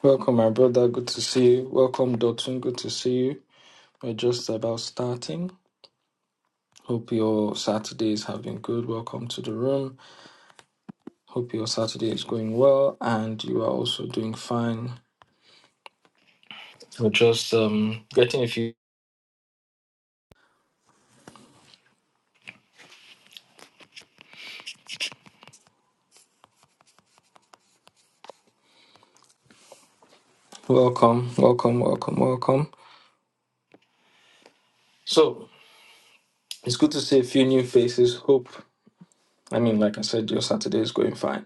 Welcome, my brother. Good to see you. Welcome, Dotun. Good to see you. We're just about starting. Hope your Saturday is having good. Welcome to the room. Hope your Saturday is going well and you are also doing fine. We're just um, getting a few. Welcome, welcome, welcome, welcome. So it's good to see a few new faces. Hope, I mean, like I said, your Saturday is going fine.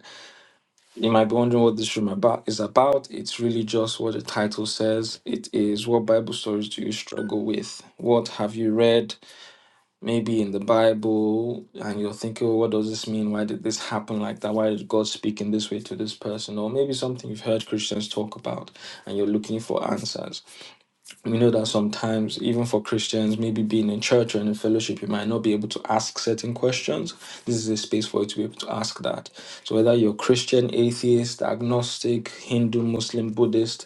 You might be wondering what this room about is about. It's really just what the title says. It is what Bible stories do you struggle with? What have you read? Maybe in the Bible, and you're thinking, oh, what does this mean? Why did this happen like that? Why did God speak in this way to this person? Or maybe something you've heard Christians talk about, and you're looking for answers we know that sometimes even for christians maybe being in church or in a fellowship you might not be able to ask certain questions this is a space for you to be able to ask that so whether you're christian atheist agnostic hindu muslim buddhist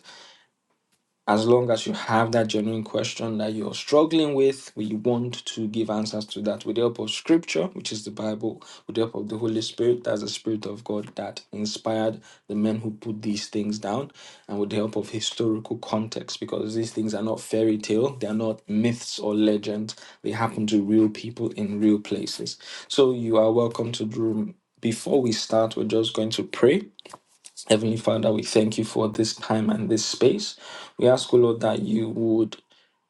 as long as you have that genuine question that you're struggling with, we want to give answers to that with the help of scripture, which is the Bible, with the help of the Holy Spirit, that's the Spirit of God that inspired the men who put these things down, and with the help of historical context, because these things are not fairy tale, they are not myths or legends, they happen to real people in real places. So you are welcome to the room. Before we start, we're just going to pray Heavenly Father, we thank you for this time and this space. We ask, O Lord, that you would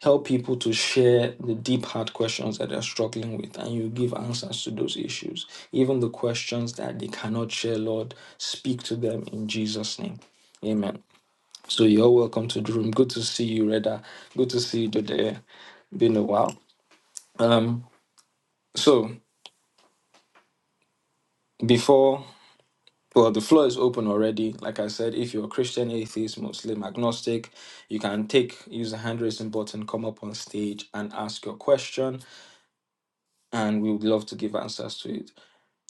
help people to share the deep heart questions that they're struggling with and you give answers to those issues. Even the questions that they cannot share, Lord, speak to them in Jesus' name. Amen. So you're welcome to the room. Good to see you, Reda. Good to see you today. Been a while. Um, so before Well, the floor is open already. Like I said, if you're a Christian, atheist, Muslim, agnostic, you can take, use the hand raising button, come up on stage and ask your question, and we would love to give answers to it.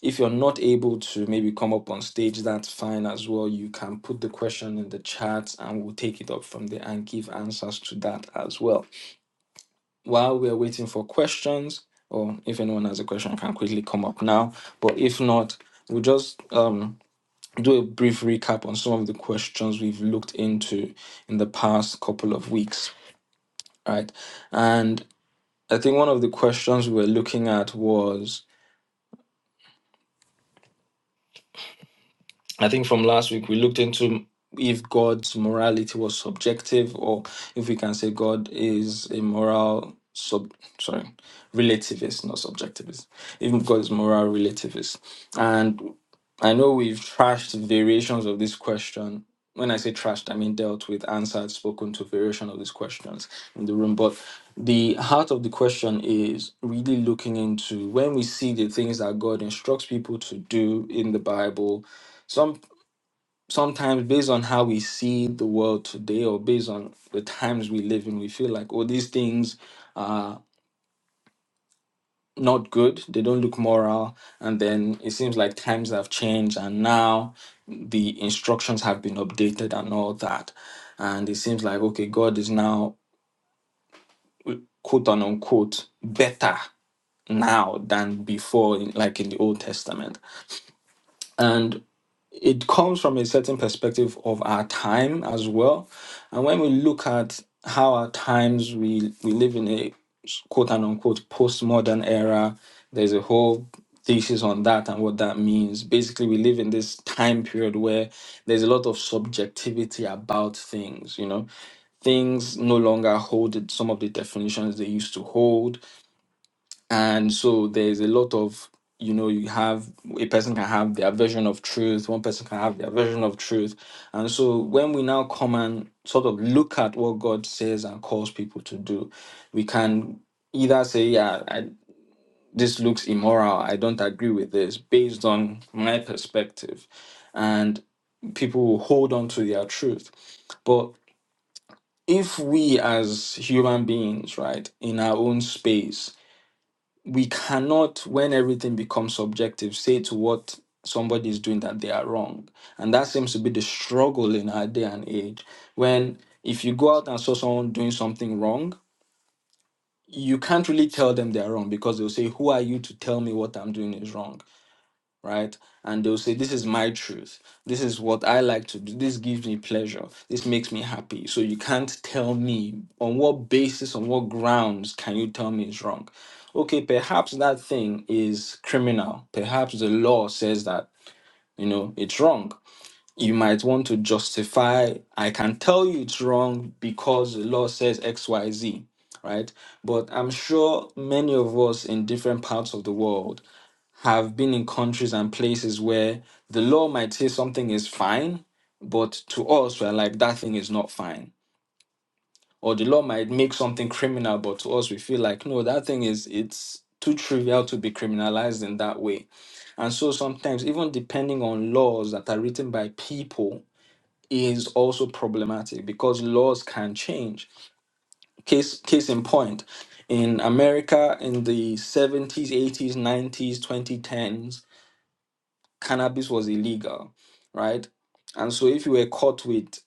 If you're not able to maybe come up on stage, that's fine as well. You can put the question in the chat and we'll take it up from there and give answers to that as well. While we're waiting for questions, or if anyone has a question, can quickly come up now. But if not, we'll just um do a brief recap on some of the questions we've looked into in the past couple of weeks, right? And I think one of the questions we were looking at was I think from last week we looked into if God's morality was subjective or if we can say God is a moral sub sorry relativist not subjectivist if God is moral relativist and. I know we've trashed variations of this question. When I say trashed, I mean dealt with, answered, spoken to variation of these questions in the room. But the heart of the question is really looking into when we see the things that God instructs people to do in the Bible, some sometimes based on how we see the world today or based on the times we live in, we feel like, oh, these things are not good, they don't look moral, and then it seems like times have changed and now the instructions have been updated and all that. And it seems like, okay, God is now, quote unquote, better now than before, in, like in the Old Testament. and. it comes from a certain perspective of our time as well. And when we look at how our times we we live in a quote and unquote postmodern era, there's a whole thesis on that and what that means. Basically, we live in this time period where there's a lot of subjectivity about things, you know. Things no longer hold some of the definitions they used to hold and so there's a lot of you know you have a person can have their version of truth one person can have their version of truth and so when we now come and sort of look at what god says and calls people to do we can either say yeah I, this looks immoral i don't agree with this based on my perspective and people will hold on to their truth but if we as human beings right in our own space we cannot, when everything becomes subjective, say to what somebody is doing that they are wrong. And that seems to be the struggle in our day and age. When if you go out and saw someone doing something wrong, you can't really tell them they're wrong because they'll say, Who are you to tell me what I'm doing is wrong? right? And they'll say, This is my truth. This is what I like to do. This gives me pleasure. This makes me happy. So you can't tell me on what basis, on what grounds can you tell me it's wrong? Okay, perhaps that thing is criminal. Perhaps the law says that, you know, it's wrong. You might want to justify, I can tell you it's wrong because the law says XYZ, right? But I'm sure many of us in different parts of the world have been in countries and places where the law might say something is fine, but to us, we're like, that thing is not fine. Or the law might make something criminal, but to us, we feel like, no, that thing is, it's too trivial to be criminalized in that way. And so sometimes, even depending on laws that are written by people, is also problematic because laws can change. Case, case in point, in America in the 70s, 80s, 90s, 2010s, cannabis was illegal, right? And so if you were caught with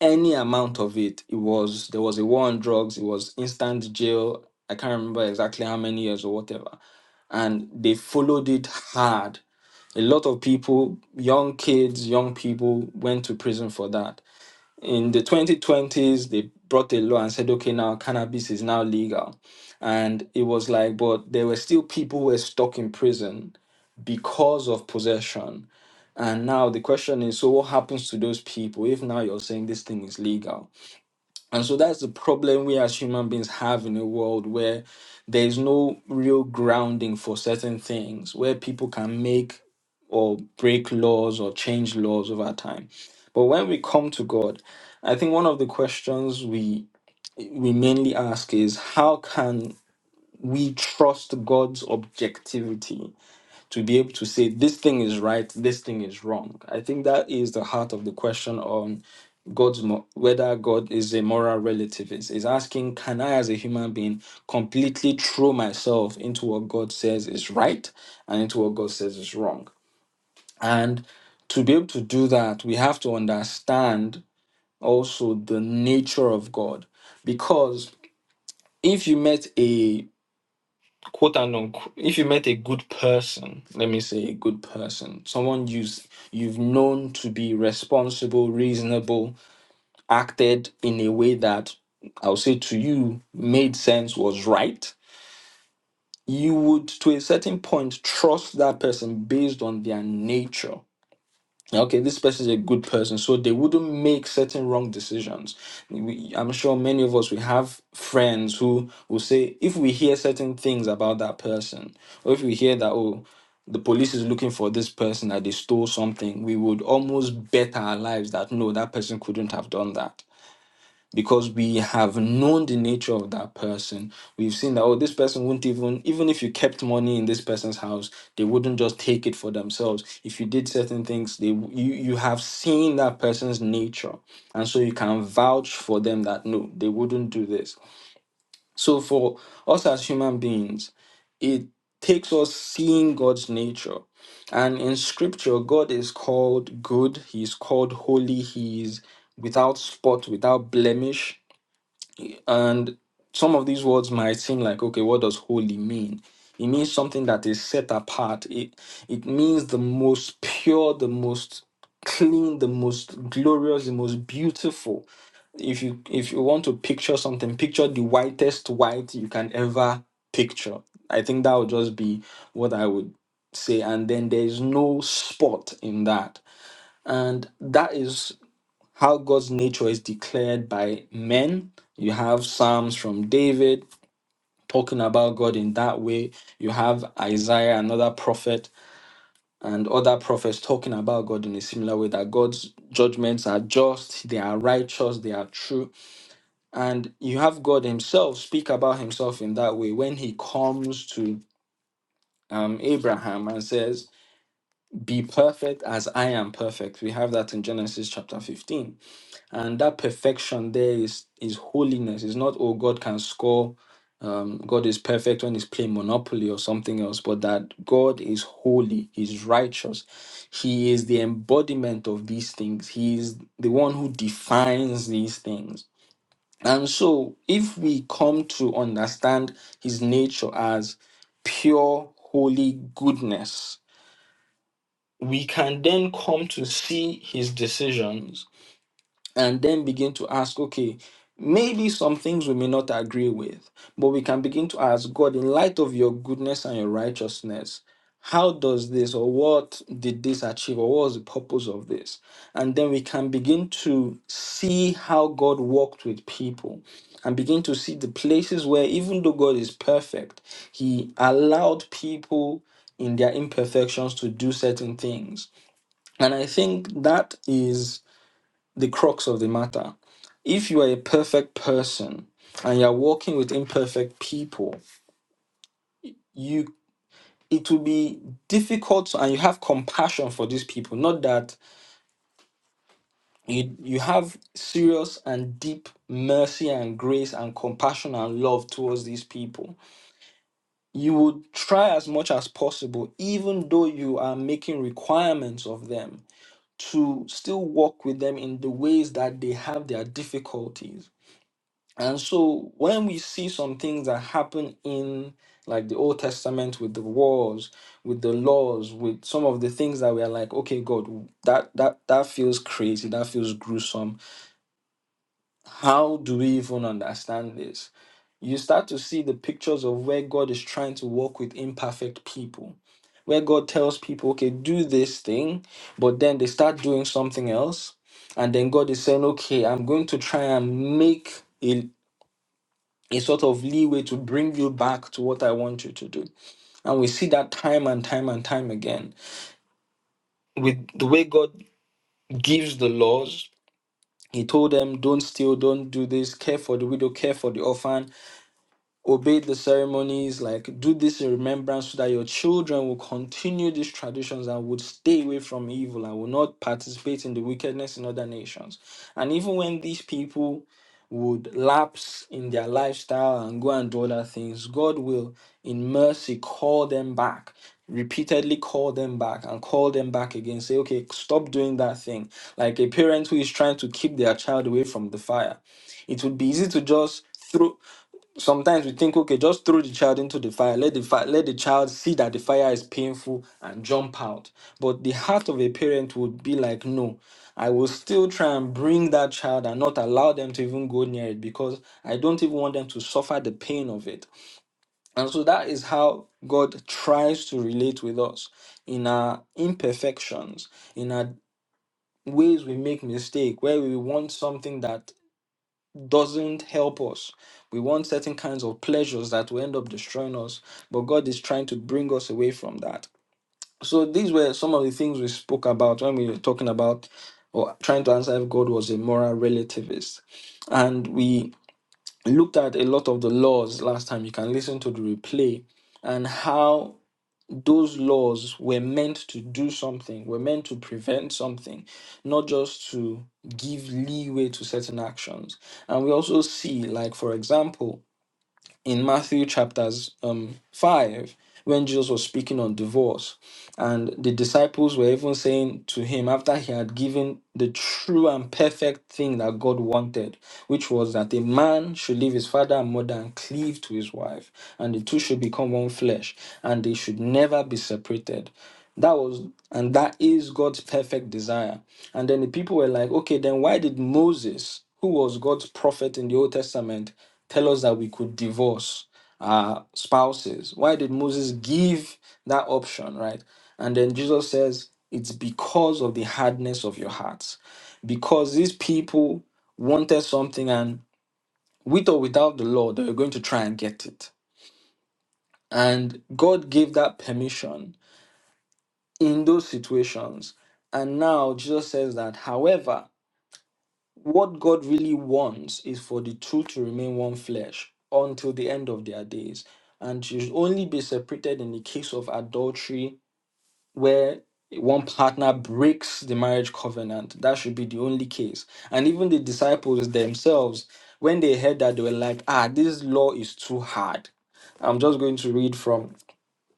any amount of it, it was there was a war on drugs, it was instant jail. I can't remember exactly how many years or whatever. And they followed it hard. A lot of people, young kids, young people went to prison for that. In the 2020s, they brought a law and said, okay, now cannabis is now legal. And it was like, but there were still people who were stuck in prison because of possession and now the question is, so what happens to those people if now you're saying this thing is legal? And so that's the problem we as human beings have in a world where there is no real grounding for certain things, where people can make or break laws or change laws over time. But when we come to God, I think one of the questions we we mainly ask is how can we trust God's objectivity? to be able to say this thing is right, this thing is wrong. I think that is the heart of the question on God's mo- whether God is a moral relativist. Is asking, can I, as a human being, completely throw myself into what God says is right and into what God says is wrong? And to be able to do that, we have to understand also the nature of God, because if you met a quote and unquote, if you met a good person, let me say a good person, someone you've, you've known to be responsible, reasonable, acted in a way that I'll say to you made sense, was right, you would to a certain point trust that person based on their nature okay, this person is a good person, so they wouldn't make certain wrong decisions. We, I'm sure many of us we have friends who will say if we hear certain things about that person, or if we hear that oh, the police is looking for this person that they stole something, we would almost bet our lives that no, that person couldn't have done that because we have known the nature of that person. We've seen that oh, this person wouldn't even even if you kept money in this person's house, they wouldn't just take it for themselves. If you did certain things, they you you have seen that person's nature, and so you can vouch for them that no, they wouldn't do this. So for us as human beings, it takes us seeing God's nature. And in scripture, God is called good, He is called holy, He is without spot, without blemish. And some of these words might seem like, okay, what does holy mean? It means something that is set apart. It it means the most pure, the most clean, the most glorious, the most beautiful. If you if you want to picture something, picture the whitest white you can ever picture. I think that would just be what I would say. And then there is no spot in that. And that is how God's nature is declared by men. You have Psalms from David talking about God in that way. You have Isaiah, another prophet, and other prophets talking about God in a similar way that God's judgments are just, they are righteous, they are true. And you have God Himself speak about Himself in that way when He comes to um, Abraham and says, Be perfect as I am perfect. We have that in Genesis chapter 15 and that perfection there is is holiness it's not oh god can score um, god is perfect when he's playing monopoly or something else but that god is holy he's righteous he is the embodiment of these things he is the one who defines these things and so if we come to understand his nature as pure holy goodness we can then come to see his decisions and then begin to ask, okay, maybe some things we may not agree with, but we can begin to ask God, in light of your goodness and your righteousness, how does this or what did this achieve or what was the purpose of this? And then we can begin to see how God worked with people and begin to see the places where, even though God is perfect, He allowed people in their imperfections to do certain things. And I think that is the crux of the matter. If you are a perfect person and you're working with imperfect people, you it will be difficult and you have compassion for these people. Not that you you have serious and deep mercy and grace and compassion and love towards these people. You would try as much as possible, even though you are making requirements of them, to still work with them in the ways that they have their difficulties And so when we see some things that happen in like the Old Testament with the wars, with the laws, with some of the things that we are like, okay, God, that that that feels crazy, that feels gruesome. How do we even understand this? You start to see the pictures of where God is trying to work with imperfect people, where God tells people, okay, do this thing, but then they start doing something else. And then God is saying, okay, I'm going to try and make it a sort of leeway to bring you back to what I want you to do. And we see that time and time and time again. With the way God gives the laws, He told them, don't steal, don't do this, care for the widow, care for the orphan obey the ceremonies, like do this in remembrance so that your children will continue these traditions and would stay away from evil and will not participate in the wickedness in other nations. And even when these people would lapse in their lifestyle and go and do other things, God will, in mercy, call them back. Repeatedly call them back and call them back again. Say, okay, stop doing that thing. Like a parent who is trying to keep their child away from the fire it would be easy to just throw sometimes we think, okay, just throw the child into the fire, let the fire, let the child see that the fire is painful and jump out. But the heart of a parent would be like, no, I will still try and bring that child and not allow them to even go near it because I don't even want them to suffer the pain of it. And so that is how God tries to relate with us in our imperfections, in our ways we make mistake, where we want something that doesn't help us. We want certain kinds of pleasures that will end up destroying us, but God is trying to bring us away from that. So these were some of the things we spoke about when we were talking about or trying to answer if God was a moral relativist. And we looked at a lot of the laws last time. You can listen to the replay and how those laws were meant to do something, were meant to prevent something, not just to give leeway to certain actions. And we also see, like, for example, in Matthew chapters um, 5 when Jesus was speaking on divorce. And the disciples were even saying to him after he had given the true and perfect thing that God wanted, which was that a man should leave his father and mother and cleave to his wife, and the two should become one flesh, and they should never be separated. That was, and that is God's perfect desire. And then the people were like, okay, then why did Moses, who was God's prophet in the Old Testament, tell us that we could divorce our spouses? Why did Moses give that option, right? And then Jesus says, it's because of the hardness of your hearts. Because these people wanted something, and with or without the law, they were going to try and get it. And God gave that permission in those situations. And now Jesus says that, however, What God really wants is for the two to remain one flesh until the end of their days, and should only be separated in the case of adultery, where one partner breaks the marriage covenant. That should be the only case. And even the disciples themselves, when they heard that, they were like, ah, this law is too hard. I'm just going to read from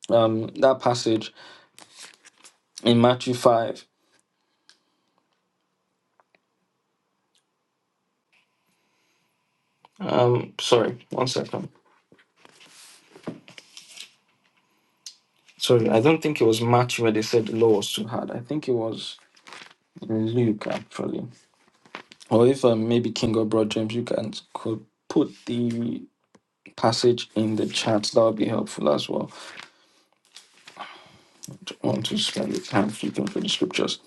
um, that passage in Matthew 5. Um, sorry, one second. Sorry, I don't think it was Matthew where they said the law was too hard. I think it was in Luke actually, or if um, maybe King or Broad James, you can could put the passage in the chat. That would be helpful as well. I Don't want to spend the time flipping through the scriptures.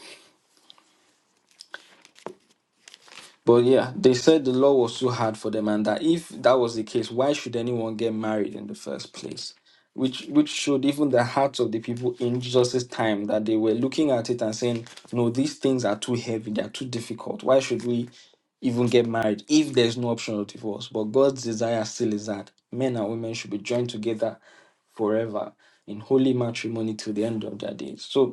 But yeah, they said the law was too hard for them, and that if that was the case, why should anyone get married in the first place? Which which showed even the hearts of the people in Jesus' time that they were looking at it and saying, No, these things are too heavy, they are too difficult. Why should we even get married if there's no option of divorce? But God's desire still is that men and women should be joined together forever in holy matrimony till the end of their days. So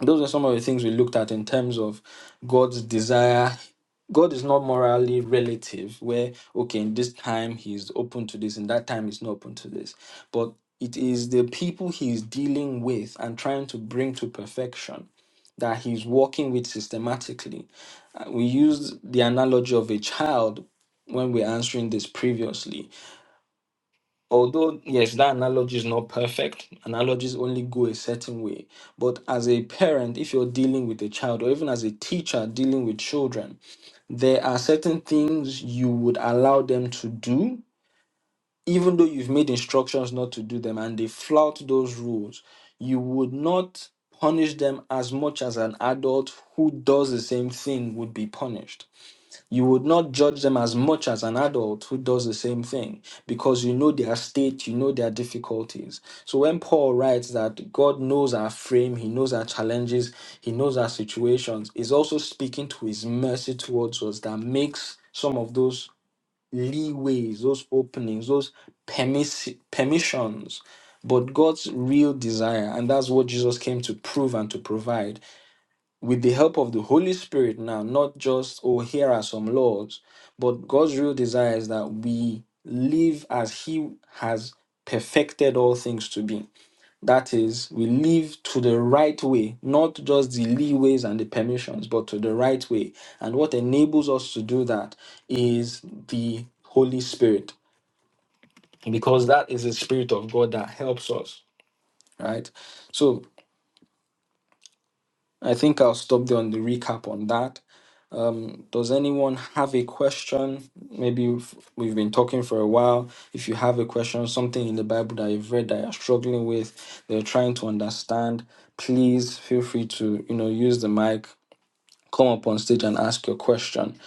those are some of the things we looked at in terms of God's desire. God is not morally relative, where, okay, in this time he's open to this, in that time he's not open to this. But it is the people he's dealing with and trying to bring to perfection that he's working with systematically. Uh, We used the analogy of a child when we were answering this previously although yes that analogy is not perfect analogies only go a certain way but as a parent if you're dealing with a child or even as a teacher dealing with children there are certain things you would allow them to do even though you've made instructions not to do them and they flout those rules you would not punish them as much as an adult who does the same thing would be punished you would not judge them as much as an adult who does the same thing because you know their state, you know their difficulties. So when Paul writes that God knows our frame, he knows our challenges, he knows our situations, he's also speaking to his mercy towards us that makes some of those leeways, those openings, those permis- permissions. But God's real desire, and that's what Jesus came to prove and to provide with the help of the Holy Spirit now, not just, oh, here are some laws, but God's real desire is that we live as He has perfected all things to be. That is, we live to the right way, not just the leeways and the permissions, but to the right way. And what enables us to do that is the Holy Spirit, because that is the Spirit of God that helps us, right? So I think I'll stop there on the recap on that Does anyone have a question? Maybe if we've been talking for a while. If you have a question, something in the Bible that you've read that you're struggling with, that you're trying to understand, please feel free to, you know, use the mic, come up on stage and ask your question,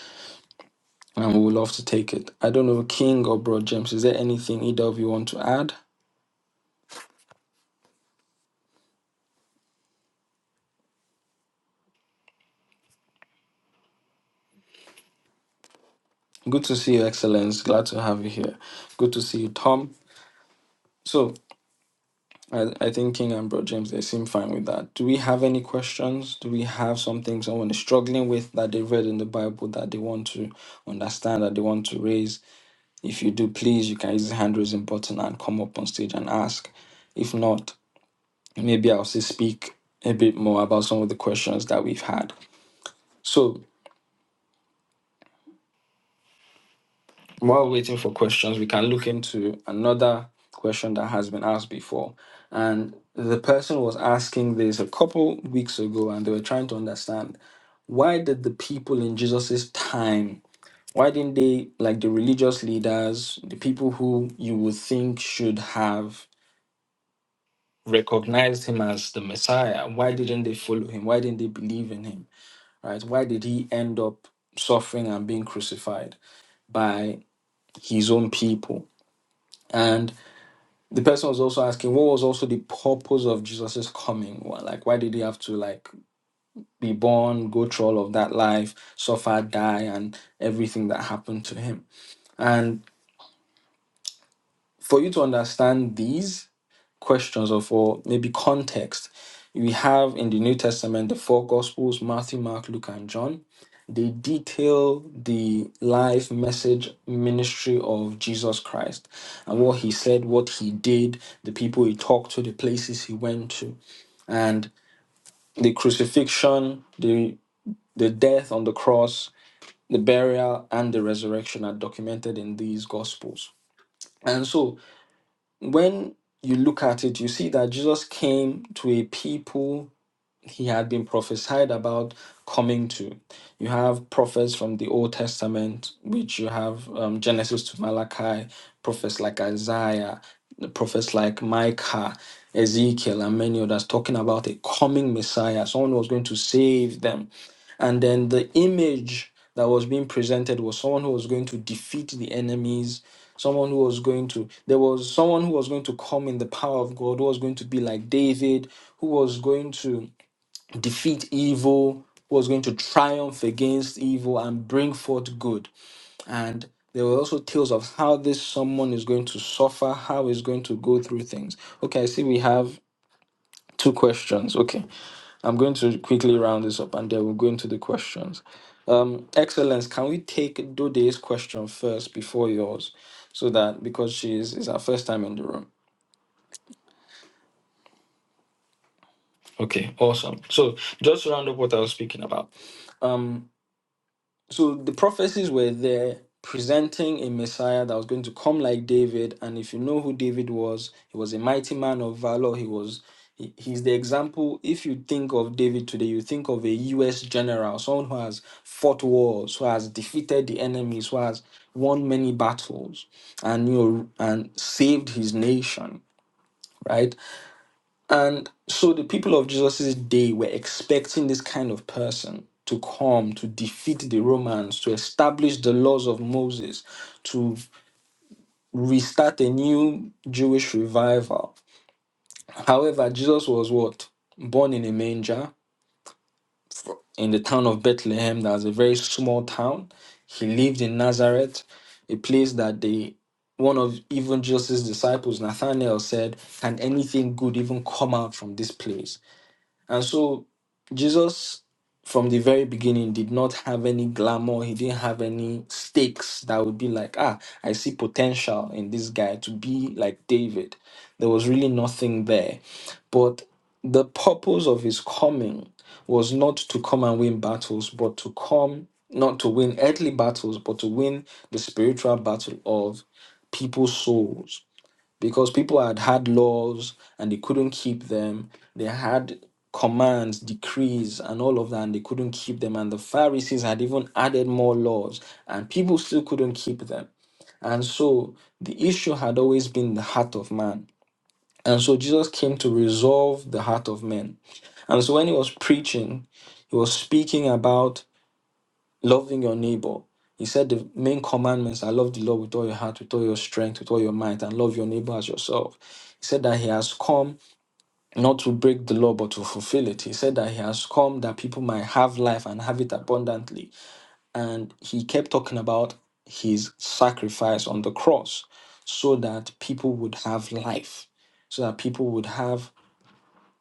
and we would love to take it. I don't know, King or Bro James, is there anything either of you want to add? Good to see you, Excellence. Glad to have you here. Good to see you, Tom. So. I, I think King and Bro James, they seem fine with that. Do we have any questions? Do we have something someone is struggling with that they read in the Bible that they want to understand, that they want to raise? If you do, please, you can use the hand raising button and come up on stage and ask. If not, maybe I'll say speak a bit more about some of the questions that we've had. So while we're waiting for questions, we can look into another question that has been asked before. And the person was asking this a couple weeks ago and they were trying to understand why did the people in Jesus's time why didn't they like the religious leaders the people who you would think should have recognized him as the messiah why didn't they follow him why didn't they believe in him right why did he end up suffering and being crucified by his own people and the person was also asking what was also the purpose of jesus's coming Why- like why did he have to like be born go through all of that life suffer die and everything that happened to him And for you to understand these questions or for maybe context, we have in the New Testament the four Gospels Matthew, Mark, Luke, and John. They detail the life, message, ministry of Jesus Christ and what he said, what he did, the people he talked to, the places he went to, and the crucifixion, the, the death on the cross, the burial, and the resurrection are documented in these Gospels. And so. when you look at it, you see that Jesus came to a people he had been prophesied about coming to. You have prophets from the Old Testament, which you have um, Genesis to Malachi, prophets like Isaiah, the prophets like Micah, Ezekiel, and many others talking about a coming Messiah, someone who was going to save them. And then the image that was being presented was someone who was going to defeat the enemies, someone who was going to, there was someone who was going to come in the power of God, who was going to be like David, who was going to defeat evil, who was going to triumph against evil and bring forth good. And there were also tales of how this someone is going to suffer, how he's going to go through things. Okay, I see we have two questions. Okay, I'm going to quickly round this up and then we'll go into the questions. Um, Excellence, can we take Dode's question first before yours? So that because she is, is our first time in the room. Okay, awesome. So just to round up what I was speaking about. Um, So the prophecies were there presenting a Messiah that was going to come like David. And if you know who David was, he was a mighty man of valor. He was he- he's the example. If you think of David today, you think of a US general, someone who has fought wars, who has defeated the enemies, who has won many battles and you know and saved his nation, right? And so the people of Jesus' day were expecting this kind of person to come to defeat the Romans, to establish the laws of Moses, to restart a new Jewish revival. However, Jesus was what? Born in a manger in the town of Bethlehem, that was a very small town. He lived in Nazareth, a place that they one of even Jesus' disciples, Nathanael, said, Can anything good even come out from this place? And so Jesus from the very beginning did not have any glamour. He didn't have any stakes that would be like, ah, I see potential in this guy to be like David. There was really nothing there. But the purpose of his coming was not to come and win battles, but to come, not to win earthly battles, but to win the spiritual battle of people's souls because people had had laws and they couldn't keep them. They had commands, decrees, and all of that, and they couldn't keep them. And the Pharisees had even added more laws, and people still couldn't keep them. And so the issue had always been the heart of man. And so Jesus came to resolve the heart of men. And so when he was preaching, he was speaking about loving your neighbor. He said the main commandments are love the Lord with all your heart, with all your strength, with all your might, and love your neighbor as yourself. He said that he has come not to break the law but to fulfill it. He said that he has come that people might have life and have it abundantly. And he kept talking about his sacrifice on the cross so that people would have life, so that people would have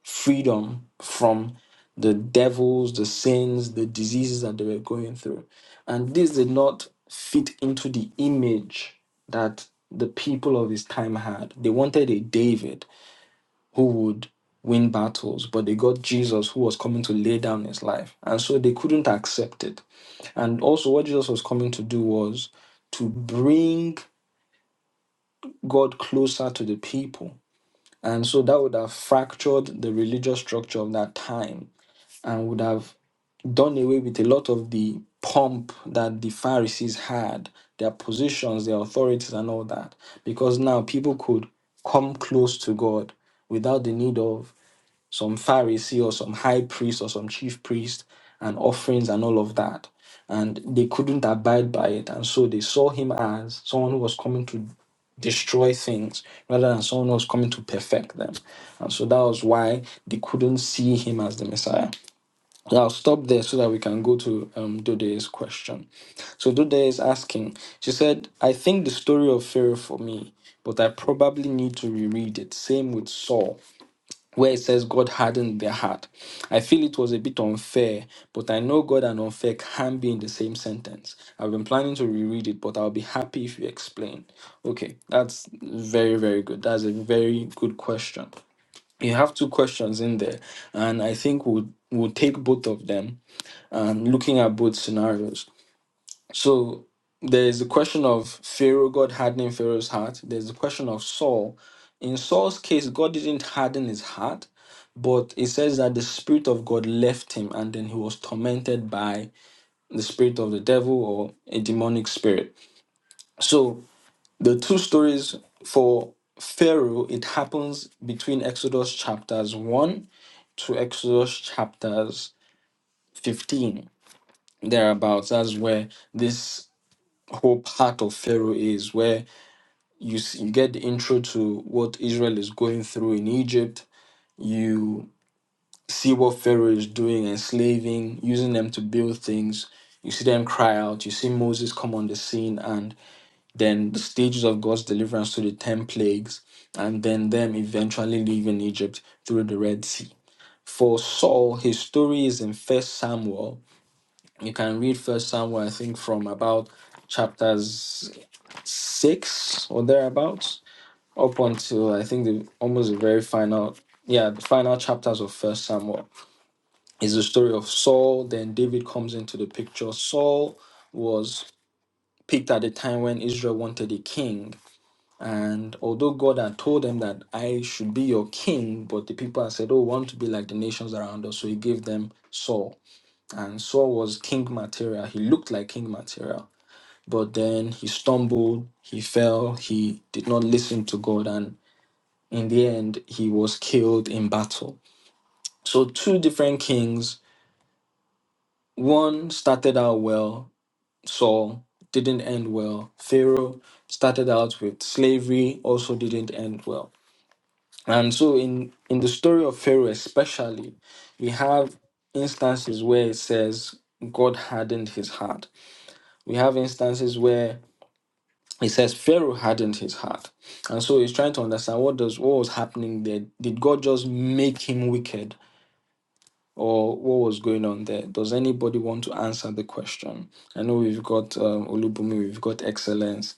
freedom from the devils, the sins, the diseases that they were going through. And this did not fit into the image that the people of his time had. They wanted a David who would win battles, but they got Jesus who was coming to lay down his life. And so they couldn't accept it. And also, what Jesus was coming to do was to bring God closer to the people. And so that would have fractured the religious structure of that time and would have done away with a lot of the pomp that the Pharisees had, their positions, their authorities, and all that. Because now people could come close to God without the need of some Pharisee or some high priest or some chief priest and offerings and all of that. And they couldn't abide by it. And so they saw him as someone who was coming to destroy things rather than someone who was coming to perfect them. And so that was why they couldn't see him as the Messiah. I'll stop there so that we can go to um, Dode's question. So Dode is asking, she said, I think the story of Pharaoh for me, but I probably need to reread it. Same with Saul, where it says God hardened their heart. I feel it was a bit unfair, but I know God and unfair can be in the same sentence. I've been planning to reread it, but I'll be happy if you explain. Okay, that's very, very good. That's a very good question you have two questions in there, and I think we'll we'll take both of them and looking at both scenarios. So there is the question of Pharaoh, God hardening Pharaoh's heart. There's the question of Saul. In Saul's case, God didn't harden his heart, but it says that the Spirit of God left him and then he was tormented by the spirit of the devil or a demonic spirit. So the two stories for Pharaoh, it happens between Exodus chapters 1 to Exodus chapters 15, thereabouts. That's where this whole part of Pharaoh is, where you s- you get the intro to what Israel is going through in Egypt. You see what Pharaoh is doing, enslaving, using them to build things. You see them cry out. You see Moses come on the scene, and then the stages of God's deliverance to the ten plagues, and then them eventually leaving Egypt through the Red Sea. For Saul, his story is in First Samuel. You can read First Samuel, I think, from about chapters six or thereabouts, up until I think the almost the very final, yeah, the final chapters of First Samuel is the story of Saul. Then David comes into the picture. Saul was picked at the time when Israel wanted a king. And although God had told them that I should be your king, but the people had said, Oh, we want to be like the nations around us. So he gave them Saul. And Saul was king material. He looked like king material but then he stumbled, he fell, he did not listen to God, and in the end, he was killed in battle. So, two different kings. One started out well, Saul didn't end well. Pharaoh started out with slavery, also didn't end well. And so, in, in the story of Pharaoh, especially, we have instances where it says God hardened his heart. We have instances where He says Pharaoh hardened his heart, and so he's trying to understand what does what was happening there. Did God just make him wicked, or what was going on there? Does anybody want to answer the question? I know we've got um, Olubumi, we've got Excellence,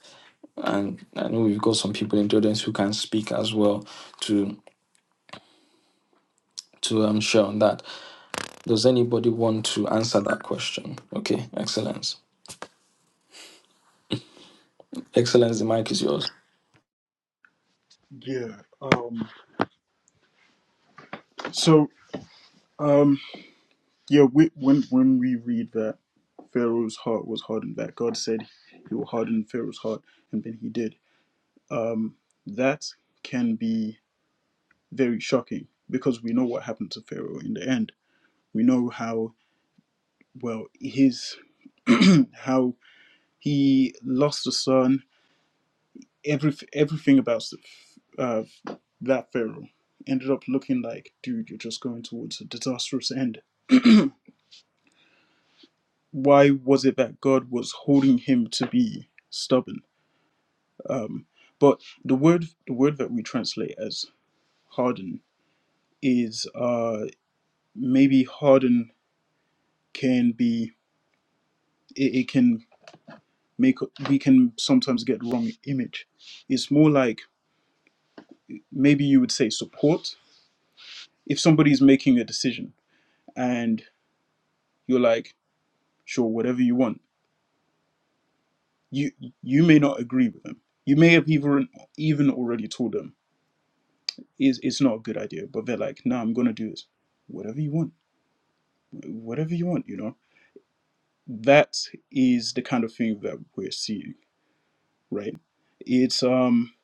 and I know we've got some people in the audience who can speak as well to to um, share on that. Does anybody want to answer that question? Okay, Excellence, Excellence, the mic is yours. Yeah. Um, so, um, yeah, we, when when we read that Pharaoh's heart was hardened, that God said He will harden Pharaoh's heart, and then He did. That can be very shocking because we know what happened to Pharaoh in the end. We know how well his how he lost a son. Every everything about uh, that Pharaoh ended up looking like, dude, you're just going towards a disastrous end. why was it that God was holding him to be stubborn? Um, but the word the word that we translate as harden is uh, maybe harden can be it, it can make we can sometimes get the wrong image. It's more like maybe you would say support if somebody's making a decision and you're like sure whatever you want you you may not agree with them you may have even even already told them is it's not a good idea. But they're like, no, nah, I'm gonna do this. Whatever you want, whatever you want, you know. That is the kind of thing that we're seeing, right? It's um,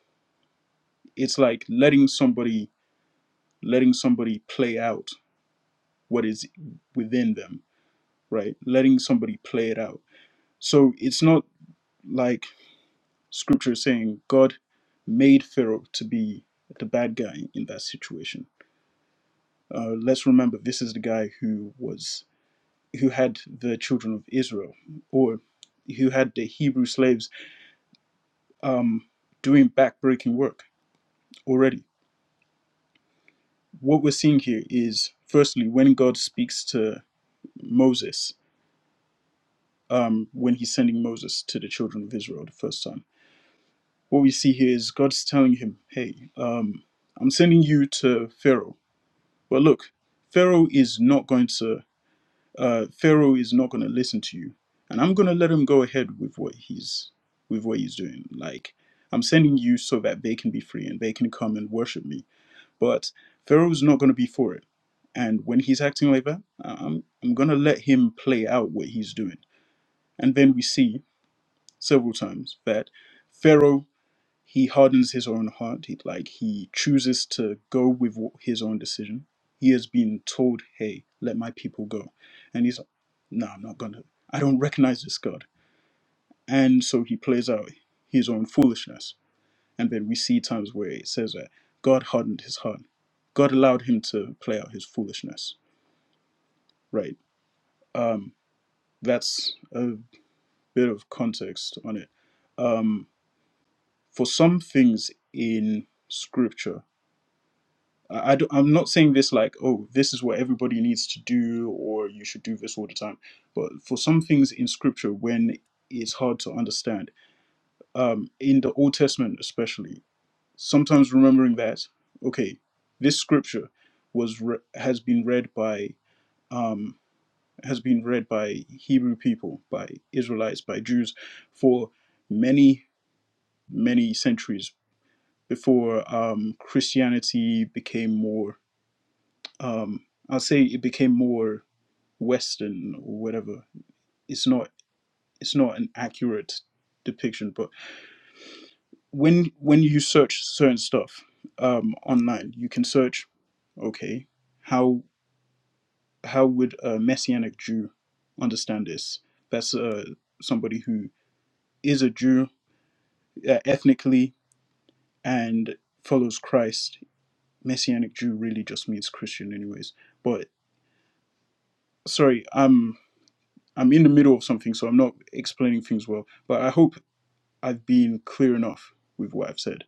it's like letting somebody letting somebody play out what is within them, right? Letting somebody play it out. So it's not like scripture is saying God made Pharaoh to be the bad guy in that situation. Uh, let's remember this is the guy who was who had the children of Israel or who had the Hebrew slaves um, doing backbreaking work already. What we're seeing here is firstly, when God speaks to Moses, um, when he's sending Moses to the children of Israel the first time, what we see here is God's telling him, hey, um, I'm sending you to Pharaoh. But look, Pharaoh is not going to uh, Pharaoh is not going to listen to you, and I'm going to let him go ahead with what he's with what he's doing. Like I'm sending you so that they can be free and they can come and worship me. But Pharaoh's not going to be for it, and when he's acting like that, I- I'm I'm going to let him play out what he's doing. And then we see several times that Pharaoh he hardens his own heart. He, like he chooses to go with his own decision. He has been told, "Hey, let my people go," and he's, like, "No, I'm not gonna. I don't recognize this God." And so he plays out his own foolishness. And then we see times where it says that God hardened his heart. God allowed him to play out his foolishness. Right. Um, that's a bit of context on it. Um, for some things in Scripture I I don't, I'm not saying this like, oh, this is what everybody needs to do, or you should do this all the time. But for some things in Scripture, when it's hard to understand, um, in the Old Testament especially, sometimes remembering that, okay, this Scripture was re- has been read by um, has been read by Hebrew people, by Israelites, by Jews, for many many centuries before um, Christianity became more um i'll say it became more western or whatever it's not it's not an accurate depiction but when when you search certain stuff um online you can search okay how how would a messianic jew understand this that's uh somebody who is a jew uh, ethnically and follows christ messianic jew really just means christian anyways but sorry I'm. I'm in the middle of something, so I'm not explaining things well. But I hope I've been clear enough with what I've said.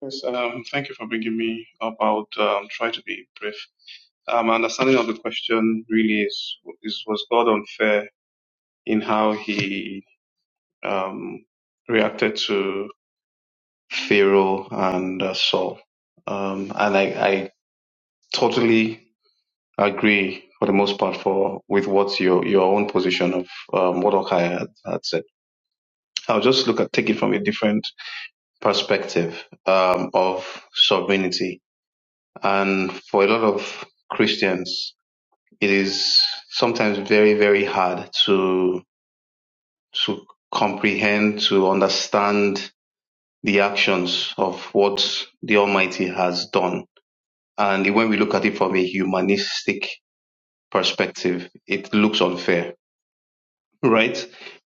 Yes, um, thank you for bringing me up. I'll um, try to be brief. Uh, my understanding of the question really is, is was God unfair in how he um, reacted to Pharaoh and uh, Saul? Um, and I, I totally agree for the most part for with what your your own position of um, what Okai had, had said. I'll just look at take it from a different perspective um, of sovereignty And for a lot of Christians, it is sometimes very, very hard to, to comprehend, to understand the actions of what the Almighty has done. And when we look at it from a humanistic perspective, it looks unfair, right?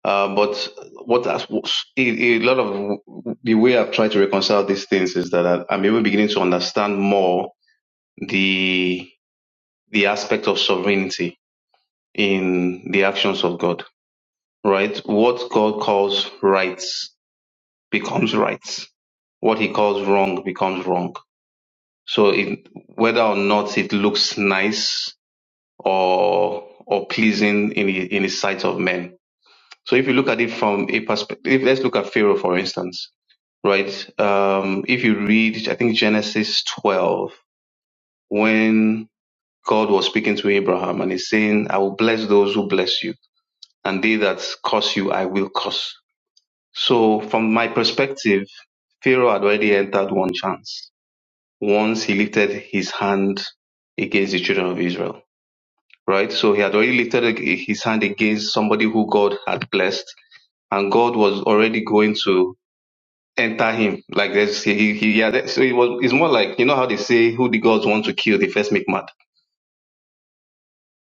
Uh, but what a, a lot of the way I've tried to reconcile these things is that I'm even beginning to understand more the the aspect of sovereignty in the actions of God, right? What God calls right becomes right. What he calls wrong becomes wrong. So it, whether or not it looks nice or or pleasing in the, in the sight of men. So if you look at it from a perspective, let's look at Pharaoh, for instance, right? Um, if you read, I think Genesis 12, when God was speaking to Abraham and he's saying, I will bless those who bless you and they that curse you, I will curse So from my perspective, Pharaoh had already entered one chance once he lifted his hand against the children of Israel, right? So he had already lifted ag- his hand against somebody who God had blessed, and God was already going to enter him. Like there's he, he yeah. that- So it was. It's more like you know how they say, "Who the gods want to kill, they first make mad."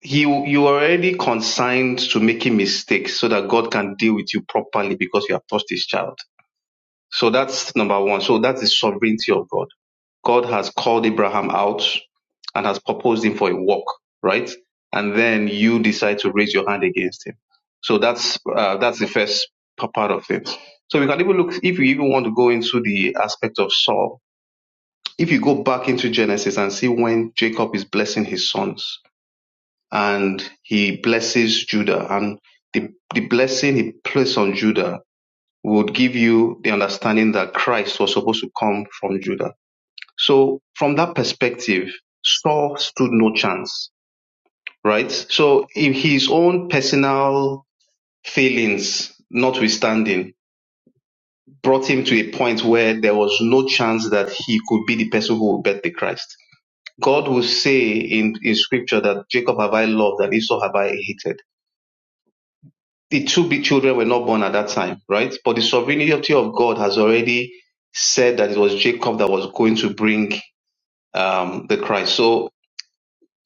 He, you are already consigned to making mistakes so that God can deal with you properly because you have touched His child So that's number one. So that's the sovereignty of God. God has called Abraham out and has proposed him for a walk, right? And then you decide to raise your hand against him. So that's uh, that's the first p- part of it. So we can even look if you even want to go into the aspect of Saul. If you go back into Genesis and see when Jacob is blessing his sons and he blesses Judah and the, the blessing he placed on Judah would give you the understanding that Christ was supposed to come from Judah. So from that perspective, Saul stood no chance, right? So in his own personal failings, notwithstanding, brought him to a point where there was no chance that he could be the person who would bet the Christ. God will say in, in scripture that Jacob have I loved and Esau have I hated the two big children were not born at that time, right? But the sovereignty of God has already said that it was Jacob that was going to bring um, the Christ. So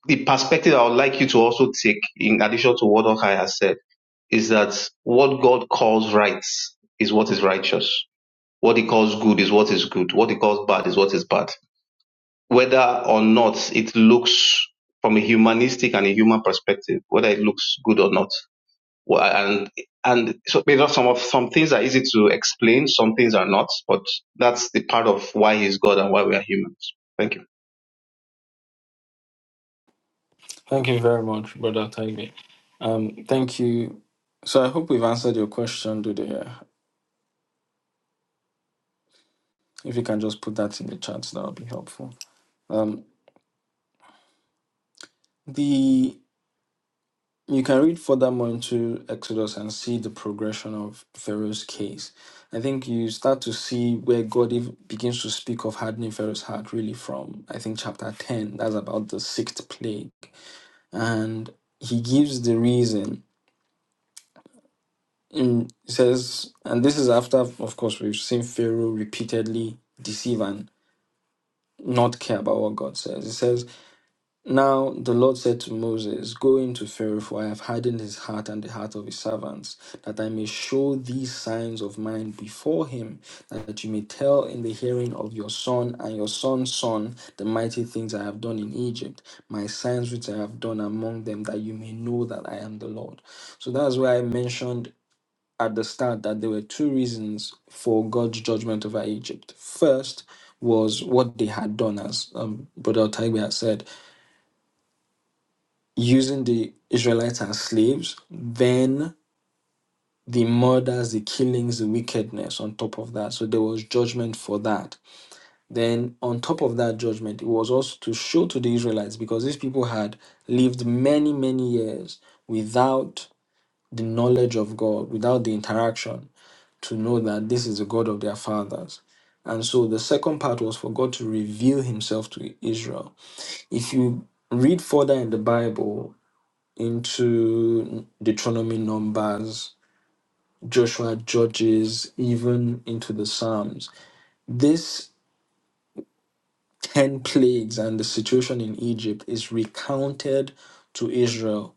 the perspective I would like you to also take, in addition to what Okai has said, is that what God calls right is what is righteous. What he calls good is what is good. What he calls bad is what is bad. Whether or not it looks from a humanistic and a human perspective, whether it looks good or not, well, and and so because some of some things are easy to explain, some things are not, but that's the part of why he's God and why we are humans. Thank you. Thank you very much, Brother Taigbe. Um, thank you. So I hope we've answered your question, Dude. If you can just put that in the chat, that would be helpful. Um, the you can read furthermore into Exodus and see the progression of Pharaoh's case. I think you start to see where God ev- begins to speak of hardening Pharaoh's heart, really, from I think chapter 10. That's about the sixth plague. And he gives the reason Mm, it says, and this is after, of course, we've seen Pharaoh repeatedly deceive and not care about what God says. It says, Now the Lord said to Moses, Go into Pharaoh, for I have hardened his heart and the heart of his servants, that I may show these signs of mine before him, that you may tell in the hearing of your son and your son's son the mighty things I have done in Egypt, my signs which I have done among them, that you may know that I am the Lord. So that's why I mentioned at the start that there were two reasons for God's judgment over Egypt. First was what they had done, as um, Brother Taigwe had said, using the Israelites as slaves, then the murders, the killings, the wickedness on top of that. So there was judgment for that. Then, on top of that judgment, it was also to show to the Israelites because these people had lived many, many years without the knowledge of God, without the interaction. to know that this is the God of their fathers. And so the second part was for God to reveal himself to Israel. If you read further in the Bible into Deuteronomy, Numbers, Joshua, Judges, even into the Psalms, this 10 plagues and the situation in Egypt is recounted to Israel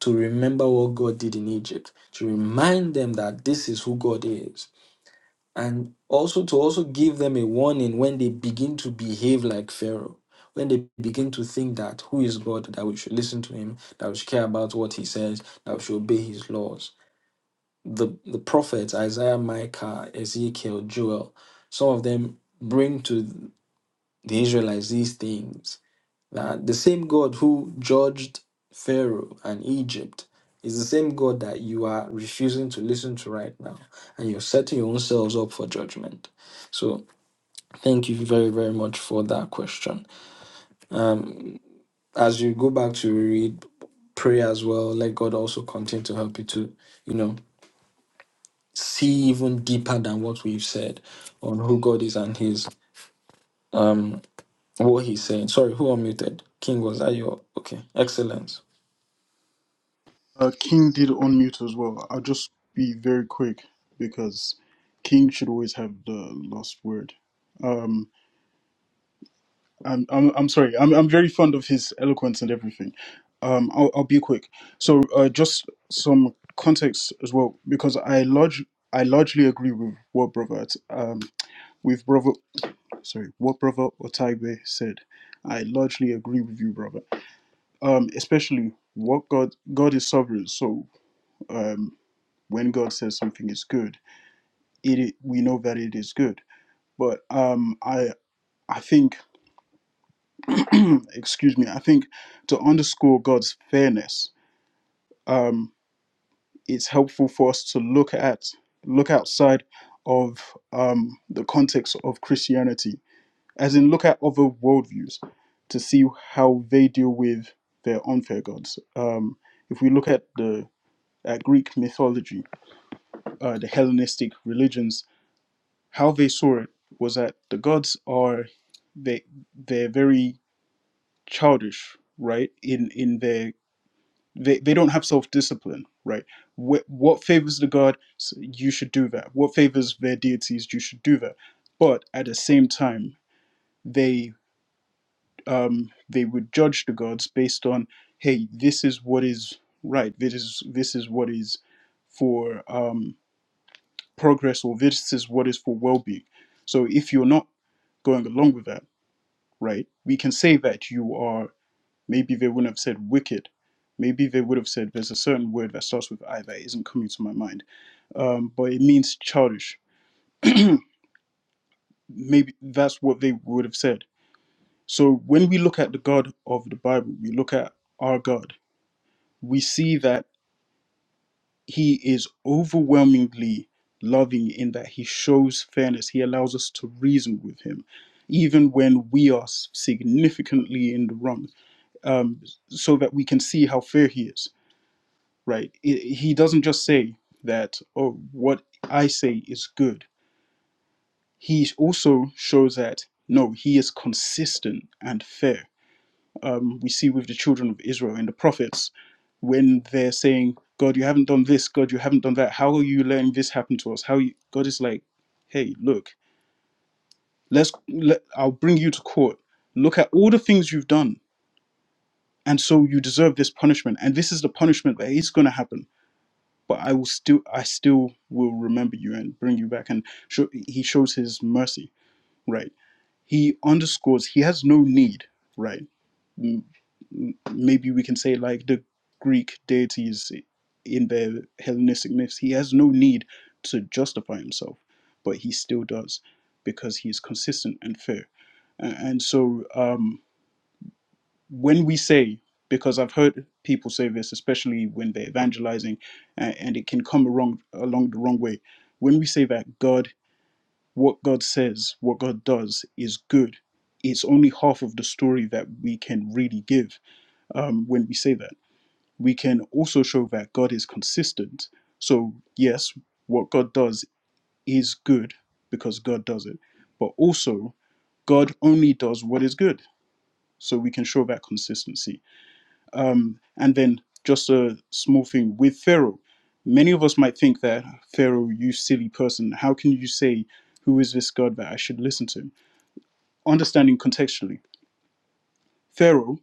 to remember what God did in Egypt, to remind them that this is who God is and also to also give them a warning when they begin to behave like Pharaoh, when they begin to think that who is God, that we should listen to him, that we should care about what he says, that we should obey his laws. The the prophets Isaiah, Micah, Ezekiel, Joel, some of them bring to the Israelites these things uh, the same God who judged Pharaoh and Egypt is the same God that you are refusing to listen to right now, and you're setting your own selves up for judgment. So, thank you very, very much for that question. Um, as you go back to read, pray as well. Let God also continue to help you to, you know, see even deeper than what we've said on who God is and His um what He's saying. Sorry, who unmuted? King was that your okay? Excellent. Uh, King did unmute as well. I'll just be very quick because King should always have the last word. Um, I'm, I'm, I'm sorry. I'm, I'm very fond of his eloquence and everything. Um, I'll, I'll be quick. So uh, just some context as well, because I large, I largely agree with what brother, um, with brother sorry, what Brother Otaigbe said. I largely agree with you, brother. Um, especially what God God is sovereign. So um, when God says something is good, it i- we know that it is good. But um, I I think, excuse me, I think to underscore God's fairness, um, it's helpful for us to look at look outside of um, the context of Christianity as in look at other worldviews to see how they deal with their unfair gods. Um, if we look at the at Greek mythology, uh, the Hellenistic religions, how they saw it was that the gods are they they're very childish, right? In in their they, they don't have self discipline, right? What, what favors the god, s- you should do that. What favors their deities, you should do that. But at the same time, they. um, they would judge the gods based on, hey, this is what is right. This is this is what is for um, progress, or this is what is for well-being. So if you're not going along with that, right, we can say that you are. Maybe they wouldn't have said wicked. Maybe they would have said there's a certain word that starts with I that isn't coming to my mind, um, but it means childish. Maybe that's what they would have said. So when we look at the God of the Bible, we look at our God we see that he is overwhelmingly loving in that he shows fairness. He allows us to reason with him, even when we are significantly in the wrong, um, so that we can see how fair he is, right? I- he doesn't just say that, oh, what I say is good. He also shows that, no, he is consistent and fair um, we see with the children of Israel in the prophets when they're saying, God, you haven't done this, God, you haven't done that. How are you letting this happen to us? How you, God is like, hey, look, let's let, I'll bring you to court. Look at all the things you've done, and so you deserve this punishment, and this is the punishment that is going to happen. But I will still, I still will remember you and bring you back. And show, he shows his mercy, right? He underscores he has no need, right? m- maybe we can say like the Greek deities in their Hellenistic myths, he has no need to justify himself, but he still does because he's consistent and fair. A- And so um, when we say, because I've heard people say this, especially when they're evangelizing, a- and it can come along, along the wrong way, when we say that God, what God says, what God does is good, it's only half of the story that we can really give um, when we say that we can also show that God is consistent. So, yes, what God does is good because God does it, but also God only does what is good. So, we can show that consistency. Um, and then, just a small thing with Pharaoh. Many of us might think that, Pharaoh, you silly person, how can you say, Who is this God that I should listen to? Understanding contextually, Pharaoh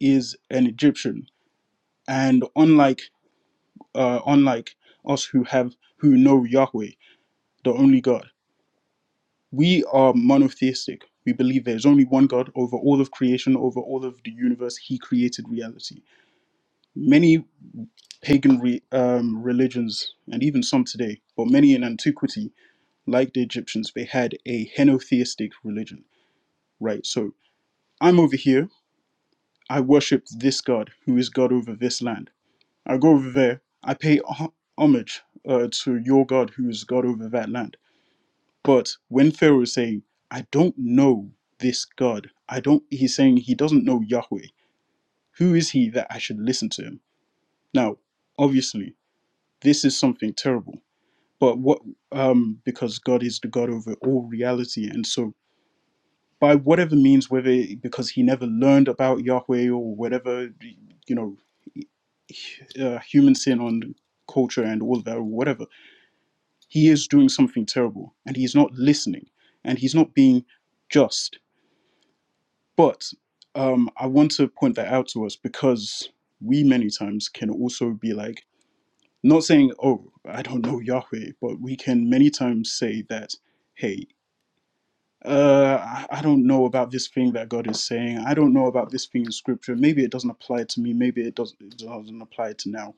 is an Egyptian. And unlike uh, unlike us who have who know Yahweh, the only God. We are monotheistic. We believe there is only one God over all of creation, over all of the universe. He created reality. Many pagan re, um, religions, and even some today, but many in antiquity, like the Egyptians, they had a henotheistic religion. Right. So I'm over here. I worship this God, who is God over this land. I go over there. I pay ho- homage uh, to your God, who is God over that land But when Pharaoh is saying, I don't know this God, I don't he's saying he doesn't know Yahweh. Who is he that I should listen to him? Now, obviously, this is something terrible. But what um because God is the God over all reality and so by whatever means, whether it- because he never learned about Yahweh or whatever, you know, uh, human sin on culture and all that, or whatever, he is doing something terrible and he's not listening and he's not being just But um, I want to point that out to us because we many times can also be like, not saying, oh, I don't know Yahweh, but we can many times say that, hey, uh, I I don't know about this thing that God is saying. I don't know about this thing in Scripture. Maybe it doesn't apply to me. Maybe it doesn't, it doesn't apply to now.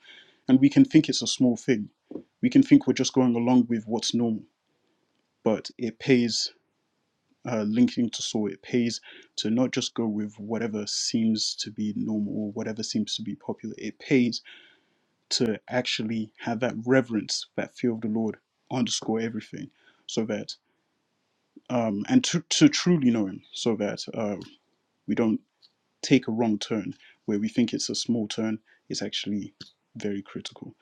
And we can think it's a small thing. We can think we're just going along with what's normal, but it pays uh, linking to so it pays to not just go with whatever seems to be normal or whatever seems to be popular. It pays to actually have that reverence, that fear of the Lord underscore everything, so that um, and to, to truly know Him, so that uh, we don't take a wrong turn where we think it's a small turn. It's actually very critical.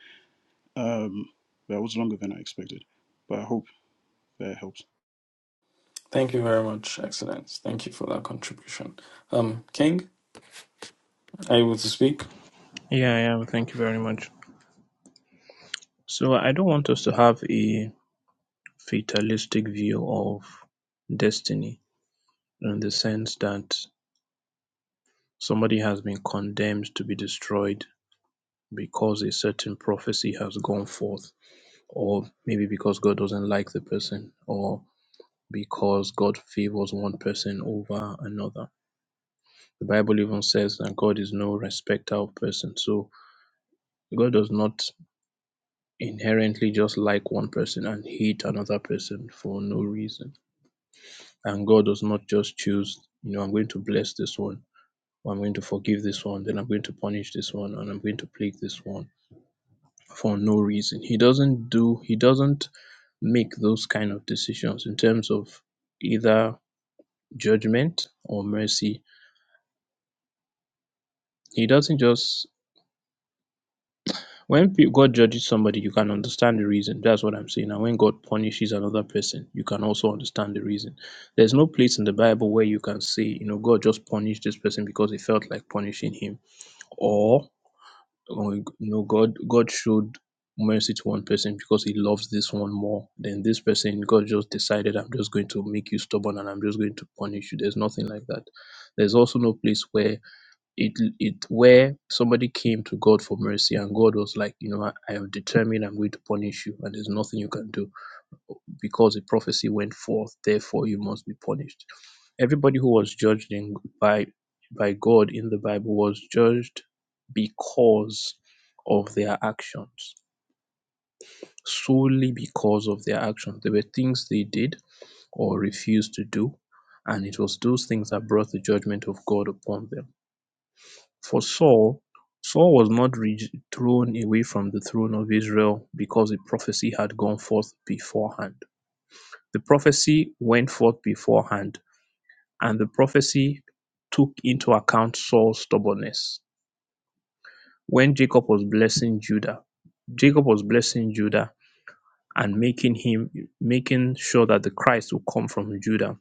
Um, that was longer than I expected, but I hope that helps. Thank you very much, Excellence. Thank you for that contribution. Um, King, are you able to speak? Yeah, yeah, well, thank you very much. So I don't want us to have a fatalistic view of destiny in the sense that somebody has been condemned to be destroyed because a certain prophecy has gone forth, or maybe because God doesn't like the person, or because God favors one person over another. The Bible even says that God is no respecter of persons. So God does not inherently just like one person and hate another person for no reason. And God does not just choose, you know, I'm going to bless this one, or I'm going to forgive this one, then I'm going to punish this one, and I'm going to plague this one for no reason. He doesn't do, he doesn't make those kind of decisions in terms of either judgment or mercy. He doesn't just when pe- god judges somebody you can understand the reason that's what i'm saying and when god punishes another person you can also understand the reason there's no place in the bible where you can say you know god just punished this person because he felt like punishing him or or, you know god god showed mercy to one person because he loves this one more than this person god just decided i'm just going to make you stubborn and i'm just going to punish you there's nothing like that there's also no place where it it where somebody came to God for mercy and God was like, you know, I, I am determined I'm going to punish you and there's nothing you can do because a prophecy went forth, therefore you must be punished. Everybody who was judged in, by by God in the Bible was judged because of their actions, solely because of their actions. There were things they did or refused to do, and it was those things that brought the judgment of God upon them For Saul, Saul was not re- thrown away from the throne of Israel because a prophecy had gone forth beforehand. The prophecy went forth beforehand, and the prophecy took into account Saul's stubbornness. When Jacob was blessing Judah, Jacob was blessing Judah and making him making sure that the Christ would come from Judah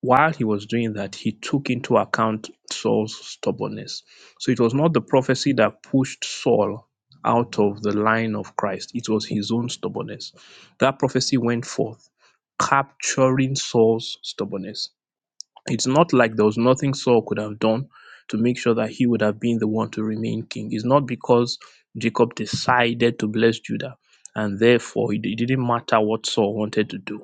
while he was doing that, he took into account Saul's stubbornness. So it was not the prophecy that pushed Saul out of the line of Christ, it was his own stubbornness. That prophecy went forth, capturing Saul's stubbornness. It's not like there was nothing Saul could have done to make sure that he would have been the one to remain king. It's not because Jacob decided to bless Judah and therefore it didn't matter what Saul wanted to do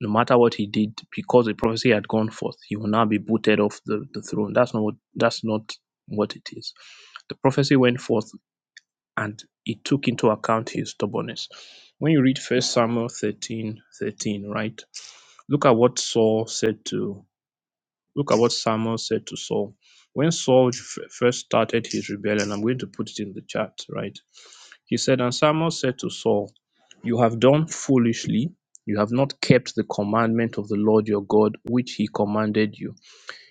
no matter what he did, because the prophecy had gone forth, he will now be booted off the, the throne. That's not what that's not what it is. The prophecy went forth and it took into account his stubbornness. When you read first Samuel 13 13, right? Look at what Saul said to look at what Samuel said to Saul. When Saul f- first started his rebellion, I'm going to put it in the chat, right? He said, And Samuel said to Saul, You have done foolishly. You have not kept the commandment of the Lord your God, which he commanded you.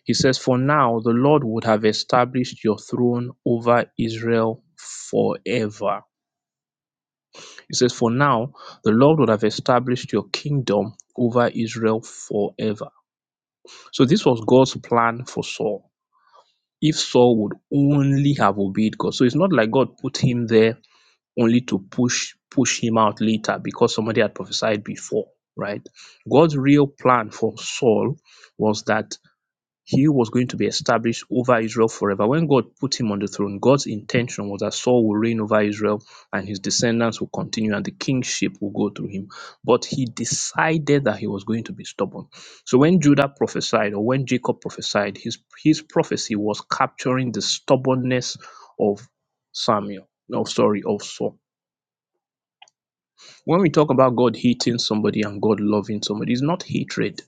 He says, For now the Lord would have established your throne over Israel forever. He says, For now the Lord would have established your kingdom over Israel forever. So this was God's plan for Saul. If Saul would only have obeyed God. So it's not like God put him there only to push push him out later because somebody had prophesied before, right? God's real plan for Saul was that he was going to be established over Israel forever. When God put him on the throne, God's intention was that Saul will reign over Israel and his descendants will continue and the kingship will go through him. But he decided that he was going to be stubborn. So when Judah prophesied or when Jacob prophesied, his, his prophecy was capturing the stubbornness of Samuel. No, sorry, of Saul when we talk about God hating somebody and God loving somebody, it's not hatred,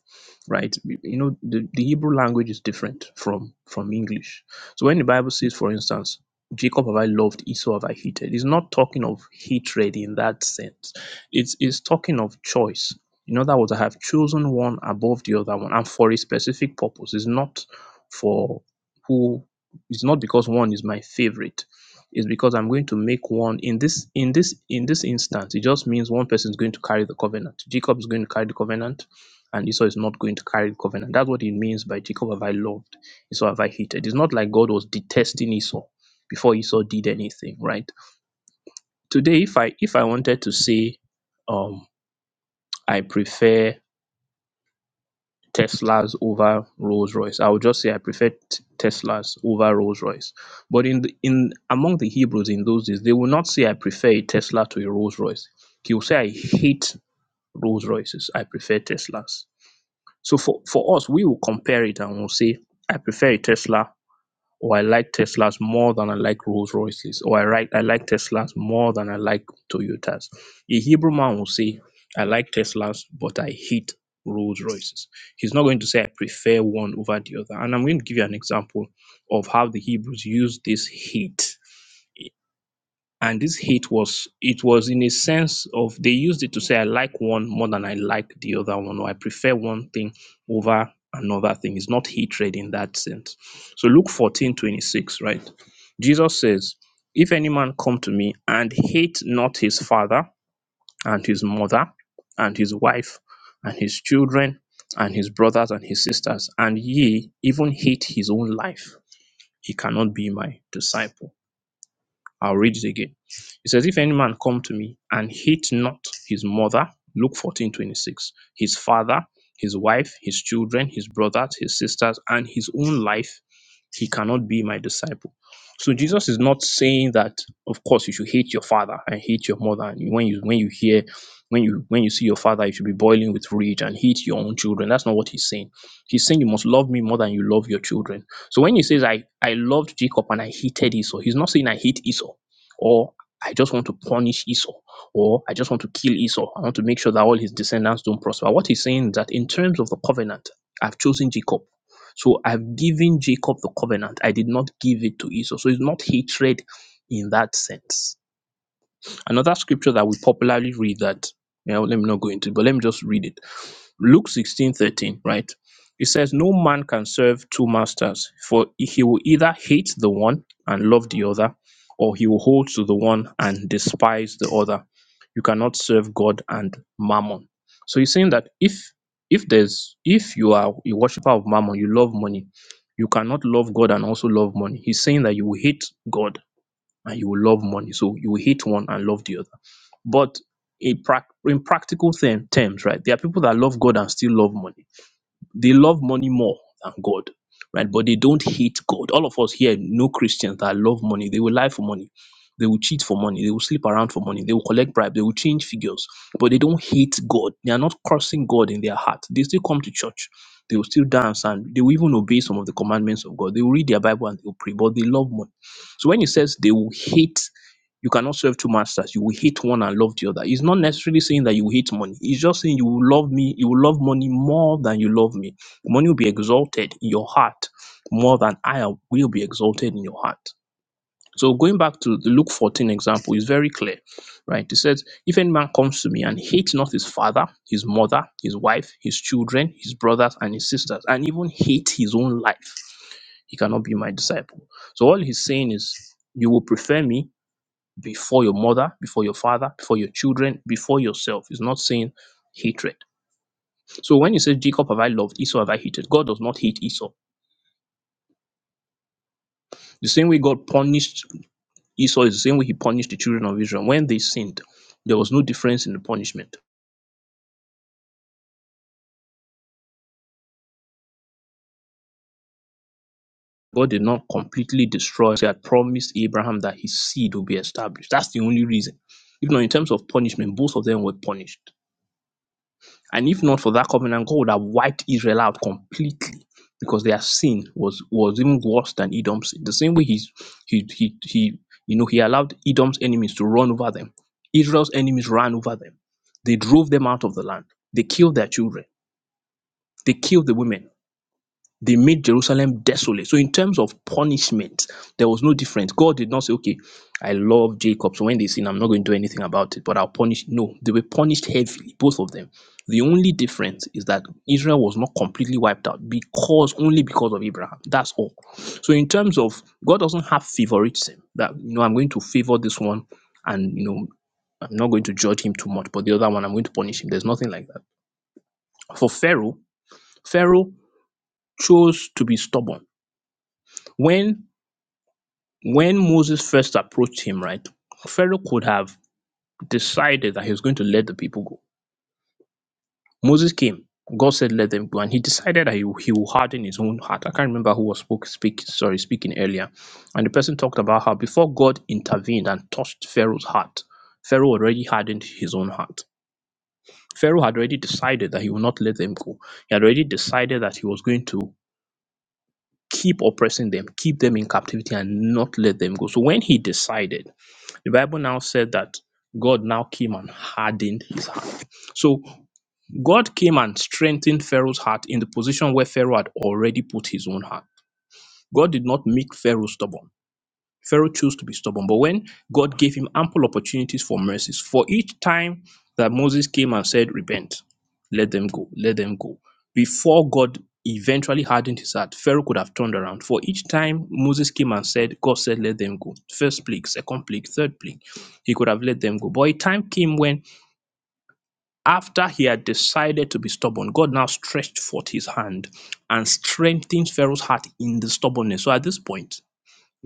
right? You know, the, the Hebrew language is different from from English. So when the Bible says, for instance, Jacob have I loved, Esau have I hated, it's not talking of hatred in that sense. It's it's talking of choice. In other words, I have chosen one above the other one, and for a specific purpose. It's not for who. It's not because one is my favorite is because I'm going to make one in this in this in this instance, it just means one person is going to carry the covenant. Jacob is going to carry the covenant, and Esau is not going to carry the covenant. That's what it means by Jacob have I loved, Esau have I hated. It's not like God was detesting Esau before Esau did anything, right? Today, if I if I wanted to say um I prefer Teslas over Rolls Royce. I would just say I prefer t- Teslas over Rolls Royce. But in the, in among the Hebrews in those days, they will not say I prefer a Tesla to a Rolls Royce. He will say I hate Rolls Royces. I prefer Teslas. So for for us, we will compare it and we'll say I prefer a Tesla or I like Teslas more than I like Rolls Royces, or I like I like Teslas more than I like Toyotas. A Hebrew man will say, I like Teslas, but I hate Rolls Royces. He's not going to say I prefer one over the other. And I'm going to give you an example of how the Hebrews use this hate and this hate was it was in a sense of they used it to say I like one more than I like the other one or I prefer one thing over another thing. It's not hatred in that sense. So Luke 14:26, right? Jesus says, If any man come to me and hate not his father and his mother and his wife and his children and his brothers and his sisters, and ye even hate his own life, he cannot be my disciple. I'll read it again. It says, If any man come to me and hate not his mother, Luke 14 26, his father, his wife, his children, his brothers, his sisters, and his own life, he cannot be my disciple. So Jesus is not saying that, of course, you should hate your father and hate your mother. And when you when you hear when you when you see your father, you should be boiling with rage and hate your own children. That's not what he's saying. He's saying you must love me more than you love your children so when he says, I, I loved Jacob and I hated Esau, he's not saying I hate Esau or I just want to punish Esau or I just want to kill Esau. I want to make sure that all his descendants don't prosper. What he's saying is that in terms of the covenant, I've chosen Jacob. So I've given Jacob the covenant. I did not give it to Esau. So it's not hatred in that sense. Another scripture that we popularly read that, you know, let me not go into, it, but let me just read it Luke 16 13 right? It says, No man can serve two masters, for he will either hate the one and love the other, or he will hold to the one and despise the other. You cannot serve God and mammon. So he's saying that if if there's if you are a worshiper of mammon, you love money, you cannot love God and also love money. He's saying that you will hate God and you will love money. So you will hate one and love the other. But in prac- in practical term- terms, right, there are people that love God and still love money. They love money more than God, right? But they don't hate God. All of us here know Christians that love money. They will lie for money. They will cheat for money. They will sleep around for money. They will collect bribe. They will change figures. But they don't hate God. They are not cursing God in their heart. They still come to church. They will still dance and they will even obey some of the commandments of God. They will read their Bible and they will pray, but they love money. So when he says they will hate you cannot serve two masters. You will hate one and love the other. It's not necessarily saying that you will hate money. It's just saying you will love me, you will love money more than you love me. Money will be exalted in your heart more than I will be exalted in your heart. So going back to the Luke 14 example is very clear, right? It says, if any man comes to me and hates not his father, his mother, his wife, his children, his brothers, and his sisters, and even hate his own life, he cannot be my disciple. So all he's saying is, you will prefer me before your mother, before your father, before your children, before yourself. It's not saying hatred. So when you say Jacob have I loved, Esau have I hated, God does not hate Esau. The same way God punished Esau is the same way he punished the children of Israel. When they sinned, there was no difference in the punishment. God did not completely destroy. He had promised Abraham that his seed would be established. That's the only reason. If not, in terms of punishment, both of them were punished. And if not for that covenant, God would have wiped Israel out completely because their sin was was even worse than Edom's sin. The same way he's he he he you know he allowed Edom's enemies to run over them. Israel's enemies ran over them. They drove them out of the land. They killed their children. They killed the women they made Jerusalem desolate. So, in terms of punishment, there was no difference. God did not say, okay, I love Jacob. So, when they sin, I'm not going to do anything about it, but I'll punish. No, they were punished heavily, both of them. The only difference is that Israel was not completely wiped out because only because of Abraham. That's all. So, in terms of God doesn't have favoritism that, you know, I'm going to favor this one and, you know, I'm not going to judge him too much, but the other one, I'm going to punish him. There's nothing like that. For Pharaoh, Pharaoh chose to be stubborn. When when Moses first approached him, right, Pharaoh could have decided that he was going to let the people go. Moses came. God said, "Let them go," and he decided that he, he will harden his own heart. I can't remember who was spoke, speak, sorry, speaking earlier, and the person talked about how before God intervened and touched Pharaoh's heart, Pharaoh already hardened his own heart. Pharaoh had already decided that he would not let them go. He had already decided that he was going to keep oppressing them, keep them in captivity, and not let them go. So when he decided The Bible now said that God now came and hardened his heart. So God came and strengthened Pharaoh's heart in the position where Pharaoh had already put his own heart. God did not make Pharaoh stubborn. Pharaoh chose to be stubborn, but when God gave him ample opportunities for mercies, for each time that Moses came and said, Repent, let them go, let them go, before God eventually hardened his heart, Pharaoh could have turned around. For each time Moses came and said, God said, Let them go. First plague, second plague, third plague, he could have let them go. But a time came when, after he had decided to be stubborn, God now stretched forth his hand and strengthened Pharaoh's heart in the stubbornness. So at this point,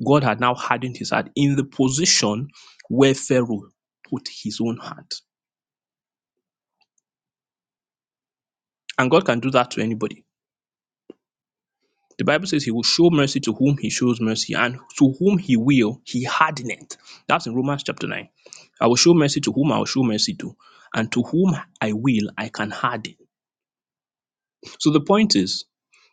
God had now hardened his heart in the position where Pharaoh put his own heart. And God can do that to anybody. The Bible says he will show mercy to whom he shows mercy, and to whom he will, he hardeneth. That's in Romans chapter 9. I will show mercy to whom I will show mercy to, and to whom I will, I can harden. So the point is,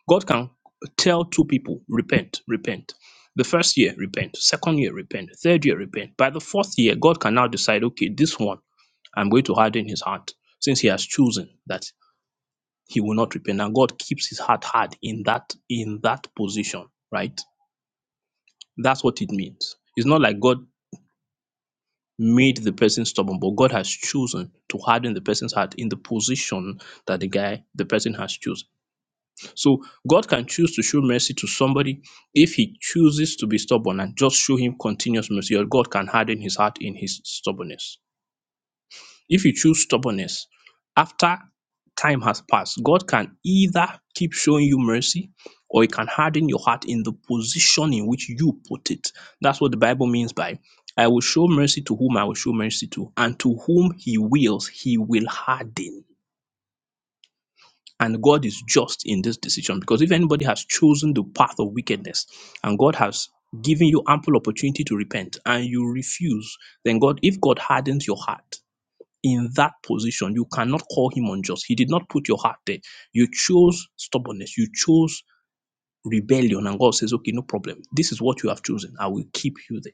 God can tell two people, repent, repent. The first year, repent. Second year, repent. Third year, repent. By the fourth year, God can now decide, okay, this one. I'm going to harden his heart since he has chosen that he will not repent. And God keeps his heart hard in that in that position, right? That's what it means. It's not like God made the person stubborn, but God has chosen to harden the person's heart in the position that the guy, the person has chosen. So God can choose to show mercy to somebody if he chooses to be stubborn and just show him continuous mercy, or God can harden his heart in his stubbornness. If you choose stubbornness, after time has passed, God can either keep showing you mercy or He can harden your heart in the position in which you put it. That's what the Bible means by I will show mercy to whom I will show mercy to, and to whom He wills, He will harden. And God is just in this decision because if anybody has chosen the path of wickedness and God has given you ample opportunity to repent and you refuse, then God, if God hardens your heart, in that position. You cannot call him unjust. He did not put your heart there. You chose stubbornness. You chose rebellion. And God says, okay, no problem. This is what you have chosen. I will keep you there.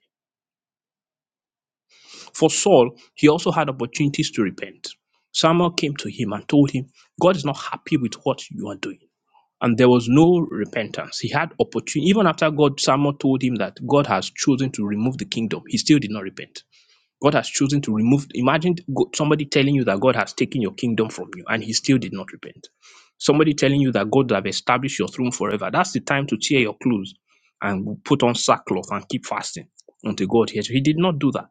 For Saul, he also had opportunities to repent. Samuel came to him and told him, God is not happy with what you are doing. And there was no repentance. He had opportunity. Even after God, Samuel told him that God has chosen to remove the kingdom, he still did not repent. God has chosen to remove. Imagine go- somebody telling you that God has taken your kingdom from you and he still did not repent. Somebody telling you that God have established your throne forever. That's the time to tear your clothes and put on sackcloth and keep fasting until God hears you. He did not do that.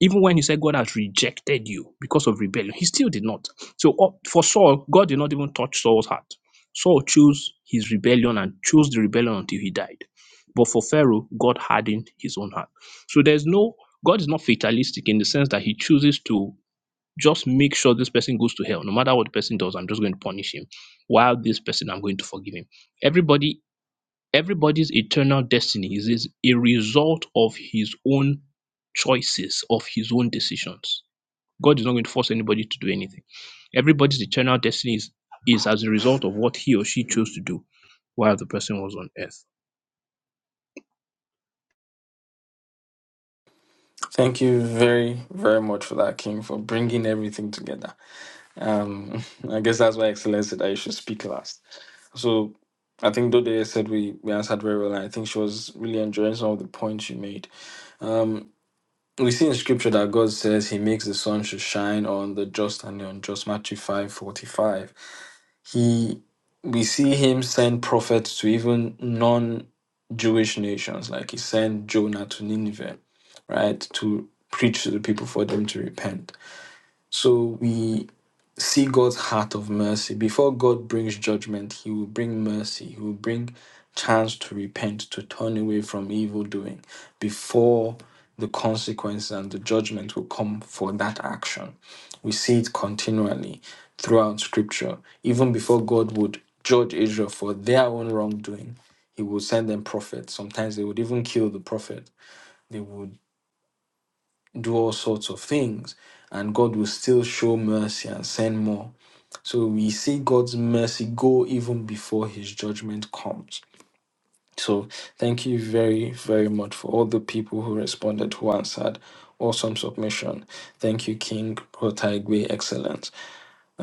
Even when he said God has rejected you because of rebellion, he still did not. So uh, for Saul, God did not even touch Saul's heart. Saul chose his rebellion and chose the rebellion until he died. But for Pharaoh, God hardened his own heart. So there's no, God is not fatalistic in the sense that he chooses to just make sure this person goes to hell. No matter what the person does, I'm just going to punish him. While this person, I'm going to forgive him. Everybody Everybody's eternal destiny is is a result of his own choices, of his own decisions. God is not going to force anybody to do anything. Everybody's eternal destiny is, is as a result of what he or she chose to do while the person was on earth. Thank you very, very much for that, King, for bringing everything together. Um, I guess that's why Excellence said I should speak last. So I think Dode said we, we answered very well, and I think she was really enjoying some of the points you made. Um, we see in scripture that God says he makes the sun to shine on the just and the unjust, Matthew five forty-five. He, we see him send prophets to even non-Jewish nations, like he sent Jonah to Nineveh, right, to preach to the people for them to repent. So we see God's heart of mercy. Before God brings judgment, He will bring mercy. He will bring chance to repent, to turn away from evil doing before the consequences and the judgment will come for that action. We see it continually throughout scripture. Even before God would judge Israel for their own wrongdoing, He would send them prophets. Sometimes they would even kill the prophet, they would do all sorts of things, and God will still show mercy and send more. So we see God's mercy go even before his judgment comes. So thank you very, very much for all the people who responded, who answered. Awesome submission. Thank you, King Otaigwe, excellent.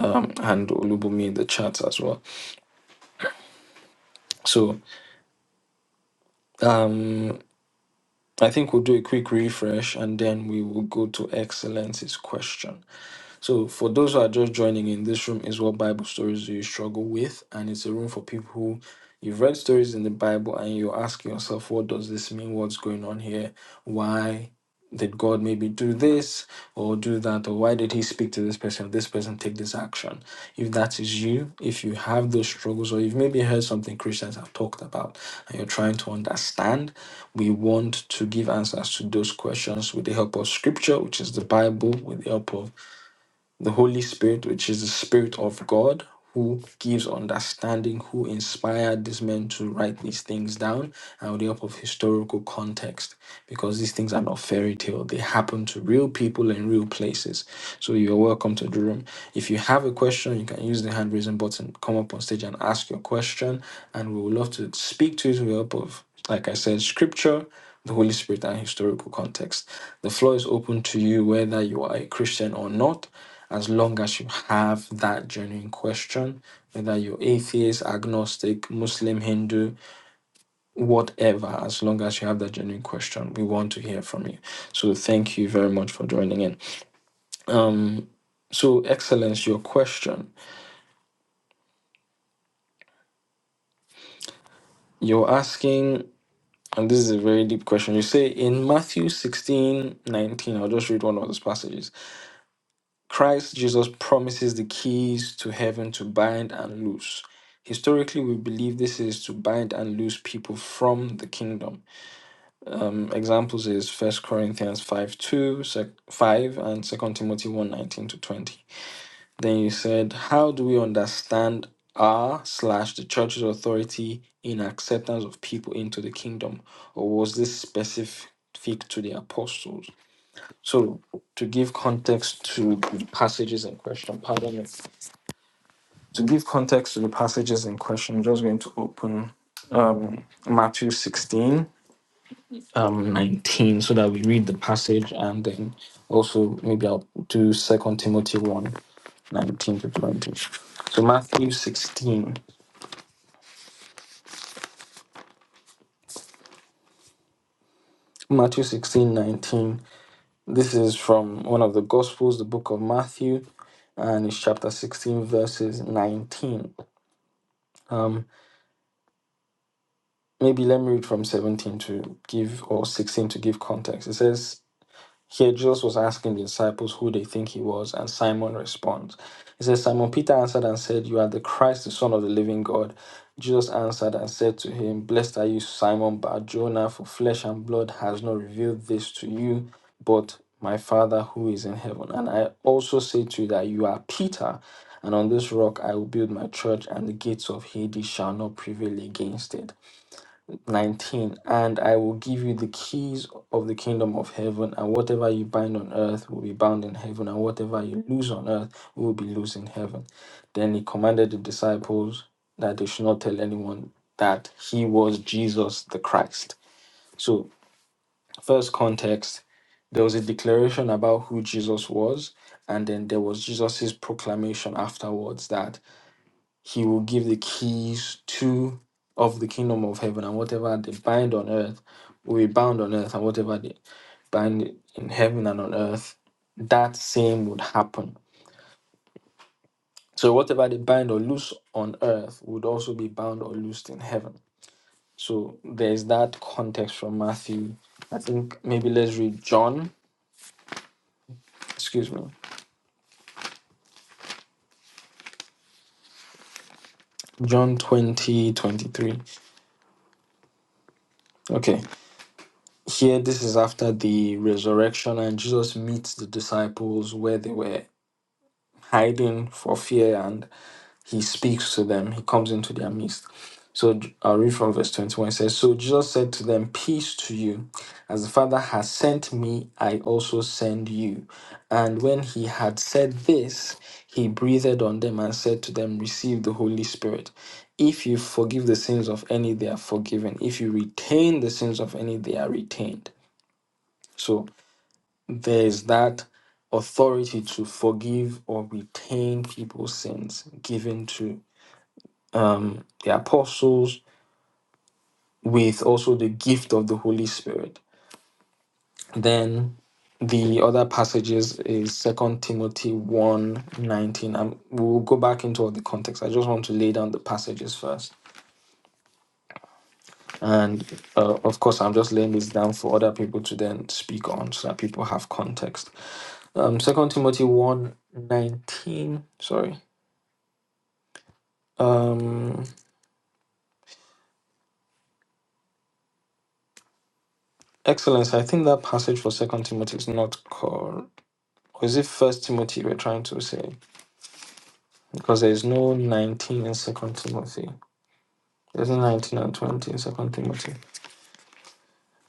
Um, and Olubumi in the chat as well. So um, I think we'll do a quick refresh and then we will go to excellency's question. So, for those who are just joining in, this room is what Bible stories do you struggle with, and it's a room for people who you've read stories in the Bible and you ask yourself, what does this mean? What's going on here? Why did God maybe do this or do that? Or why did He speak to this person? This person take this action. If that is you, if you have those struggles, or you've maybe heard something Christians have talked about and you're trying to understand, we want to give answers to those questions with the help of Scripture, which is the Bible, with the help of the Holy Spirit, which is the Spirit of God, who gives understanding, who inspired these men to write these things down, and with the help of historical context, because these things are not fairy tale; they happen to real people in real places. So you're welcome to the room. If you have a question, you can use the hand raising button, come up on stage and ask your question, and we would love to speak to you with the help of, like I said, Scripture, the Holy Spirit, and historical context. The floor is open to you whether you are a Christian or not as long as you have that genuine question, whether you're atheist, agnostic, Muslim, Hindu, whatever, as long as you have that genuine question, we want to hear from you. So thank you very much for joining in. Um, so, Excellence, your question. You're asking, and this is a very deep question. You say in Matthew sixteen nineteen, I'll just read one of those passages. Christ Jesus promises the keys to heaven to bind and loose. Historically, we believe this is to bind and loose people from the kingdom. Um, examples is First Corinthians 5 2, 5, and Second Timothy one 19 to 20. Then you said, How do we understand R slash the church's authority in acceptance of people into the kingdom? Or was this specific to the apostles? So, to give context to the passages in question, pardon me. To give context to the passages in question, I'm just going to open um, Matthew 16, um, 19, so that we read the passage and then also maybe I'll do Second Timothy 1, nineteen to 20. So Matthew 16, Matthew 16:19. This is from one of the Gospels, the book of Matthew, and it's chapter 16, verses 19. Um, maybe let me read from 17 to give, or 16 to give context. It says, Here, Jesus was asking the disciples who they think he was, and Simon responds. He says, Simon Peter answered and said, You are the Christ, the Son of the living God. Jesus answered and said to him, Blessed are you, Simon Bar Jonah, for flesh and blood has not revealed this to you, but my Father who is in heaven. And I also say to you that you are Peter, and on this rock I will build my church, and the gates of Hades shall not prevail against it. 19 and i will give you the keys of the kingdom of heaven and whatever you bind on earth will be bound in heaven and whatever you loose on earth will be loosed in heaven then he commanded the disciples that they should not tell anyone that he was jesus the christ so first context there was a declaration about who jesus was and then there was jesus's proclamation afterwards that he will give the keys to of the kingdom of heaven and whatever they bind on earth will be bound on earth and whatever they bind in heaven and on earth that same would happen so whatever they bind or loose on earth would also be bound or loosed in heaven so there's that context from matthew i think maybe let's read john excuse me john 20 23. okay here this is after the resurrection and jesus meets the disciples where they were hiding for fear and he speaks to them. He comes into their midst. So I'll read from verse 21. It says, So Jesus said to them, 'Peace to you. As the Father has sent me, I also send you. And when he had said this, he breathed on them and said to them, 'Receive the Holy Spirit. If you forgive the sins of any, they are forgiven. If you retain the sins of any, they are retained. So there is that authority to forgive or retain people's sins given to um, the apostles with also the gift of the holy spirit then the other passages is second timothy 119 19 um, we'll go back into all the context i just want to lay down the passages first and uh, of course i'm just laying this down for other people to then speak on so that people have context um second timothy one 19. sorry Um, Excellence, I think that passage for Second Timothy is not called, or is it First Timothy we're trying to say? Because there is no 19 in Second Timothy. There's no 19 and 20 in Second Timothy.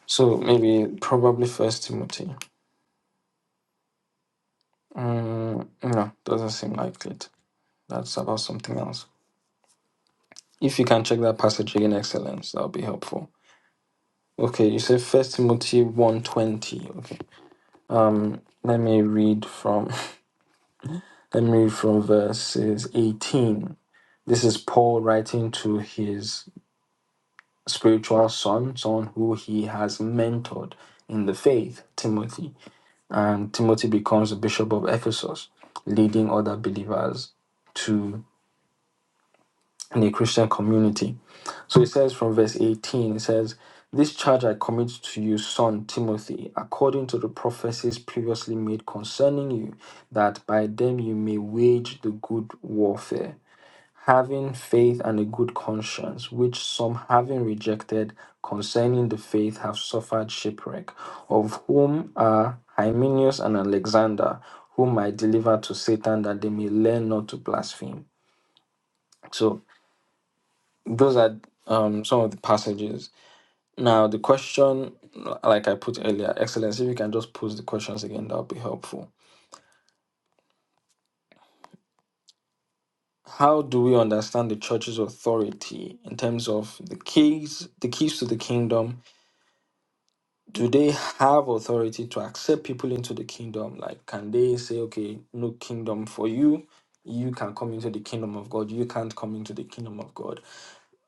So maybe, probably First Timothy. Mm, no, doesn't seem like it. That's about something else. If you can check that passage again, Excellence, that'll be helpful. Okay, you said First Timothy one twenty. Okay, let me read from let me read from verses 18. This is Paul writing to his spiritual son, someone who he has mentored in the faith, Timothy. And Timothy becomes the bishop of Ephesus, leading other believers to the Christian community. So it says from verse 18, it says, This charge I commit to you, son Timothy, according to the prophecies previously made concerning you, that by them you may wage the good warfare having faith and a good conscience, which some having rejected concerning the faith have suffered shipwreck, of whom are Hymenaeus and Alexander, whom I delivered to Satan that they may learn not to blaspheme. So those are um, some of the passages. Now the question, like I put earlier, Excellency, if you can just pose the questions again, that would be helpful. How do we understand the church's authority in terms of the keys, the keys to the kingdom, do they have authority to accept people into the kingdom? Like, can they say, okay, no kingdom for you? You can come into the kingdom of God. You can't come into the kingdom of God.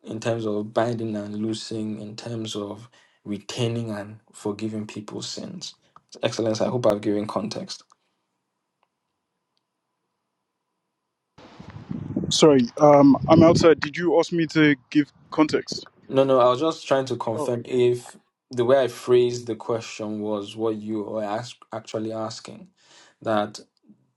In terms of binding and loosing, in terms of retaining and forgiving people's sins. Excellence, I hope I've given context. Sorry, um, I'm outside. Did you ask me to give context? No, no, I was just trying to Oh. confirm if the way I phrased the question was what you were ask, actually asking. that.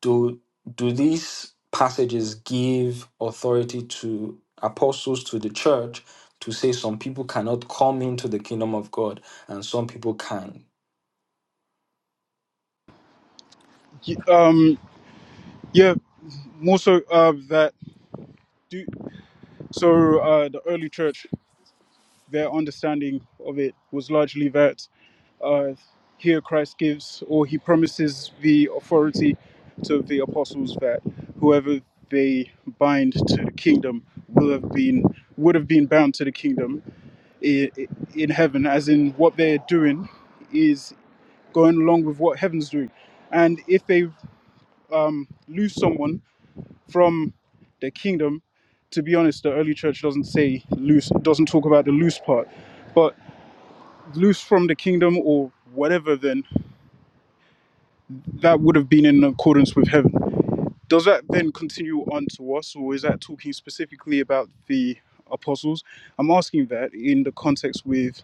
do do these passages give authority to apostles to the church to say some people cannot come into the kingdom of God and some people can? Y- Um, yeah, more so uh, that do so uh, the early church their understanding of it was largely that uh, here Christ gives or he promises the authority to the apostles that whoever they bind to the kingdom will have been would have been bound to the kingdom in, in heaven as in what they're doing is going along with what heaven's doing and if they um, lose someone from the kingdom. To be honest, the early church doesn't say loose, doesn't talk about the loose part, but loose from the kingdom or whatever, then that would have been in accordance with heaven. Does that then continue on to us, or is that talking specifically about the apostles? I'm asking that in the context with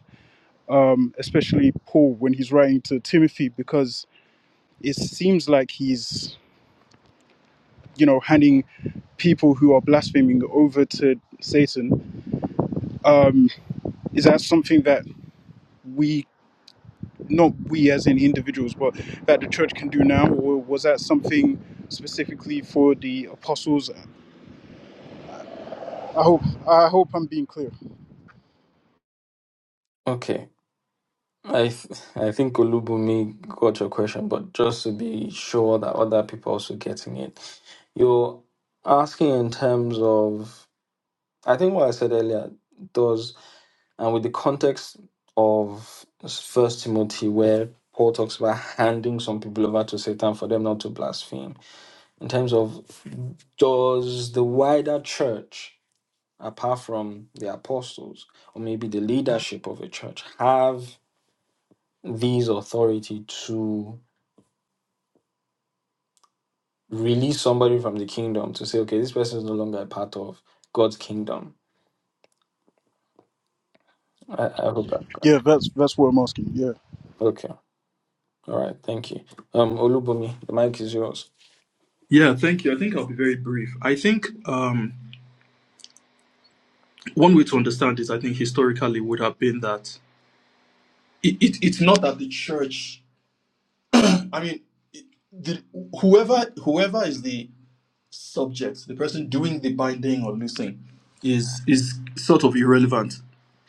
um, especially Paul when he's writing to Timothy, because it seems like he's, you know, handing people who are blaspheming over to Satan. Um, Is that something that we, not we as in individuals, but that the church can do now, or was that something specifically for the apostles? I hope I hope I'm being clear. Okay. I th- I think Olubumi got your question, but just to be sure that other people also getting it, you're asking in terms of I think what I said earlier. and with the context of First Timothy, where Paul talks about handing some people over to Satan for them not to blaspheme, in terms of does the wider church, apart from the apostles or maybe the leadership of a church, have these authority to release somebody from the kingdom to say, okay, this person is no longer a part of God's kingdom? I, I hope that's right. Yeah, that's that's what I'm asking. Yeah, Okay. All right. Thank you. Um, Olubumi, the mic is yours. Yeah, thank you. I think I'll be very brief. I think um, one way to understand this, I think historically would have been that it, it, it's not that the church. I mean, it- the, whoever whoever is the subject, the person doing the binding or loosing, is is sort of irrelevant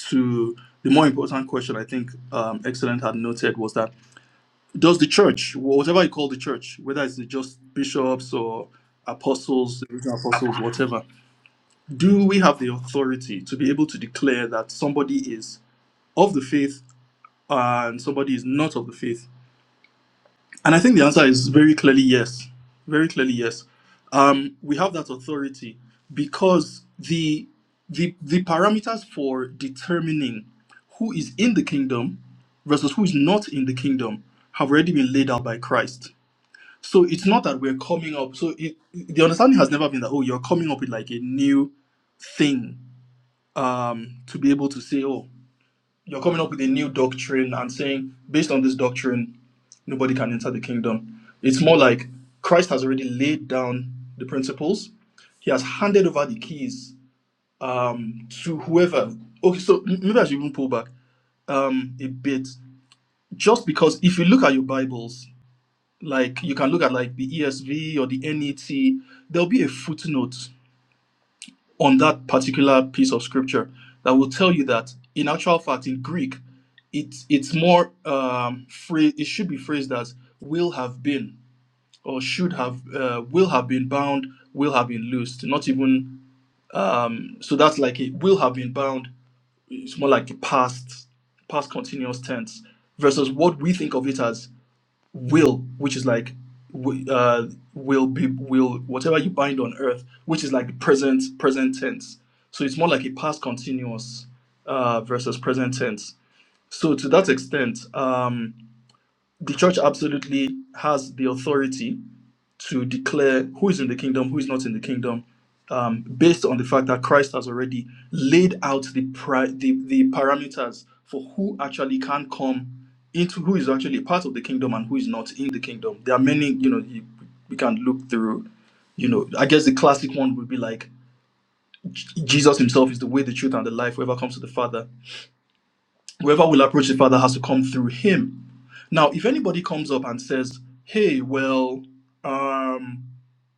to the more important question. I think um, excellent had noted was that does the church, whatever you call the church, whether it's the just bishops or apostles, the original apostles, whatever do we have the authority to be able to declare that somebody is of the faith and somebody is not of the faith? And I think the answer is very clearly yes. Very clearly yes. Um, we have that authority because the the the parameters for determining who is in the kingdom versus who is not in the kingdom have already been laid out by Christ. So it's not that we're coming up. So it, the understanding has never been that oh you're coming up with like a new thing um, to be able to say, oh, you're coming up with a new doctrine and saying, based on this doctrine, nobody can enter the kingdom. It's more like Christ has already laid down the principles, he has handed over the keys um, to whoever. Okay, so m- maybe I should even pull back um, a bit. Just because if you look at your Bibles, like you can look at like the ESV or the NET, there'll be a footnote on that particular piece of scripture that will tell you that in actual fact in greek it's it's more um phrase it should be phrased as will have been or should have uh, will have been bound will have been loosed not even um so that's like it will have been bound it's more like the past past continuous tense versus what we think of it as will, which is like uh, will be will whatever you bind on earth, which is like the present present tense. So it's more like a past continuous uh, versus present tense. So to that extent, um, the church absolutely has the authority to declare who is in the kingdom, who is not in the kingdom, um, based on the fact that Christ has already laid out the, pri- the the parameters for who actually can come into who is actually part of the kingdom and who is not in the kingdom. There are many, you know, you, we can look through. You know, I guess the classic one would be like J- Jesus Himself is the way, the truth, and the life. Whoever comes to the Father, whoever will approach the Father has to come through Him. Now, if anybody comes up and says, "Hey, well," um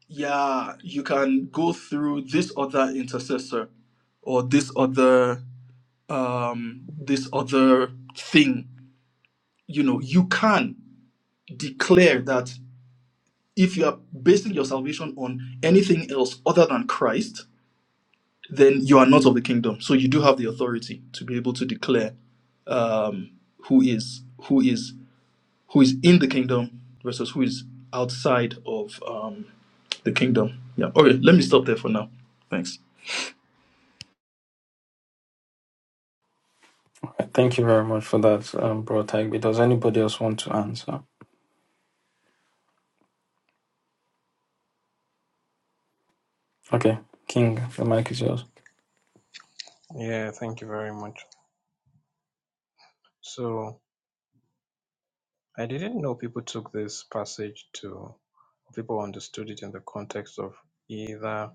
yeah, you can go through this other intercessor or this other um this other thing. You know, you can declare that if you are basing your salvation on anything else other than Christ, then you are not of the kingdom. So you do have the authority to be able to declare um who is who is who is in the kingdom versus who is outside of um the kingdom. Yeah. Okay, let me stop there for now. Thanks. Thank you very much for that, um, Bro Tagby. Does anybody else want to answer? Okay, King, the mic is yours. Yeah, thank you very much. So I didn't know people took this passage to people understood it in the context of either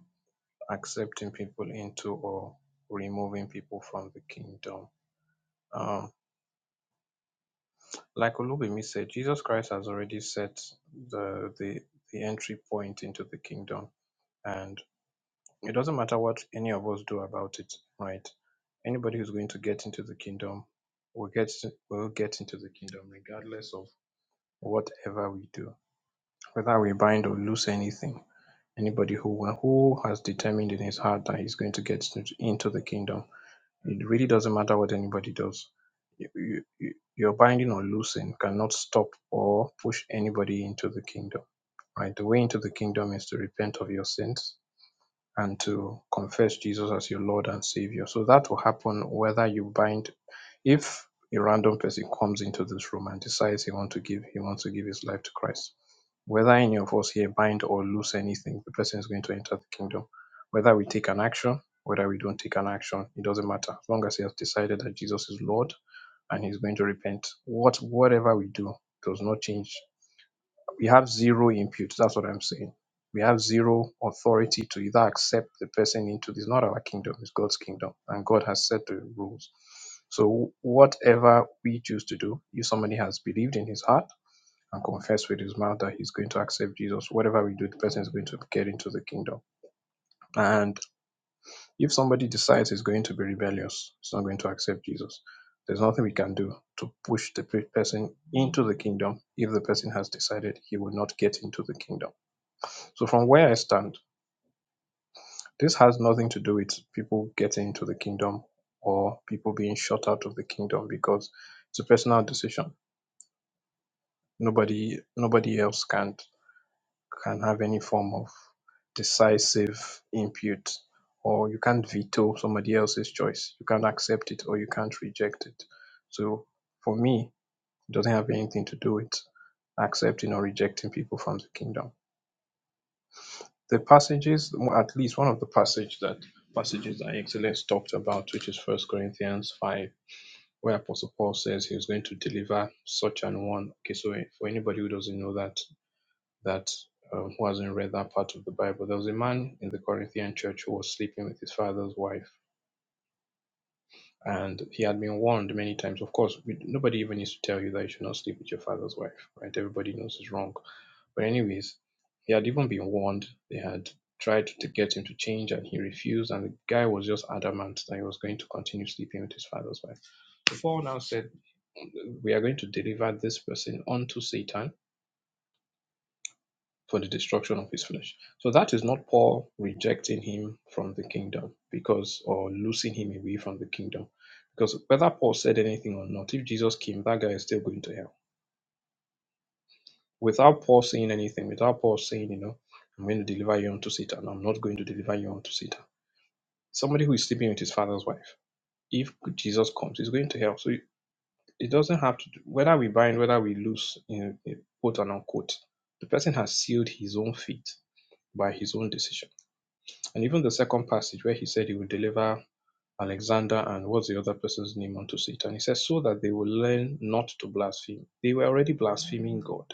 accepting people into or removing people from the kingdom. Um, Like Olubimi said, Jesus Christ has already set the, the the entry point into the kingdom, and it doesn't matter what any of us do about it, right? Anybody who's going to get into the kingdom will get will get into the kingdom, regardless of whatever we do, whether we bind or loose anything. Anybody who who has determined in his heart that he's going to get into into the kingdom it really doesn't matter what anybody does. You, you, you- your binding or loosing cannot stop or push anybody into the kingdom. Right? The way into the kingdom is to repent of your sins and to confess Jesus as your Lord and Savior. So that will happen whether you bind if a random person comes into this room and decides he wants to give he wants to give his life to Christ. Whether any of us here bind or loose anything, the person is going to enter the kingdom. Whether we take an action, whether we don't take an action, it doesn't matter. As long as he has decided that Jesus is Lord and he's going to repent, what whatever we do does not change we have zero input. That's what I'm saying. We have zero authority to either accept the person into this. Not our kingdom; it's God's kingdom, and God has set the rules. So whatever we choose to do, if somebody has believed in his heart and confessed with his mouth that he's going to accept Jesus, whatever we do, the person is going to get into the kingdom. And if somebody decides he's going to be rebellious, he's not going to accept Jesus. There's nothing we can do to push the pe- person into the kingdom if the person has decided he will not get into the kingdom. So from where I stand, this has nothing to do with people getting into the kingdom or people being shut out of the kingdom because it's a personal decision. Nobody nobody else can can have any form of decisive input or you can't veto somebody else's choice. You can't accept it or you can't reject it. So for me, it doesn't have anything to do with accepting or rejecting people from the kingdom. the passages well, at least one of the passage that passages that excellence talked about which is first corinthians 5 where apostle paul says he was going to deliver such an one okay so for anybody who doesn't know that that um, who hasn't read that part of the bible there was a man in the corinthian church who was sleeping with his father's wife and he had been warned many times. Of course, we, nobody even needs to tell you that you should not sleep with your father's wife, right? Everybody knows it's wrong. But anyways, he had even been warned. They had tried to get him to change, and he refused. And the guy was just adamant that he was going to continue sleeping with his father's wife. The Paul now said, "We are going to deliver this person unto Satan." for the destruction of his flesh. So that is not Paul rejecting him from the kingdom because, or losing him away from the kingdom. Because whether Paul said anything or not, if Jesus came, that guy is still going to hell. Without Paul saying anything, without Paul saying, you know, I'm going to deliver you unto Satan, I'm not going to deliver you unto Satan. Somebody who is sleeping with his father's wife, if Jesus comes, he's going to hell. So it, doesn't have to do, whether we bind, whether we loose, you know, quote and unquote, the person has sealed his own fate by his own decision. And even the second passage where he said he would deliver Alexander and what's the other person's name unto Satan, he says, so that they will learn not to blaspheme. They were already blaspheming God.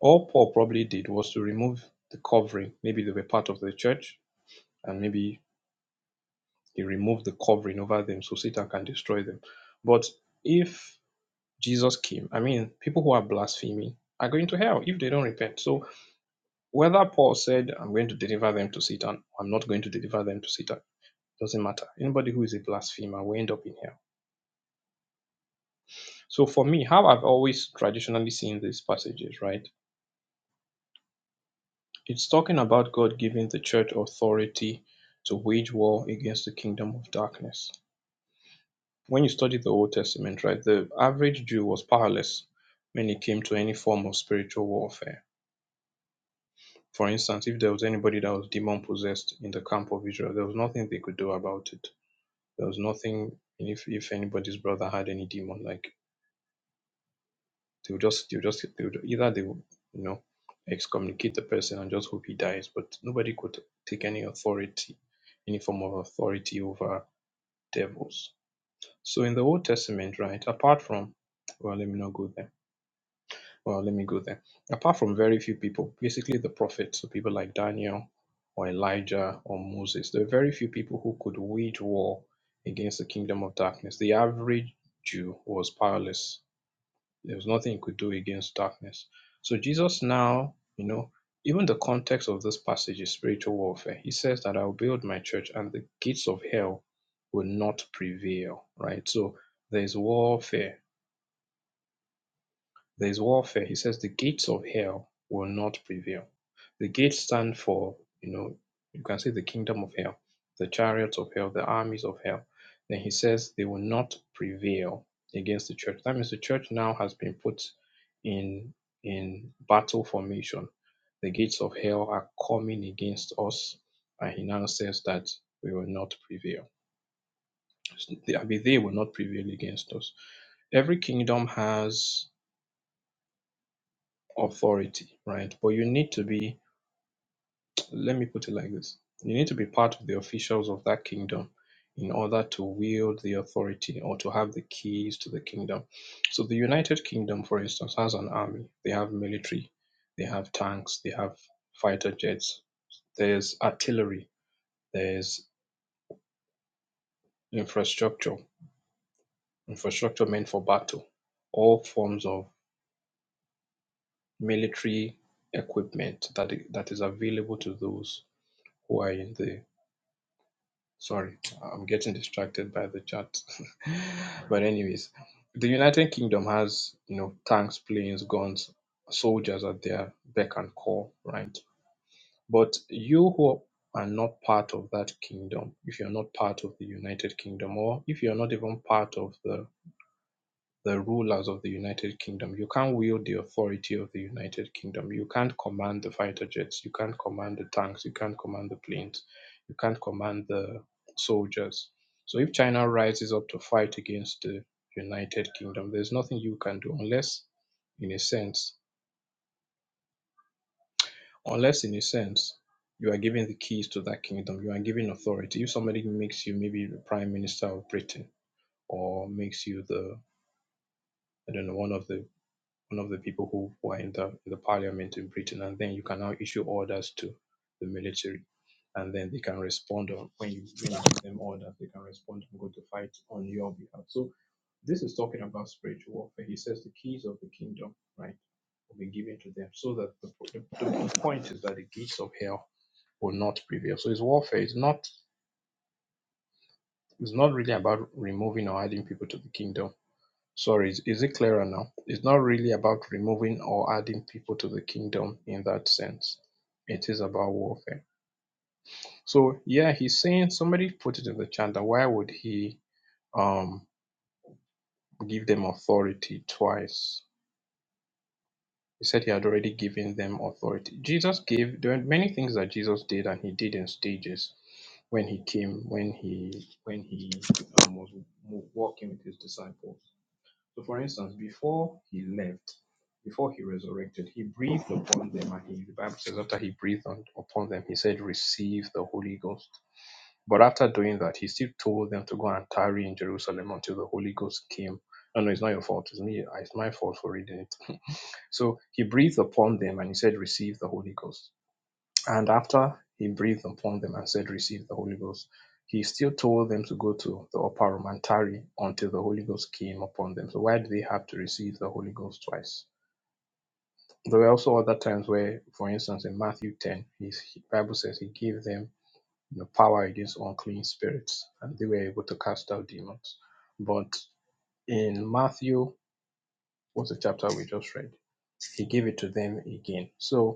All Paul probably did was to remove the covering. Maybe they were part of the church, and maybe he removed the covering over them so Satan can destroy them. But if Jesus came, I mean, people who are blaspheming are going to hell if they don't repent. So whether Paul said, I'm going to deliver them to Satan, I'm not going to deliver them to Satan doesn't matter. Anybody who is a blasphemer will end up in hell. So for me, how I've always traditionally seen these passages, right? It's talking about God giving the church authority to wage war against the kingdom of darkness. When you study the Old Testament, right, the average Jew was powerless when it came to any form of spiritual warfare. For instance, if there was anybody that was demon possessed in the camp of Israel, there was nothing they could do about it. There was nothing, and if, if anybody's brother had any demon, like They'll just they'll just they'll either they will, you know excommunicate the person and just hope he dies, but nobody could take any authority, any form of authority over devils. So in the Old Testament, right, apart from well, let me not go there. Well, let me go there. Apart from very few people, basically the prophets, so people like Daniel or Elijah or Moses, there are very few people who could wage war against the kingdom of darkness. The average Jew was powerless there was nothing he could do against darkness. So Jesus now, you know, even the context of this passage is spiritual warfare. He says that I'll build my church and the gates of hell will not prevail, right? So there's warfare there is warfare. He says the gates of hell will not prevail. The gates stand for, you know, you can say the kingdom of hell, the chariots of hell, the armies of hell. Then he says they will not prevail against the church. That means the church now has been put in in battle formation. The gates of hell are coming against us, and he now says that we will not prevail. I mean, they will not prevail against us. Every kingdom has authority, right? But you need to be, let me put it like this you need to be part of the officials of that kingdom in order to wield the authority or to have the keys to the kingdom. So the United Kingdom, for instance, has an army, they have military, they have tanks, they have fighter jets, there's artillery, there's infrastructure, infrastructure meant for battle, all forms of military equipment that that is available to those who are in the Sorry, I'm getting distracted by the chat. but anyways, the United Kingdom has, you know, tanks, planes, guns, soldiers at their beck and call, right? But you who are not part of that kingdom, if you're not part of the United Kingdom, or if you're not even part of the the rulers of the United Kingdom. You can't wield the authority of the United Kingdom. You can't command the fighter jets. You can't command the tanks. You can't command the planes. You can't command the soldiers. So if China rises up to fight against the United Kingdom, there's nothing you can do unless, in a sense, unless in a sense, you are given the keys to that kingdom. You are given authority. If somebody makes you maybe the prime minister of Britain or makes you the I don't know one of the one of the people who were in the, in the parliament in Britain, and then you can now issue orders to the military, and then they can respond on when you when you give them orders, they can respond and go to fight on your behalf. So this is talking about spiritual warfare. He says the keys of the kingdom, right, will be given to them, so that the, the, the point is that the gates of hell will not prevail. So his warfare is not it's not really about removing or adding people to the kingdom Sorry, is, is it clearer now? It's not really about removing or adding people to the kingdom in that sense. It is about warfare. So yeah, he's saying somebody put it in the chat that why would he um give them authority twice? He said he had already given them authority. Jesus gave there are many things that Jesus did and he did in stages when he came, when he when he um, was walking with his disciples So, for instance, before he left, before he resurrected, he breathed upon them, and he, the Bible says, after he breathed on, upon them, he said, Receive the Holy Ghost. But after doing that, he still told them to go and tarry in Jerusalem until the Holy Ghost came. No, no, it's not your fault. It's me. It's my fault for reading it. so he breathed upon them and he said, Receive the Holy Ghost. And after he breathed upon them and said, Receive the Holy Ghost, he still told them to go to the upper room and tarry until the Holy Ghost came upon them. So why do they have to receive the Holy Ghost twice? There were also other times where, for instance, in Matthew 10, his Bible says he gave them you know, power against unclean spirits, and they were able to cast out demons. But in Matthew, what's the chapter we just read? He gave it to them again. So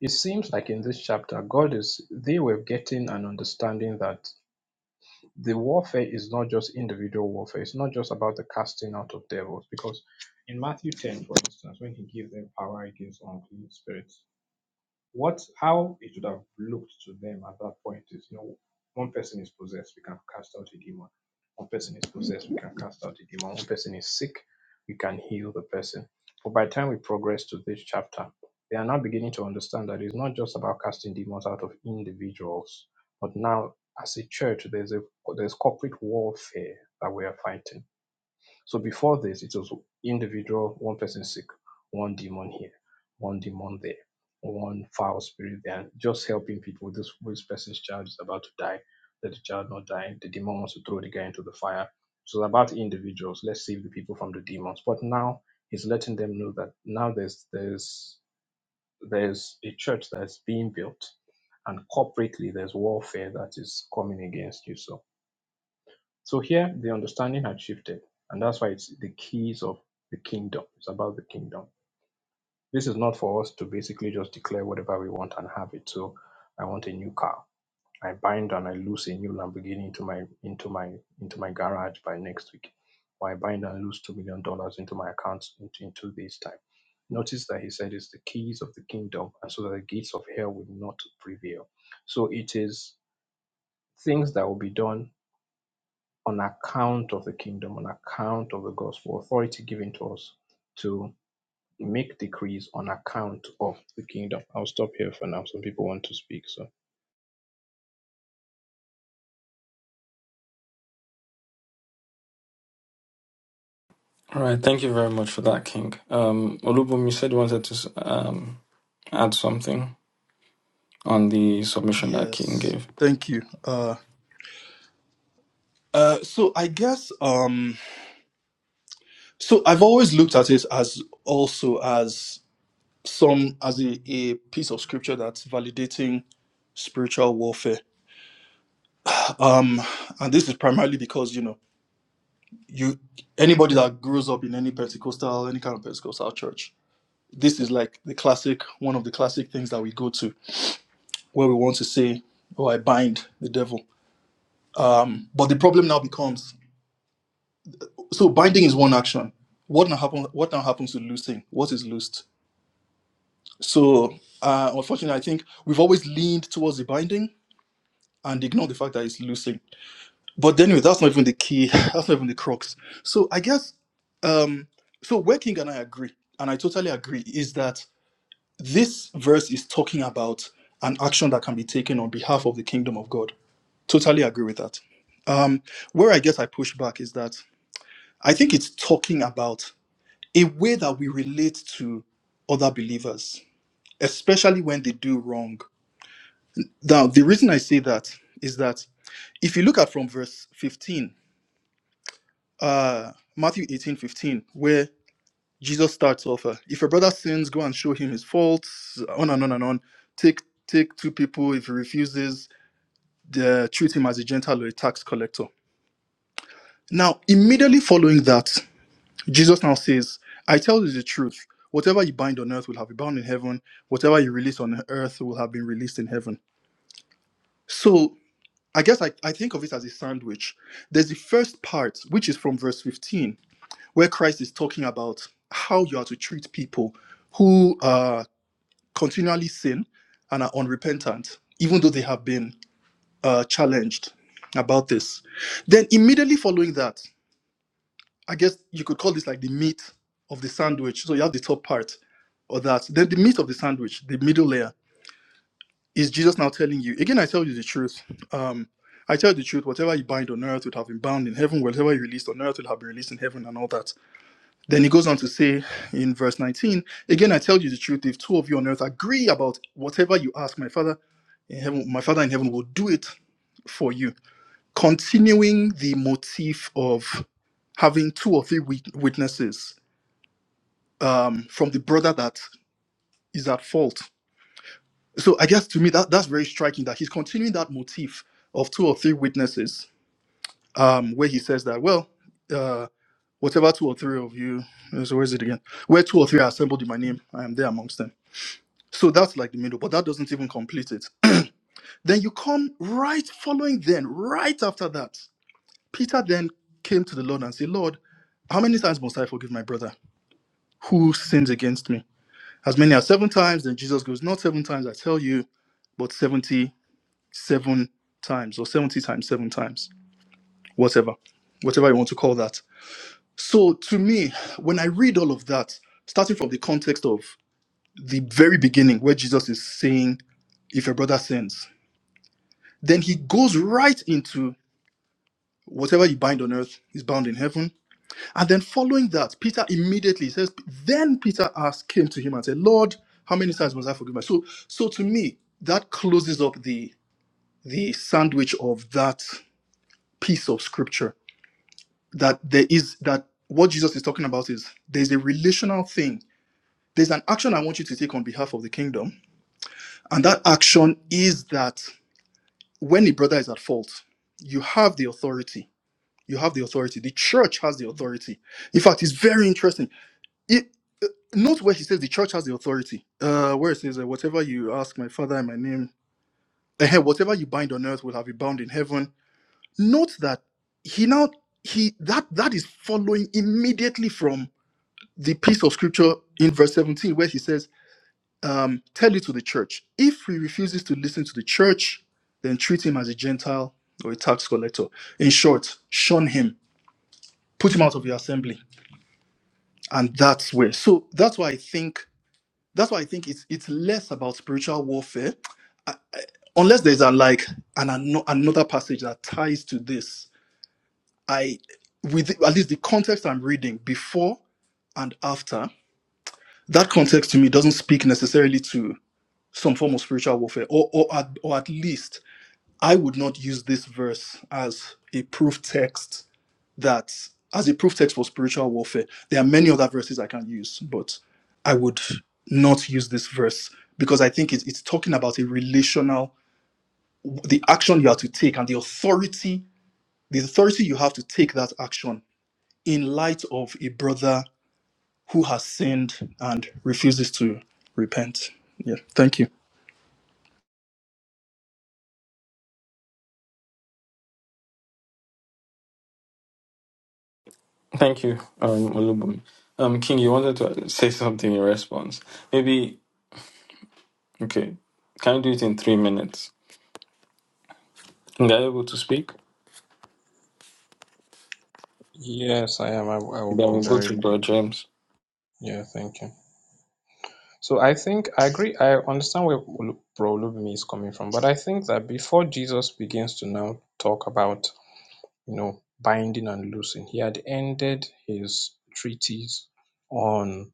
It seems like in this chapter, God is, they were getting an understanding that the warfare is not just individual warfare. It's not just about the casting out of devils. Because in Matthew 10, for instance, when he gives them power against unclean spirits, what how it would have looked to them at that point is you know one person is possessed we can cast out a demon one person is possessed we can cast out a demon one person is sick we can heal the person but by the time we progress to this chapter they are now beginning to understand that it's not just about casting demons out of individuals but now as a church there's a there's corporate warfare that we are fighting so before this, it was individual, one person sick, one demon here, one demon there, one foul spirit there, and just helping people. This, this person's child is about to die. Let the child not die. The demon wants to throw the guy into the fire. So it's about individuals. Let's save the people from the demons. But now he's letting them know that now there's there's there's a church that's being built, and corporately there's warfare that is coming against you. So so here the understanding had shifted, and that's why it's the keys of the kingdom. It's about the kingdom. This is not for us to basically just declare whatever we want and have it. So I want a new car. I bind and I loose a new Lamborghini into my into my into my garage by next week. Or I bind and loose two million dollars into my account into, into this time. Notice that he said it's the keys of the kingdom, and so that the gates of hell will not prevail. So it is things that will be done on account of the kingdom, on account of the gospel, authority given to us to make decrees on account of the kingdom. I'll stop here for now. Some people want to speak, so. All right, thank you very much for that, King. Um, Olubum, you said you wanted to s- um, add something on the submission that King Yes. gave. Thank you. Uh, uh, so I guess um, so I've always looked at it as also as some as a, a piece of scripture that's validating spiritual warfare. Um, and this is primarily because you know you anybody that grows up in any Pentecostal any kind of Pentecostal church, this is like the classic one of the classic things that we go to where we want to say, "Oh, I bind the devil." Um, but the problem now becomes So binding is one action. What now happen? What now happens to loosing? What is loosed? So uh, unfortunately, I think we've always leaned towards the binding and ignored the fact that it's loosing. But anyway, that's not even the key. That's not even the crux. So I guess um, so. Where King and I agree, and I totally agree, is that this verse is talking about an action that can be taken on behalf of the kingdom of God. Totally agree with that. Um, where I guess I push back is that I think it's talking about a way that we relate to other believers, especially when they do wrong. Now, the reason I say that is that if you look at from verse 15, uh, Matthew 18:15, where Jesus starts off, uh, if a brother sins, go and show him his faults, on and on and on. Take take two people, if he refuses, the, treat him as a Gentile or a tax collector. Now, immediately following that, Jesus now says, I tell you the truth. Whatever you bind on earth will have been bound in heaven. Whatever you release on earth will have been released in heaven. So I guess I, I think of it as a sandwich. There's the first part, which is from verse 15, where Christ is talking about how you are to treat people who uh, continually sin and are unrepentant, even though they have been uh, challenged about this. Then immediately following that, I guess you could call this like the meat of the sandwich. So you have the top part or that. Then the meat of the sandwich, the middle layer, is Jesus now telling you, again, I tell you the truth. Um, I tell you the truth, whatever you bind on earth would have been bound in heaven, whatever you released on earth would have been released in heaven, and all that. Then he goes on to say in verse 19, Again, I tell you the truth, if two of you on earth agree about whatever you ask, my father in heaven, my father in heaven will do it for you. Continuing the motif of having two or three wit- witnesses um, from the brother that is at fault. So I guess to me that that's very striking that he's continuing that motif of two or three witnesses, um, where he says that well, uh, whatever two or three of you, so where is it again? Where two or three are assembled in my name, I am there amongst them. So that's like the middle, but that doesn't even complete it. then you come right following. Then right after that, Peter then came to the Lord and said, Lord, how many times must I forgive my brother who sins against me? As many as seven times, then Jesus goes, Not seven times, I tell you, but 77 times or 70 times, seven times, whatever, whatever you want to call that. So to me, when I read all of that, starting from the context of the very beginning where Jesus is saying, If your brother sins, then he goes right into whatever you bind on earth is bound in heaven And then following that, Peter immediately says, Then Peter asked, came to him and said, Lord, how many times must I forgive my so so to me, that closes up the the sandwich of that piece of scripture. That there is that what Jesus is talking about is there's a relational thing. There's an action I want you to take on behalf of the kingdom. And that action is that when a brother is at fault, you have the authority. You have the authority. The church has the authority. In fact, it's very interesting. It, uh, note where he says the church has the authority. Uh, where it says, uh, whatever you ask my father in my name, eh, whatever you bind on earth will have you bound in heaven. Note that he now he that that is following immediately from the piece of scripture in verse 17 where he says, um, tell it to the church. If he refuses to listen to the church, then treat him as a Gentile or a tax collector. In short, shun him, put him out of your assembly. And that's where. So that's why I think that's why I think it's it's less about spiritual warfare, unless there's a like an, ano- another passage that ties to this. I with at least the context I'm reading before and after that context to me doesn't speak necessarily to some form of spiritual warfare, or or at, or at least I would not use this verse as a proof text that as a proof text for spiritual warfare. There are many other verses I can use, but I would not use this verse because I think it's, it's talking about a relational, the action you have to take and the authority, the authority you have to take that action in light of a brother who has sinned and refuses to repent. Yeah, thank you. Thank you, um, Olubum. Um, King, you wanted to say something in response. Maybe, okay, can you do it in three minutes? Are you able to speak? Yes, I am. I, I will Then be we'll go to very. Bro James. Yeah, thank you. So I think I agree. I understand where Olu- Bro Olubimi is coming from, but I think that before Jesus begins to now talk about you know binding and loosing, he had ended his treatise on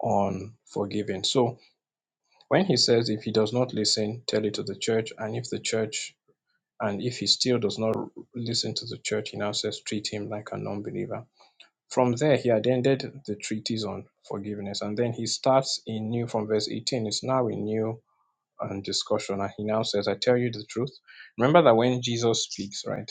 on forgiving. So when he says if he does not listen, tell it to the church and if the church and if he still does not listen to the church he now says treat him like a non-believer. from there he attended the treatise on forgiveness and then he starts in new from verse 18 it's now a new and discussion. And he now says, I tell you the truth. Remember that when Jesus speaks, right,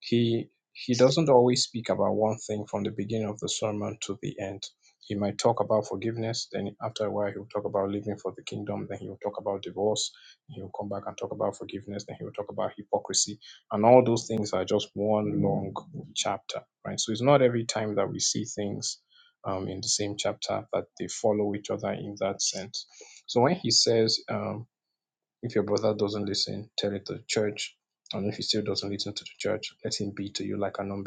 he he doesn't always speak about one thing from the beginning of the sermon to the end. He might talk about forgiveness, then after a while he'll talk about living for the kingdom, then he'll talk about divorce, he'll come back and talk about forgiveness, then he'll talk about hypocrisy. And all those things are just one long chapter, right? So it's not every time that we see things um, in the same chapter that they follow each other in that sense. So when he says, um, if your brother doesn't listen, tell it to the church. And if he still doesn't listen to the church, let him be to you like a non-believer.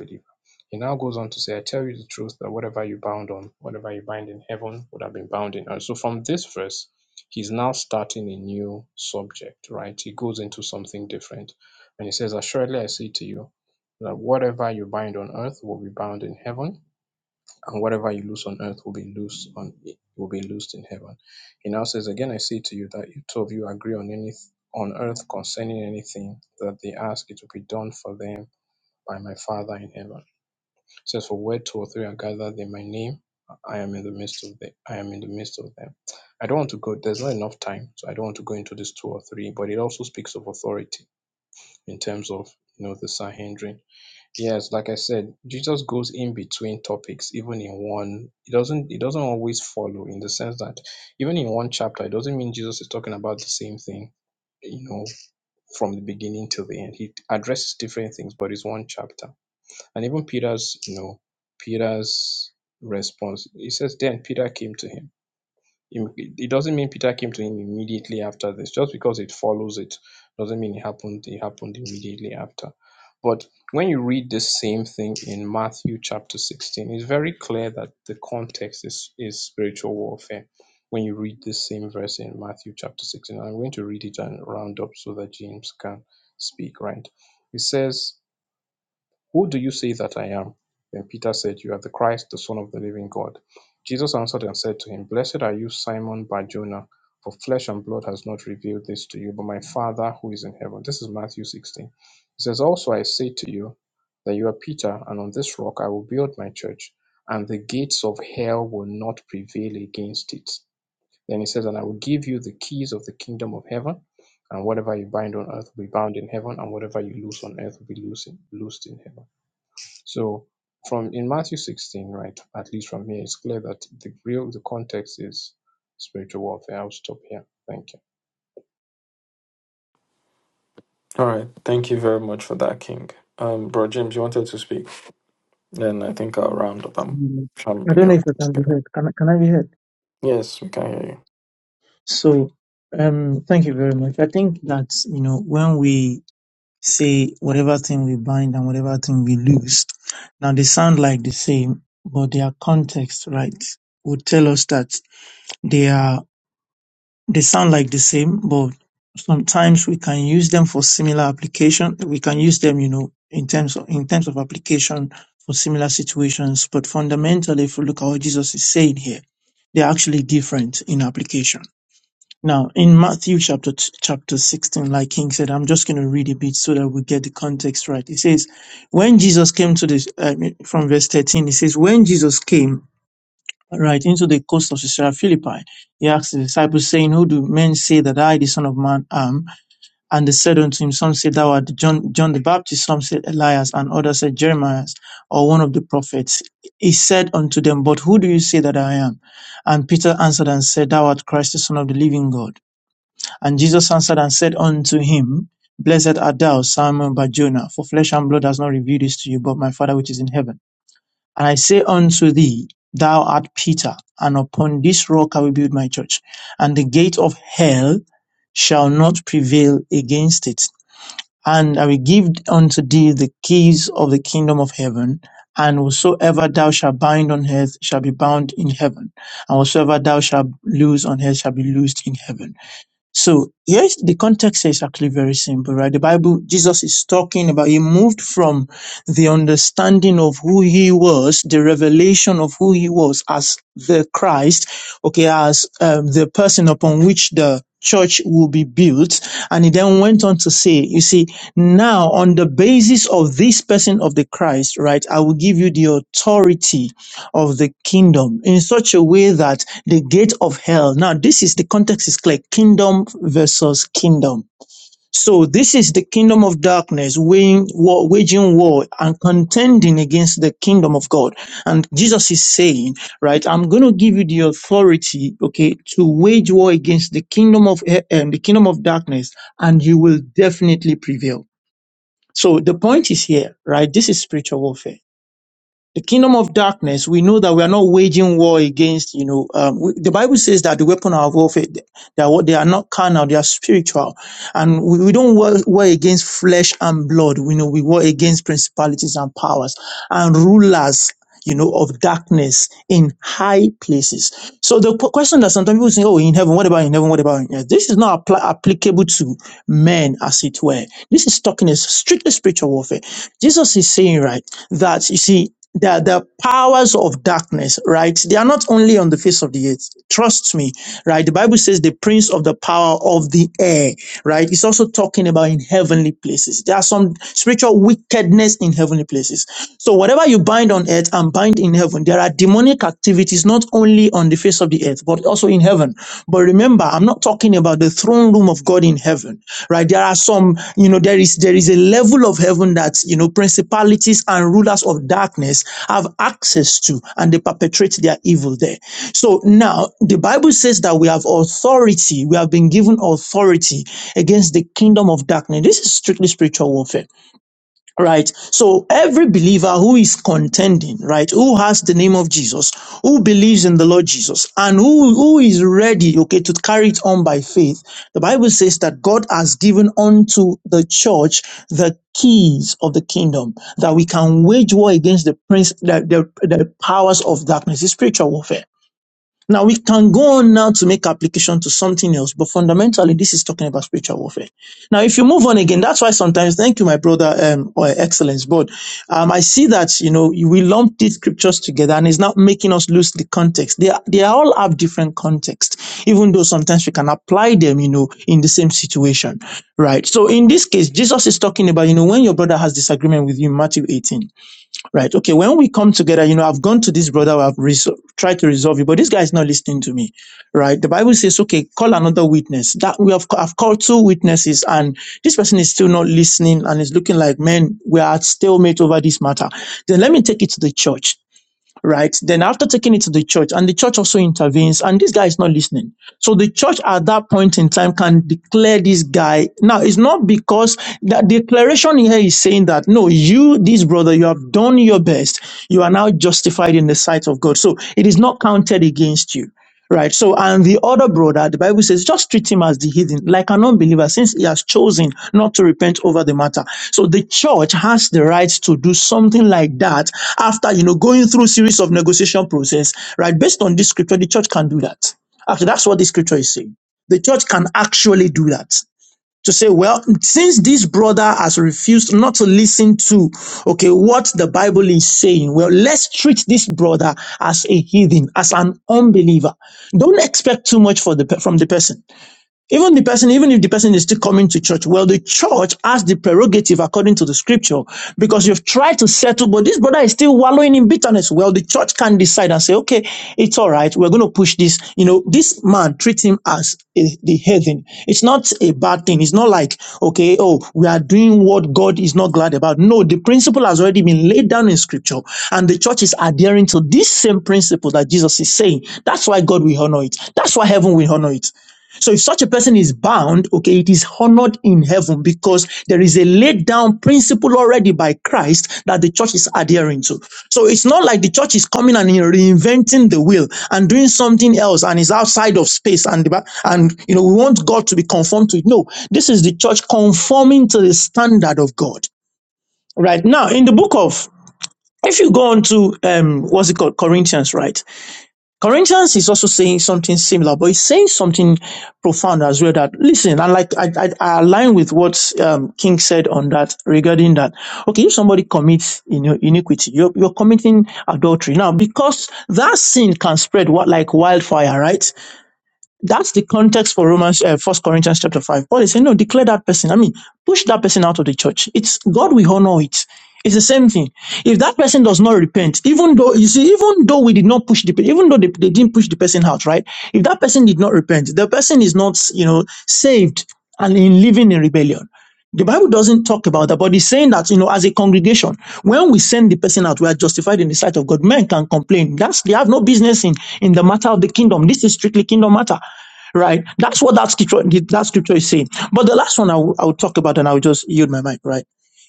He now goes on to say, I tell you the truth that whatever you bound on, whatever you bind in heaven would have been bound in earth. So from this verse, he's now starting a new subject, right? He goes into something different. And he says, Assuredly I say to you that whatever you bind on earth will be bound in heaven, and whatever you lose on earth will be loosed on will be loosed in heaven. He now says, Again I say to you that if two of you agree on any on earth concerning anything that they ask, it will be done for them by my Father in heaven. It says, For where two or three are gathered in my name, I am in the midst of them. I am in the midst of them. I don't want to go, there's not enough time, so I don't want to go into this two or three, but it also speaks of authority in terms of you know the Sanhedrin Yes, like I said, Jesus goes in between topics, even in one. It doesn't. It doesn't always follow in the sense that even in one chapter, it doesn't mean Jesus is talking about the same thing. You know, from the beginning till the end, he addresses different things, but it's one chapter. And even Peter's, you know, Peter's response. He says, "Then Peter came to him." Im- It doesn't mean Peter came to him immediately after this. Just because it follows it doesn't mean it happened. It happened immediately after. But when you read the same thing in Matthew chapter 16, it's very clear that the context is, is spiritual warfare. When you read this same verse in Matthew chapter 16, I'm going to read it and round up so that James can speak, right? It says, who do you say that I am? Then Peter said, You are the Christ, the Son of the living God. Jesus answered and said to him, Blessed are you, Simon Barjona, for flesh and blood has not revealed this to you, but my Father who is in heaven. This is Matthew 16. He says, Also I say to you that you are Peter, and on this rock I will build my church, and the gates of hell will not prevail against it. Then he says, And I will give you the keys of the kingdom of heaven, and whatever you bind on earth will be bound in heaven, and whatever you loose on earth will be loosed in, loosed in heaven. So from in Matthew 16, right, at least from here, it's clear that the real the context is spiritual warfare. I'll stop here. Thank you. All right, thank you very much for that, King. Um, Bro James, you wanted to speak? Then I think I'll round up. I'm I jumping don't know if up. I can be heard. Can, I- can I be heard? Yes, we can hear you. So, um, thank you very much. I think that, you know, when we say whatever thing we bind and whatever thing we lose, now they sound like the same, but their context, right, would tell us that they are. They sound like the same, but sometimes we can use them for similar application. We can use them, you know, in terms of in terms of application for similar situations. But fundamentally, if we look at what Jesus is saying here, they're actually different in application. Now, in Matthew chapter t- chapter 16, like King said, I'm just going to read a bit so that we get the context right. It says, when Jesus came to this, uh, from verse 13, it says, when Jesus came right into the coast of Caesarea Philippi. He asked the disciples, saying, Who do men say that I, the Son of Man, am? And they said unto him, Some said thou art John, John the Baptist, some said Elias, and others said Jeremiah, or one of the prophets. He said unto them, But who do you say that I am? And Peter answered and said, Thou art Christ, the Son of the living God. And Jesus answered and said unto him, Blessed art thou, Simon Barjona, for flesh and blood has not revealed this to you, but my Father which is in heaven. And I say unto thee, Thou art Peter, and upon this rock I will build my church, and the gate of hell shall not prevail against it. And I will give unto thee the keys of the kingdom of heaven, and whatsoever thou shalt bind on earth shall be bound in heaven, and whatsoever thou shalt loose on earth shall be loosed in heaven. So yes, the context is actually very simple, right? The Bible, Jesus is talking about, he moved from the understanding of who he was, the revelation of who he was as the Christ, okay, as um, the person upon which the church will be built. And he then went on to say, you see, now on the basis of this person of the Christ, right, I will give you the authority of the kingdom in such a way that the gate of hell. Now, this is the context is clear kingdom versus kingdom. So, this is the kingdom of darkness weighing, war, waging war and contending against the kingdom of God. And Jesus is saying, right, I'm going to give you the authority, okay, to wage war against the kingdom of, he- um, the kingdom of darkness and you will definitely prevail. So, the point is here, right? This is spiritual warfare the kingdom of darkness, we know that we are not waging war against, you know, um, we, the Bible says that the weapon of warfare, they are, what- they are not carnal, they are spiritual. And we, we don't war, war against flesh and blood. We know we war against principalities and powers and rulers, you know, of darkness in high places. So the p- question that sometimes people say, oh, in heaven, what about in heaven? What about in earth? This is not appli applicable to men as it were. This is talking is strictly spiritual warfare. Jesus is saying, right, that you see, the, the powers of darkness, right? They are not only on the face of the earth. Trust me, right? The Bible says the prince of the power of the air, right? It's also talking about in heavenly places. There are some spiritual wickedness in heavenly places. So whatever you bind on earth and bind in heaven, there are demonic activities not only on the face of the earth, but also in heaven. But remember, I'm not talking about the throne room of God in heaven, right? There are some, you know, there is there is a level of heaven that you know principalities and rulers of darkness have access to, and they perpetrate their evil there. So now the Bible says that we have authority, we have been given authority against the kingdom of darkness. This is strictly spiritual warfare. Right. So every believer who is contending, right, who has the name of Jesus, who believes in the Lord Jesus, and who, who is ready, okay, to carry it on by faith, the Bible says that God has given unto the church the keys of the kingdom, that we can wage war against the prince, the, the, the powers of darkness, the spiritual warfare. Now we can go on now to make application to something else, but fundamentally this is talking about spiritual warfare. Now, if you move on again, that's why sometimes, thank you, my brother, um, or excellence, but um, I see that you know we lump these scriptures together, and it's not making us lose the context. They are, they all have different context, even though sometimes we can apply them, you know, in the same situation, right? So in this case, Jesus is talking about you know when your brother has disagreement with you, Matthew 18. Right. Okay. When we come together, you know, I've gone to this brother, I've resol- tried to resolve it, but this guy is not listening to me. Right. The Bible says, okay, call another witness. That we have, I've called two witnesses and this person is still not listening and it's looking like, man, we are at stalemate over this matter. Then let me take it to the church right? Then after taking it to the church, and the church also intervenes, and this guy is not listening. So the church at that point in time can declare this guy. Now it's not because the declaration here is saying that no, you, this brother, you have done your best. You are now justified in the sight of God. So it is not counted against you. Right. So, and the other brother, the Bible says, just treat him as the heathen, like an unbeliever, since he has chosen not to repent over the matter. So the church has the right to do something like that after, you know, going through series of negotiation process, right? Based on this scripture, the church can do that. Actually, that's what the scripture is saying. The church can actually do that to say, well, since this brother has refused not to listen to, okay, what the Bible is saying, well, let's treat this brother as a heathen, as an unbeliever. Don't expect too much for the, pe- from the person. Even the person, even if the person is still coming to church, well, the church has the prerogative according to the scripture because you've tried to settle, but this brother is still wallowing in bitterness. Well, the church can decide and say, okay, it's all right. We're going to push this. You know, this man treats him as a, the heathen. It's not a bad thing. It's not like, okay, oh, we are doing what God is not glad about. No, the principle has already been laid down in scripture and the church is adhering to this same principle that Jesus is saying. That's why God will honor it. That's why heaven will honor it. So if such a person is bound, okay, it is honored in heaven because there is a laid down principle already by Christ that the church is adhering to. So it's not like the church is coming and reinventing the wheel and doing something else and is outside of space and and you know we want God to be conformed to it. No, this is the church conforming to the standard of God. Right now, in the book of if you go on to um what's it called Corinthians, right? Corinthians is also saying something similar, but it's saying something profound as well. That listen, and like I, I, I align with what um, King said on that regarding that. Okay, if somebody commits you know, iniquity, you're, you're committing adultery now because that sin can spread what like wildfire, right? That's the context for Romans, uh, First Corinthians chapter five. Paul is saying, no, declare that person. I mean, push that person out of the church. It's God will honor it. It's the same thing. If that person does not repent, even though you see, even though we did not push the, even though they, they didn't push the person out, right? If that person did not repent, the person is not, you know, saved and in living in rebellion. The Bible doesn't talk about that, but it's saying that, you know, as a congregation, when we send the person out, we are justified in the sight of God. Men can complain. That's, they have no business in, in the matter of the kingdom. This is strictly kingdom matter right? That's what that scripture that scripture is saying. But the last one I will I will talk about, and I will just yield my mic, right?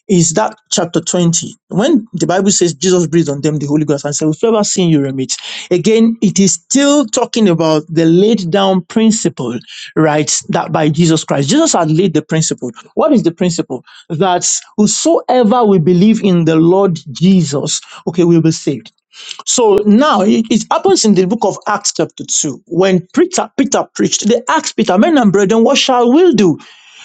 Is that chapter 20 when the Bible says Jesus breathed on them the Holy Ghost and said, Whosoever sin you remit. Again, it is still talking about the laid down principle, right? That by Jesus Christ. Jesus had laid the principle. What is the principle? That whosoever will believe in the Lord Jesus, okay, will be saved. So now it, it happens in the book of Acts, chapter 2. When Peter, Peter preached, they asked Peter, Men and brethren, what shall we do?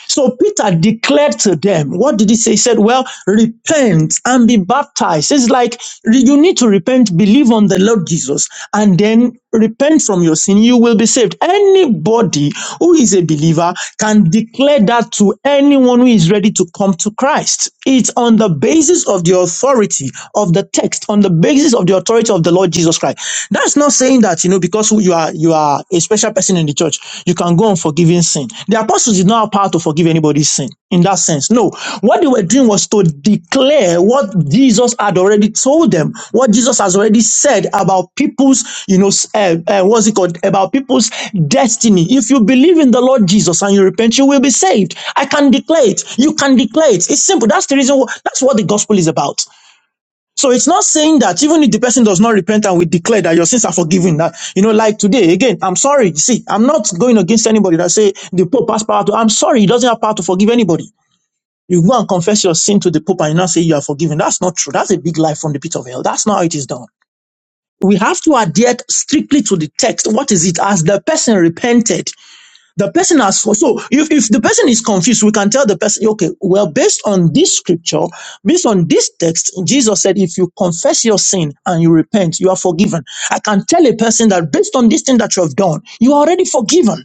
So Peter declared to them, what did he say? He said, Well, repent and be baptized. It's like re- you need to repent, believe on the Lord Jesus, and then repent from your sin. You will be saved. Anybody who is a believer can declare that to anyone who is ready to come to Christ. It's on the basis of the authority of the text, on the basis of the authority of the Lord Jesus Christ. That's not saying that, you know, because because you are you are a special person in the church, you can go on forgiving sin. The apostles did not have power to forgive anybody's sin in that sense. No, what they were doing was to declare what Jesus had already told them, what Jesus has already said about people's, you know, uh, uh, what's it called, about people's destiny. If you believe in the Lord Jesus and you repent, you will be saved. I can declare it. You can declare it. It's simple. That's the reason. Wh- that's what the gospel is about. So it's not saying that even if the person does not repent and we declare that your sins are forgiven, that you know, like today, again, I'm sorry. See, I'm not going against anybody that say the Pope has power to. I'm sorry, he doesn't have power to forgive anybody. You go and confess your sin to the Pope and you not say you are forgiven. That's not true. That's a big lie from the pit of hell. That's not how it is done. We have to adhere strictly to the text. What is it? As the person repented, the person has so so, if, if the person is confused, we can tell the person, okay, well, based on this scripture, based on this text, Jesus said, if you confess your sin and you repent, you are forgiven. I can tell a person that based on this thing that you have done, you are already forgiven.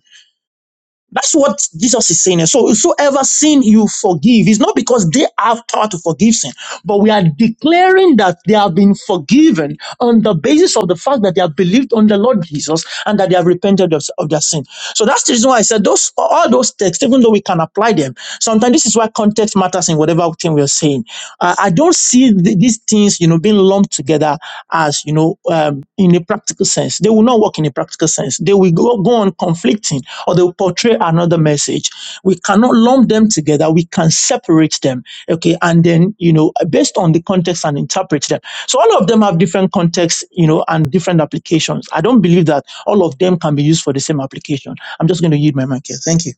That's what Jesus is saying. So, whosoever sin you forgive it's not because they have power to forgive sin, but we are declaring that they have been forgiven on the basis of the fact that they have believed on the Lord Jesus and that they have repented of, of their sin. So that's the reason why I said those all those texts, even though we can apply them, sometimes this is why context matters in whatever thing we are saying. Uh, I don't see th- these things, you know, being lumped together as you know, um, in a practical sense. They will not work in a practical sense. They will go, go on conflicting or they will portray another message. We cannot lump them together. We can separate them, okay, and then you know based on the context and interpret them. So all of them have different contexts, you know, and different applications. I don't believe that all of them can be used for the same application. I'm just going to yield my mic here. Thank you.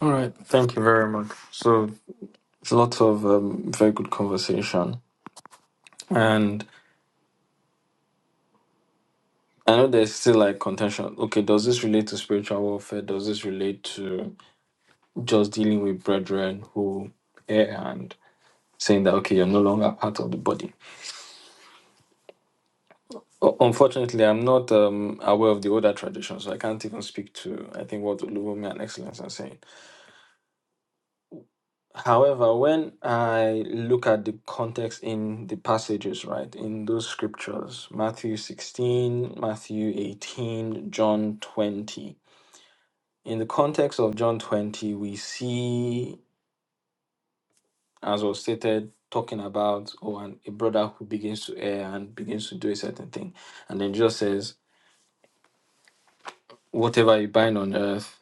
All right. Thank you very much. So it's a lot of um, very good conversation, and I know there's still like contention. Okay, does this relate to spiritual warfare? Does this relate to just dealing with brethren who err and saying that okay, you're no longer part of the body? U- Unfortunately, I'm not um, aware of the older tradition, so I can't even speak to I think what Oluvumi and Excellence are saying. However, when I look at the context in the passages, right, in those scriptures, Matthew 16, Matthew 18, John 20, in the context of John 20, we see, as was stated, talking about oh, and a brother who begins to err and begins to do a certain thing. And then Jesus says, whatever you bind on earth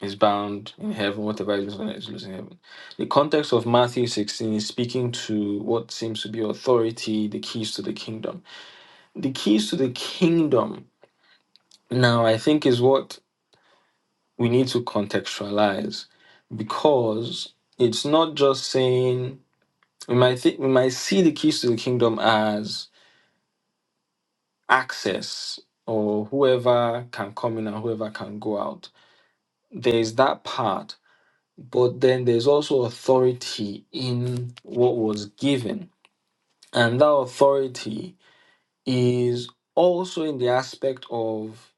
is bound in heaven, whatever is loose on earth is loose in heaven. The context of Matthew 16 is speaking to what seems to be authority, the keys to the kingdom. The keys to the kingdom, now, I think, is what we need to contextualize because it's not just saying we might think we might see the keys to the kingdom as access or whoever can come in and whoever can go out. There's that part but then there's also authority in what was given. And that authority is also in the aspect of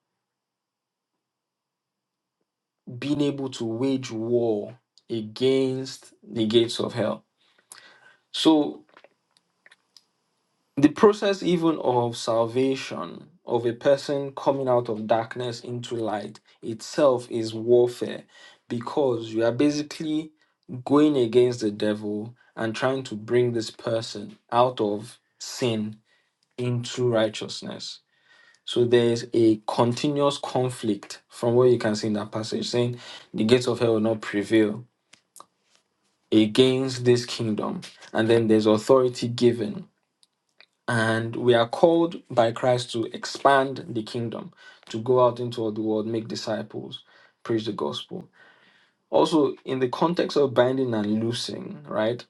being able to wage war against the gates of hell. So, the process, even of salvation of a person coming out of darkness into light itself, is warfare because you are basically going against the devil and trying to bring this person out of sin into righteousness. So there's a continuous conflict from what you can see in that passage, saying the gates of hell will not prevail against this kingdom. And then there's authority given. And we are called by Christ to expand the kingdom, to go out into all the world, make disciples, preach the gospel. Also, in the context of binding and loosing, right?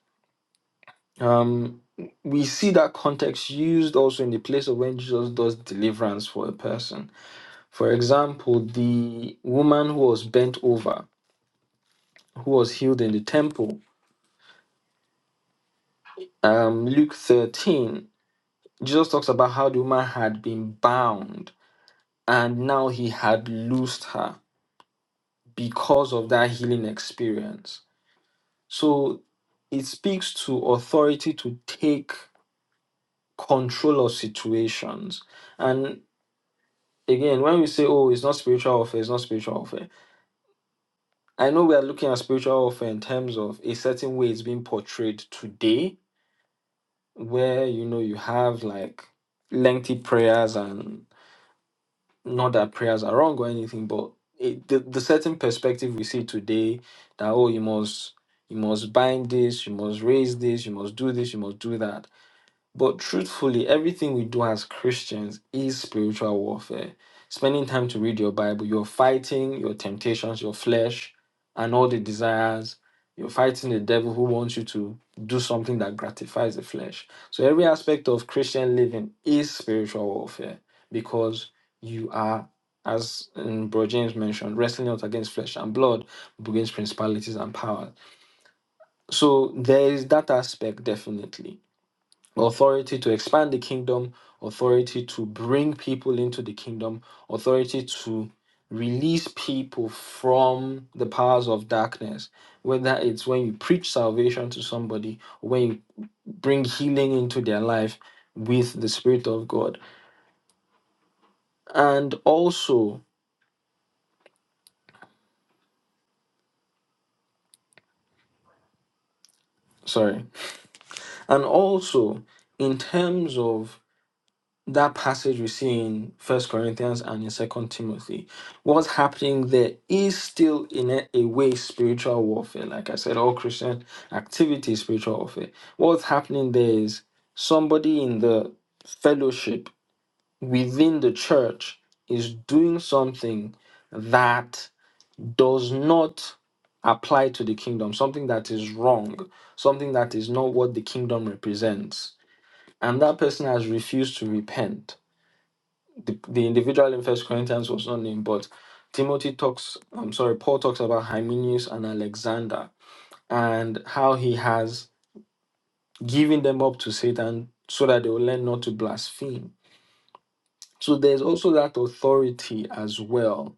Um, we see that context used also in the place of when Jesus does deliverance for a person For example, the woman who was bent over, who was healed in the temple, um, Luke 13, Jesus talks about how the woman had been bound and now he had loosed her because of that healing experience. So it speaks to authority to take control of situations. And again, when we say, oh, it's not spiritual warfare, it's not spiritual warfare, I know we are looking at spiritual warfare in terms of a certain way it's being portrayed today where you know you have like lengthy prayers and not that prayers are wrong or anything but it, the, the certain perspective we see today that oh you must you must bind this you must raise this you must do this you must do that but truthfully, everything we do as Christians is spiritual warfare. Spending time to read your Bible, you're fighting your temptations, your flesh, and all the desires. You're fighting the devil who wants you to do something that gratifies the flesh. So, every aspect of Christian living is spiritual warfare because you are, as um, Bro James mentioned, wrestling not against flesh and blood, but against principalities and powers. So, there is that aspect definitely authority to expand the kingdom, authority to bring people into the kingdom, authority to release people from the powers of darkness. Whether it's when you preach salvation to somebody, or when you bring healing into their life with the Spirit of God. And also, sorry, and also in terms of that passage we see in First Corinthians and in Second Timothy, what's happening there is still in a, a way spiritual warfare. Like I said, all Christian activity is spiritual warfare. What's happening there is somebody in the fellowship within the church is doing something that does not apply to the kingdom, something that is wrong, something that is not what the kingdom represents. And that person has refused to repent the, the individual in First Corinthians was not named, but Timothy talks. I'm sorry, Paul talks about Hymenius and Alexander and how he has given them up to Satan so that they will learn not to blaspheme. So there's also that authority as well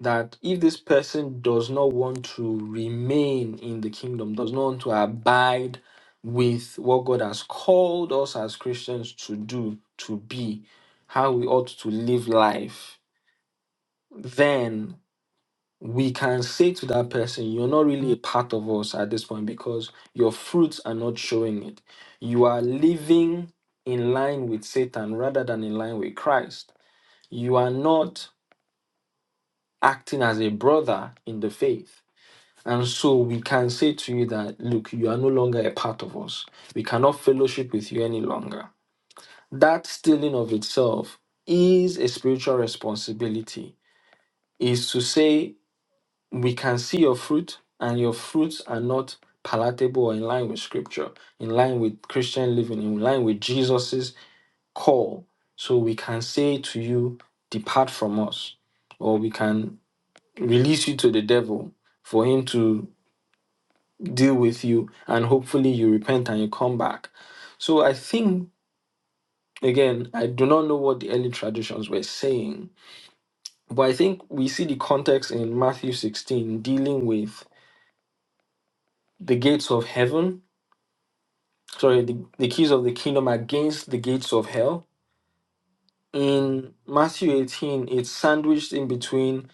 that if this person does not want to remain in the kingdom, does not want to abide with what God has called us as Christians to do, to be, how we ought to live life, then we can say to that person, You're not really a part of us at this point because your fruits are not showing it. You are living in line with Satan rather than in line with Christ. You are not acting as a brother in the faith. And so we can say to you that, Look, you are no longer a part of us. We cannot fellowship with you any longer. That still in of itself is a spiritual responsibility, is to say, we can see your fruit and your fruits are not palatable or in line with scripture in line with christian living in line with jesus's call so we can say to you depart from us or we can release you to the devil for him to deal with you and hopefully you repent and you come back so i think again i do not know what the early traditions were saying but i think we see the context in matthew 16 dealing with the gates of heaven sorry, the, the keys of the kingdom against the gates of hell. In Matthew 18, it's sandwiched in between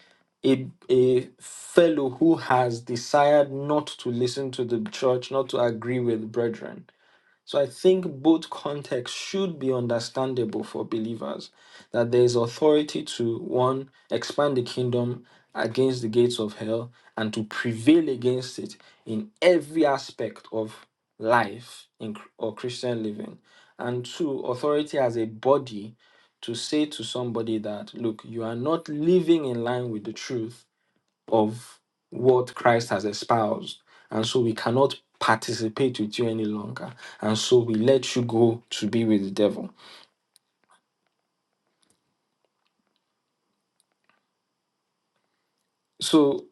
a, a fellow who has desired not to listen to the church, not to agree with brethren. So I think both contexts should be understandable for believers that there is authority to one, expand the kingdom against the gates of hell and to prevail against it in every aspect of life in, or Christian living. And two, authority as a body to say to somebody that, look, you are not living in line with the truth of what Christ has espoused. And so we cannot participate with you any longer. And so we let you go to be with the devil. So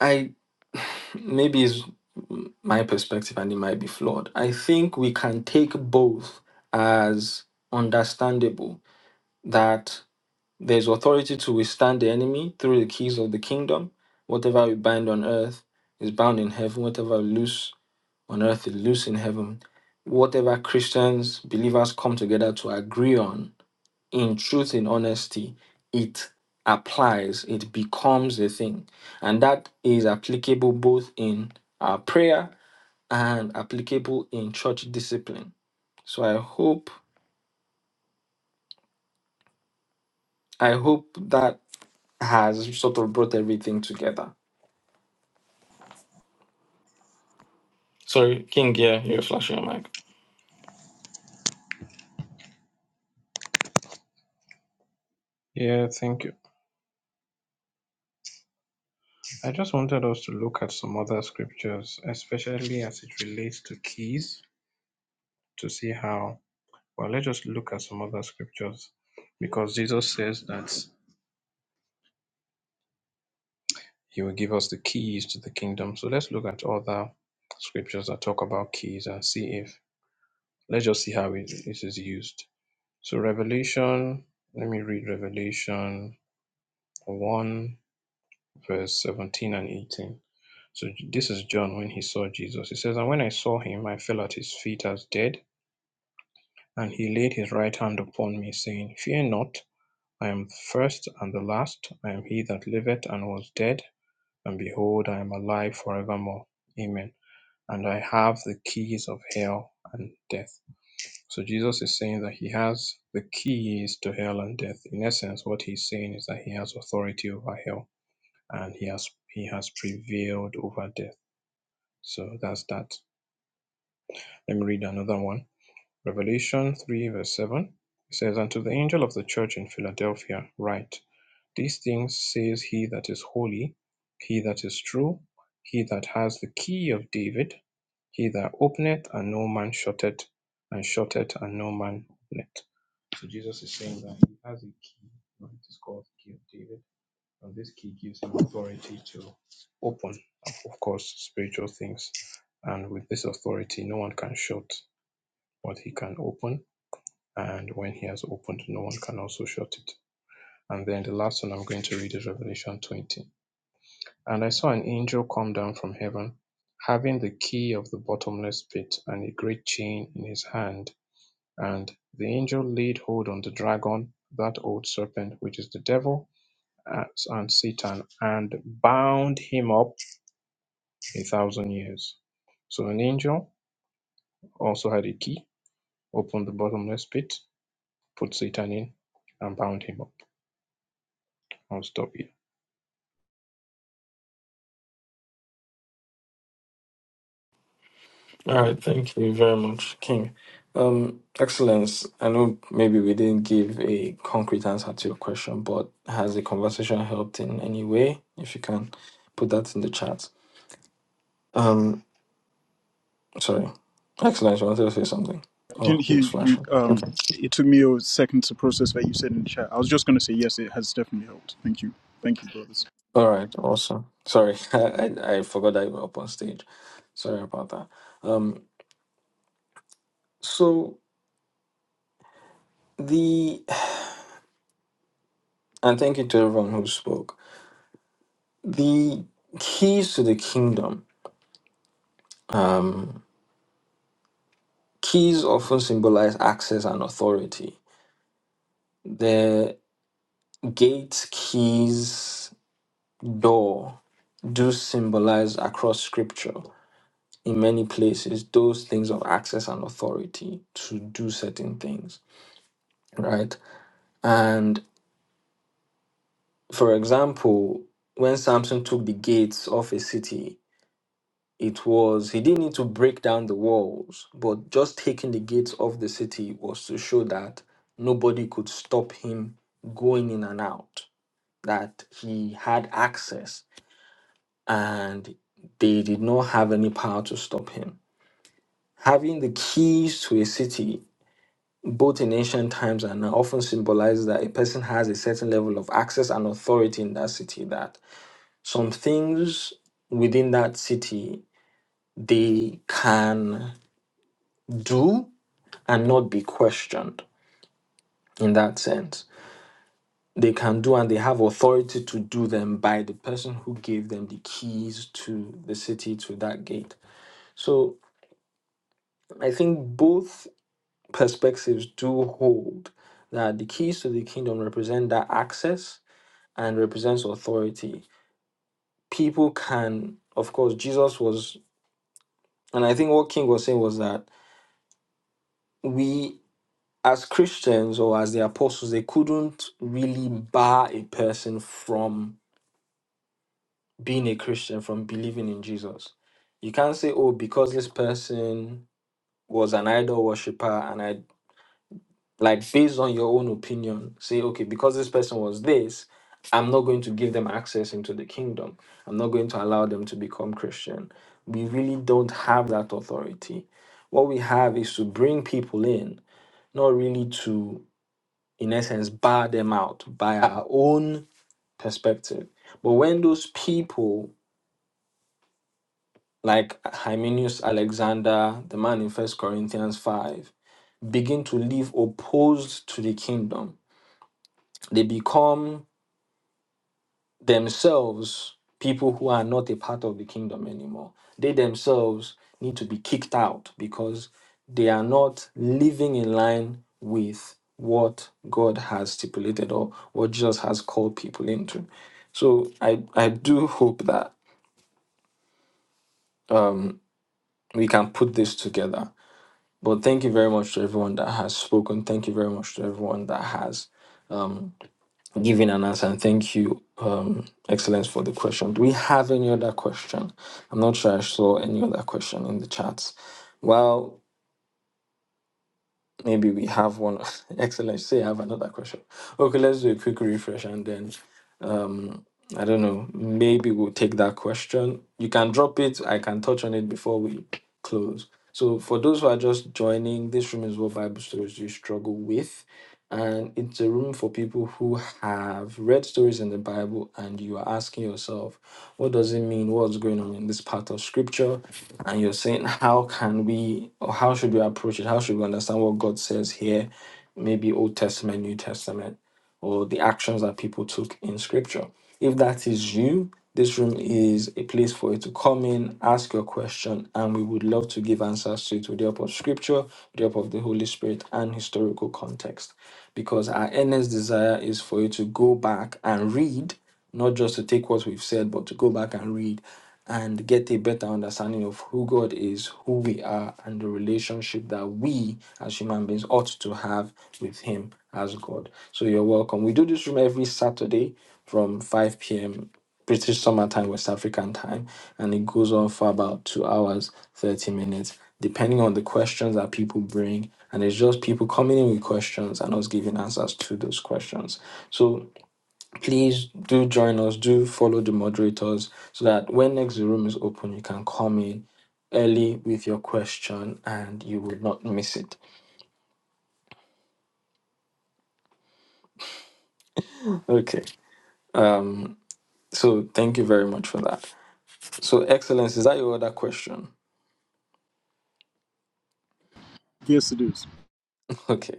I maybe is my perspective and it might be flawed. I think we can take both as understandable that there's authority to withstand the enemy through the keys of the kingdom. Whatever we bind on earth is bound in heaven. Whatever we loose on earth is loose in heaven. Whatever Christians, believers come together to agree on, in truth, in honesty, it applies, it becomes a thing. And that is applicable both in our prayer and applicable in church discipline. So I hope I hope that has sort of brought everything together. Sorry, King, yeah, you're flashing your mic. Yeah, thank you. I just wanted us to look at some other scriptures, especially as it relates to keys, to see how well let's just look at some other scriptures because Jesus says that He will give us the keys to the kingdom. So let's look at other scriptures that talk about keys and see if, let's just see how it, it is used. So, Revelation, let me read Revelation 1, verse 17 and 18. So, this is John when he saw Jesus. He says, And when I saw him, I fell at his feet as dead, and he laid his right hand upon me, saying, Fear not, I am the first and the last. I am he that liveth and was dead, and behold, I am alive forevermore. Amen. and I have the keys of hell and death. So Jesus is saying that he has the keys to hell and death. In essence, what he's saying is that he has authority over hell and he has he has prevailed over death. So that's that. Let me read another one. Revelation 3 verse 7 says, And to the angel of the church in Philadelphia write, These things says he that is holy, he that is true, he that has the key of David, he that openeth and no man shutteth, and shutteth and no man openeth. So Jesus is saying that he has a key, right? It's called the key of David, and this key gives him authority to open, of course, spiritual things. And with this authority, no one can shut what he can open and when he has opened, no one can also shut it. And then the last one I'm going to read is Revelation 20. And I saw an angel come down from heaven, having the key of the bottomless pit and a great chain in his hand. And the angel laid hold on the dragon, that old serpent, which is the devil uh, and Satan, and bound him up a thousand years. So an angel also had a key, opened the bottomless pit, put Satan in, and bound him up. I'll stop here. All right, thank you very much, King. Um, Excellence, I know maybe we didn't give a concrete answer to your question, but has the conversation helped in any way? If you can put that in the chat. Um, sorry. Excellence, you wanted to say something? I didn't Oh, who's hear you. flashing? Um, Okay. it took me a second to process what you said in the chat. I was just gonna say yes, it has definitely helped. Thank you, thank you, brothers. All right, awesome. Sorry, I, I, I forgot that you were up on stage. Sorry about that. Um, so the, and thank you to everyone who spoke. The keys to the kingdom. Um, Keys often symbolize access and authority. The gate, keys, door do symbolize across scripture in many places those things of access and authority to do certain things, right? And for example, when Samson took the gates of a city, It was, he didn't need to break down the walls, but just taking the gates of the city was to show that nobody could stop him going in and out, that he had access and they did not have any power to stop him. Having the keys to a city, both in ancient times and now, often symbolizes that a person has a certain level of access and authority in that city, that some things within that city they can do and not be questioned in that sense. They can do and they have authority to do them by the person who gave them the keys to the city to that gate. So I think both perspectives do hold that the keys to the kingdom represent that access and represents authority. People can, of course, Jesus was, and I think what King was saying was that we as Christians or as the apostles, they couldn't really bar a person from being a Christian from believing in Jesus. You can't say, oh, because this person was an idol worshiper, and I like based on your own opinion, say, okay, because this person was this, I'm not going to give them access into the kingdom. I'm not going to allow them to become Christian. We really don't have that authority. What we have is to bring people in, not really to, in essence, bar them out by our own perspective. But when those people like Hymenius Alexander, the man in First Corinthians 5, begin to live opposed to the kingdom. They become themselves people who are not a part of the kingdom anymore. They themselves need to be kicked out because they are not living in line with what God has stipulated or what Jesus has called people into. So I, I do hope that um, we can put this together But thank you very much to everyone that has spoken. Thank you very much to everyone that has um, given an answer. And thank you, um, Excellence, for the question. Do we have any other question? I'm not sure I saw any other question in the chat. Well. Maybe we have one. Excellent. Say I have another question. Okay, let's do a quick refresh and then um I don't know. Maybe we'll take that question. You can drop it. I can touch on it before we close. So for those who are just joining, this room is what Bible stories you struggle with. And it's a room for people who have read stories in the Bible and you are asking yourself, what does it mean? What's going on in this part of scripture? and you're saying how can we or how should we approach it how should we understand what god says here maybe old testament new testament or the actions that people took in scripture if that is you this room is a place for you to come in ask your question and we would love to give answers to it with the help of scripture with the help of the holy spirit and historical context because our earnest desire is for you to go back and read not just to take what we've said but to go back and read and get a better understanding of who God is, who we are, and the relationship that we as human beings ought to have with Him as God. So you're welcome. We do this room every Saturday from 5 p.m. British summertime, West African time, and it goes on for about two hours, 30 minutes, depending on the questions that people bring. And it's just people coming in with questions and us giving answers to those questions. So please do join us do follow the moderators so that when next the room is open you can come in early with your question and you will not miss it okay um so thank you very much for that so excellence is that your other question Yes, it is. okay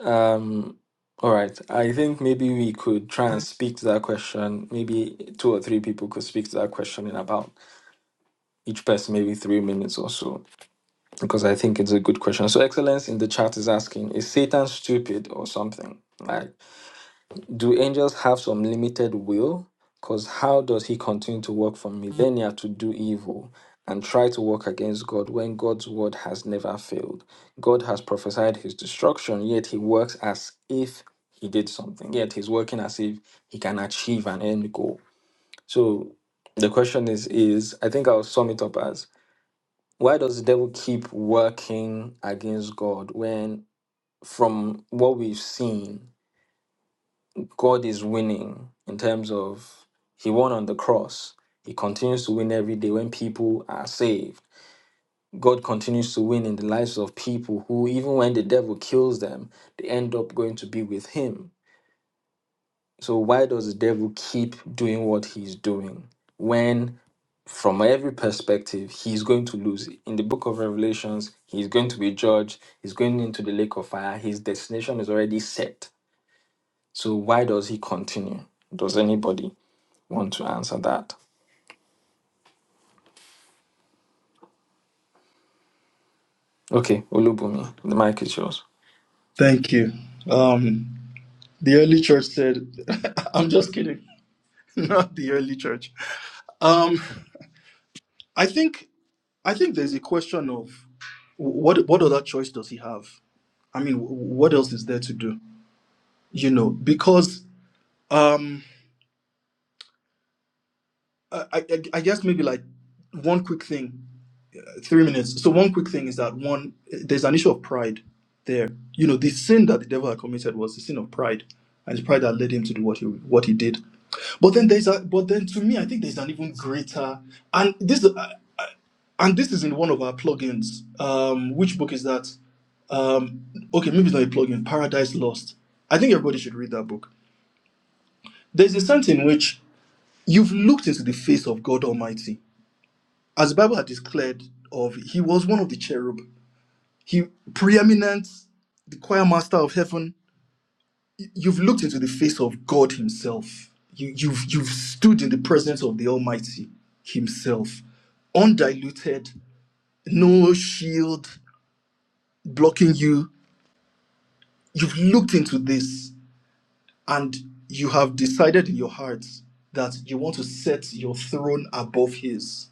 um all right i think maybe we could try and speak to that question maybe two or three people could speak to that question in about each person maybe three minutes or so because I think it's a good question. So, Excellence in the chat is asking Is Satan stupid or something? Like, do angels have some limited will? Because how does he continue to work for millennia to do evil and try to work against God when God's word has never failed? God has prophesied his destruction, yet he works as if he did something, yet he's working as if he can achieve an end goal. So, the question is, is I think I'll sum it up as why does the devil keep working against God when, from what we've seen, God is winning in terms of he won on the cross? He continues to win every day when people are saved. God continues to win in the lives of people who, even when the devil kills them, they end up going to be with him. So why does the devil keep doing what he's doing when from every perspective he's going to lose? In the book of Revelations, he's going to be judged, he's going into the lake of fire, his destination is already set. So why does he continue? Does anybody want to answer that? Okay, Olubumi, the mic is yours. Thank you. Um, the early church said, I'm just kidding. Not the early church. Um, I think. I think there's a question of what what other choice does he have? I mean, wh- what else is there to do? You know, because um, I, I, I guess maybe like one quick thing, three minutes. So one quick thing is that one there's an issue of pride there. You know, the sin that the devil had committed was the sin of pride, and it's pride that led him to do what he what he did. But then there's a but then to me, I think there's an even greater and this uh, and this is in one of our plugins. Um, which book is that? um okay maybe it's not a plugin paradise lost i think everybody should read that book there's a sense in which you've looked into the face of god almighty as the bible had declared of he was one of the cherub he preeminent the choir master of heaven you've looked into the face of god himself you, you've you've stood in the presence of the almighty himself undiluted no shield blocking you you've looked into this and you have decided in your heart that you want to set your throne above his.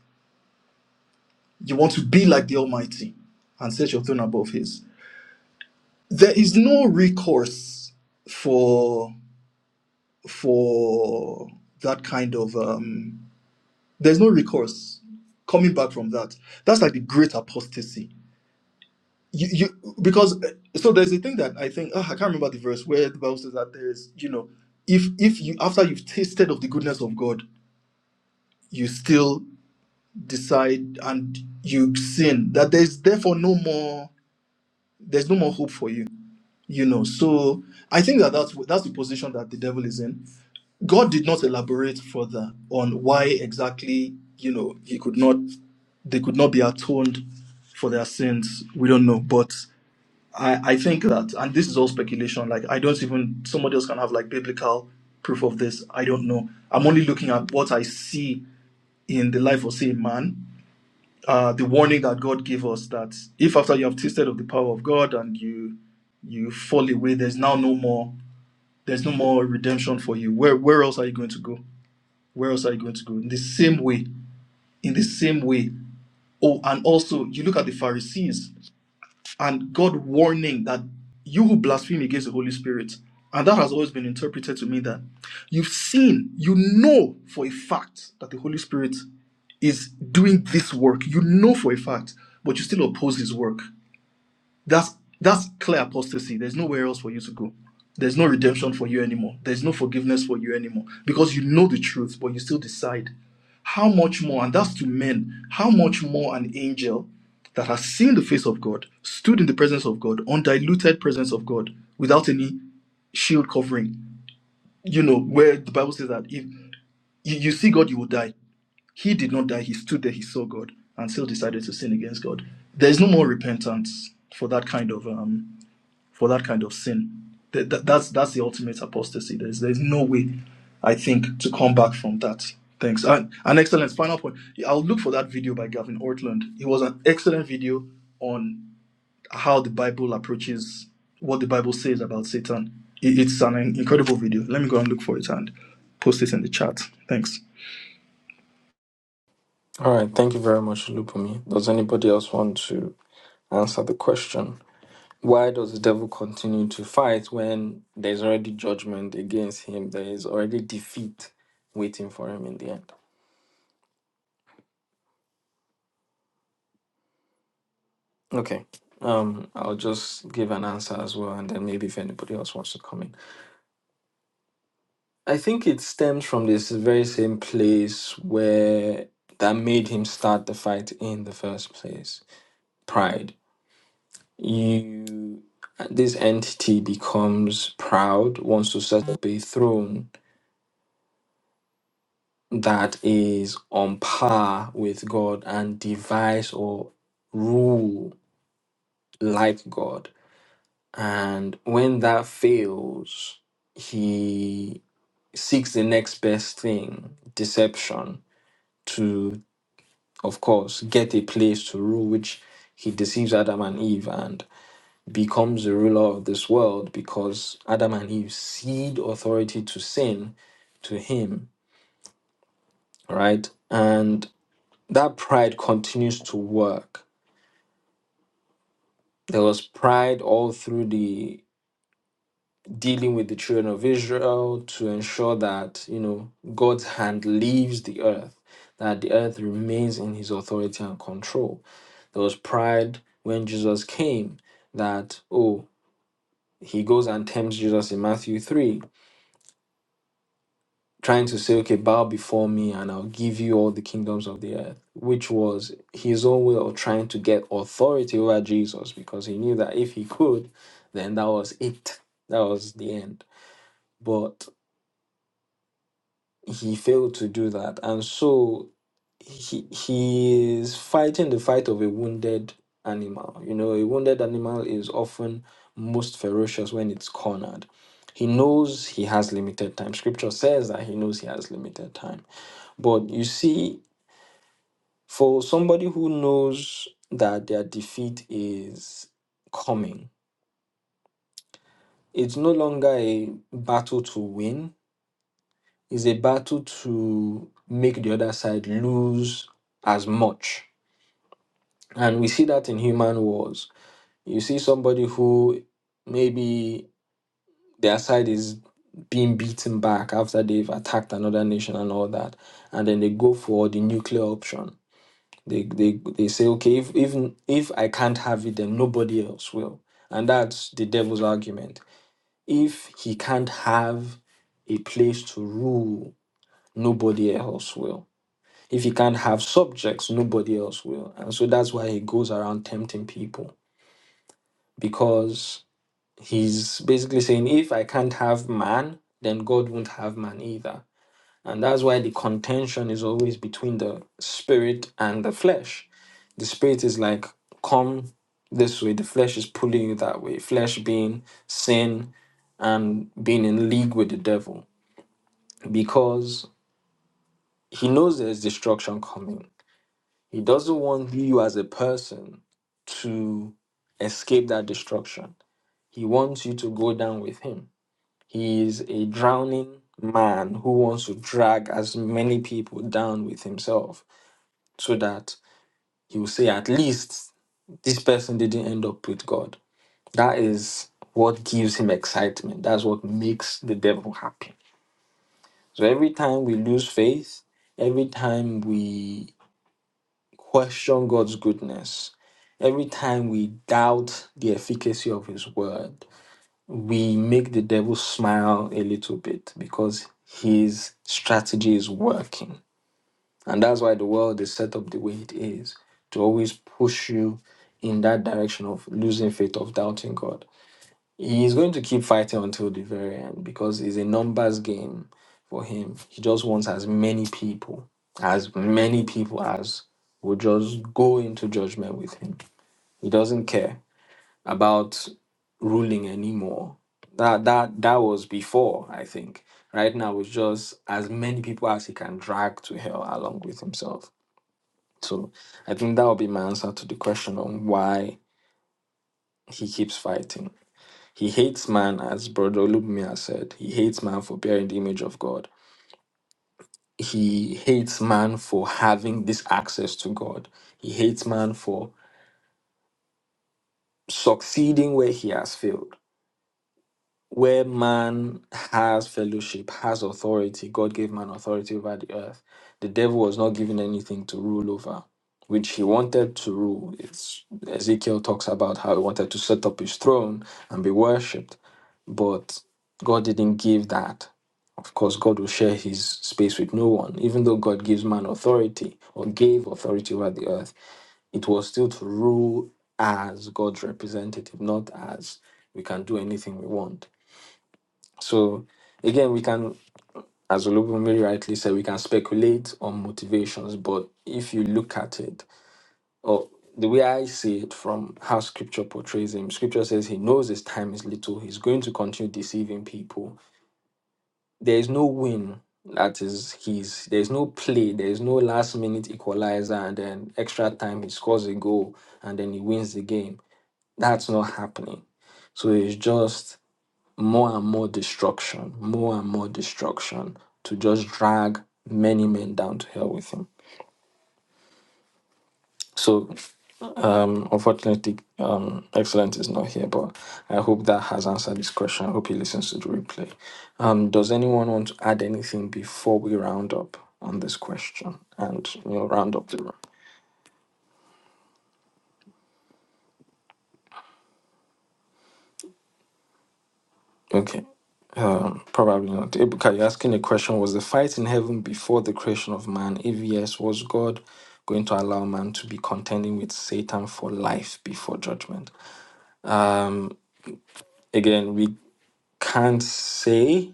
You want to be like the Almighty and set your throne above his. There is no recourse for for that kind of um there's no recourse coming back from that. That's like the great apostasy. You, you because uh, so there's a thing that I think ah, I can't remember the verse where the Bible says that there's you know if if you after you've tasted of the goodness of God you still decide and you sin that there's therefore no more there's no more hope for you you know so i think that that's that's the position that the devil is in god did not elaborate further on why exactly you know he could not they could not be atoned for their sins we don't know but i i think that and this is all speculation like i don't even somebody else can have like biblical proof of this i don't know i'm only looking at what i see in the life of say a man uh, the warning that God gave us that if after you have tasted of the power of God and you you fall away, there's now no more there's no more redemption for you. Where where else are you going to go? Where else are you going to go? In the same way, in the same way. Oh, and also you look at the Pharisees and God warning that you will blaspheme against the Holy Spirit. And that has always been interpreted to mean that you've seen, you know for a fact that the Holy Spirit is doing this work. You know for a fact, but you still oppose his work. That's that's clear apostasy. There's nowhere else for you to go. There's no redemption for you anymore. There's no forgiveness for you anymore because you know the truth, but you still decide. How much more, and that's to men, how much more an angel that has seen the face of God, stood in the presence of God, undiluted presence of God, without any shield covering, you know, where the Bible says that if you, you see God, you will die. He did not die. He stood there. He saw God and still decided to sin against God. There's no more repentance for that kind of um, for that kind of sin. Th- th- that's that's the ultimate apostasy. There's there's no way, I think, to come back from that. Thanks. And an excellent final point. I'll look for that video by Gavin Ortland. It was an excellent video on how the Bible approaches what the Bible says about Satan. It- It's an incredible video. Let me go and look for it and post it in the chat. Thanks. All right, thank you very much, Olubumi. Does anybody else want to answer the question? Why does the devil continue to fight when there's already judgment against him? There is already defeat waiting for him in the end. Okay. Um, I'll just give an answer as well, and then maybe if anybody else wants to come in. I think it stems from this very same place where that made him start the fight in the first place. Pride. You this entity becomes proud, wants to set up a throne that is on par with God and devise or rule like God. And when that fails, he seeks the next best thing, deception, to, of course, get a place to rule, which he deceives Adam and Eve and becomes the ruler of this world because Adam and Eve cede authority to sin to him, right? And that pride continues to work There was pride all through the dealing with the children of Israel to ensure that, you know, God's hand leaves the earth, that the earth remains in his authority and control. There was pride when Jesus came that, oh, he goes and tempts Jesus in Matthew 3 trying to say, okay, bow before me and I'll give you all the kingdoms of the earth, which was his own way of trying to get authority over Jesus because he knew that if he could, then that was it. That was the end. But he failed to do that. And so he, he is fighting the fight of a wounded animal. You know, a wounded animal is often most ferocious when it's cornered. He knows he has limited time. Scripture says that he knows he has limited time but you see, for somebody who knows that their defeat is coming, it's no longer a battle to win, it's a battle to make the other side lose as much. And we see that in human wars. You see somebody who maybe their side is being beaten back after they've attacked another nation and all that, and then they go for the nuclear option They they they say, okay, if even if I can't have it, then nobody else will. And that's the devil's argument. If he can't have a place to rule, nobody else will. If he can't have subjects, nobody else will. And so that's why he goes around tempting people because he's basically saying, if I can't have man, then God won't have man either. And that's why the contention is always between the spirit and the flesh The spirit is like, come this way. The flesh is pulling you that way. Flesh being sin and being in league with the devil because he knows there's destruction coming. He doesn't want you as a person to escape that destruction. He wants you to go down with him. He is a drowning man who wants to drag as many people down with himself so that he will say, at least this person didn't end up with God. That is what gives him excitement. That's what makes the devil happy. So every time we lose faith, every time we question God's goodness, every time we doubt the efficacy of his word, we make the devil smile a little bit because his strategy is working. And that's why the world is set up the way it is to always push you in that direction of losing faith, of doubting God. He's going to keep fighting until the very end because it's a numbers game for him. He just wants as many people, as many people as will just go into judgment with him. He doesn't care about ruling anymore. That that that was before, I think. Right now it's just as many people as he can drag to hell along with himself. So I think that would be my answer to the question on why he keeps fighting. He hates man, as Brother Olubmia said. He hates man for bearing the image of God. He hates man for having this access to God. He hates man for succeeding where he has failed. Where man has fellowship, has authority, God gave man authority over the earth. The devil was not given anything to rule over, which he wanted to rule. It's, Ezekiel talks about how he wanted to set up his throne and be worshipped But God didn't give that. Of course, God will share his space with no one. Even though God gives man authority or gave authority over the earth, it was still to rule as God's representative, not as we can do anything we want. So, again, we can, as Olubunmi rightly said, we can speculate on motivations, but if you look at it, or the way I see it from how scripture portrays him, scripture says he knows his time is little, he's going to continue deceiving people There is no win that is his. There is no play. There is no last minute equalizer and then extra time he scores a goal and then he wins the game. That's not happening. So it's just more and more destruction, more and more destruction to just drag many men down to hell with him. So Um, unfortunately, um, Excellent is not here, but I hope that has answered this question. I hope he listens to the replay. Um, does anyone want to add anything before we round up on this question and you know round up the room? Okay, um, probably not. Ebuka, you're asking a question. Was the fight in heaven before the creation of man? If yes, was God going to allow man to be contending with Satan for life before judgment? Um, again, we can't say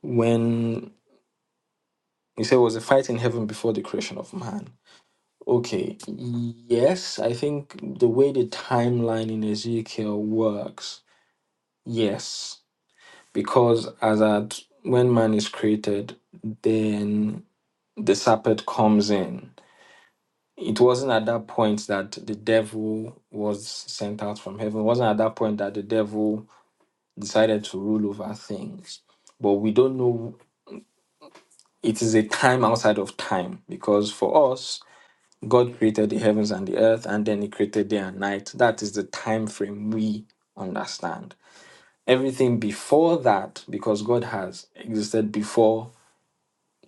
when He said, it Was a fight in heaven before the creation of man? Okay, yes, I think the way the timeline in Ezekiel works, yes, because as at when man is created, then the serpent comes in. It wasn't at that point that the devil was sent out from heaven. It wasn't at that point that the devil decided to rule over things. But we don't know, it is a time outside of time because for us, God created the heavens and the earth, and then He created day and night. That is the time frame we understand. Everything before that, because God has existed before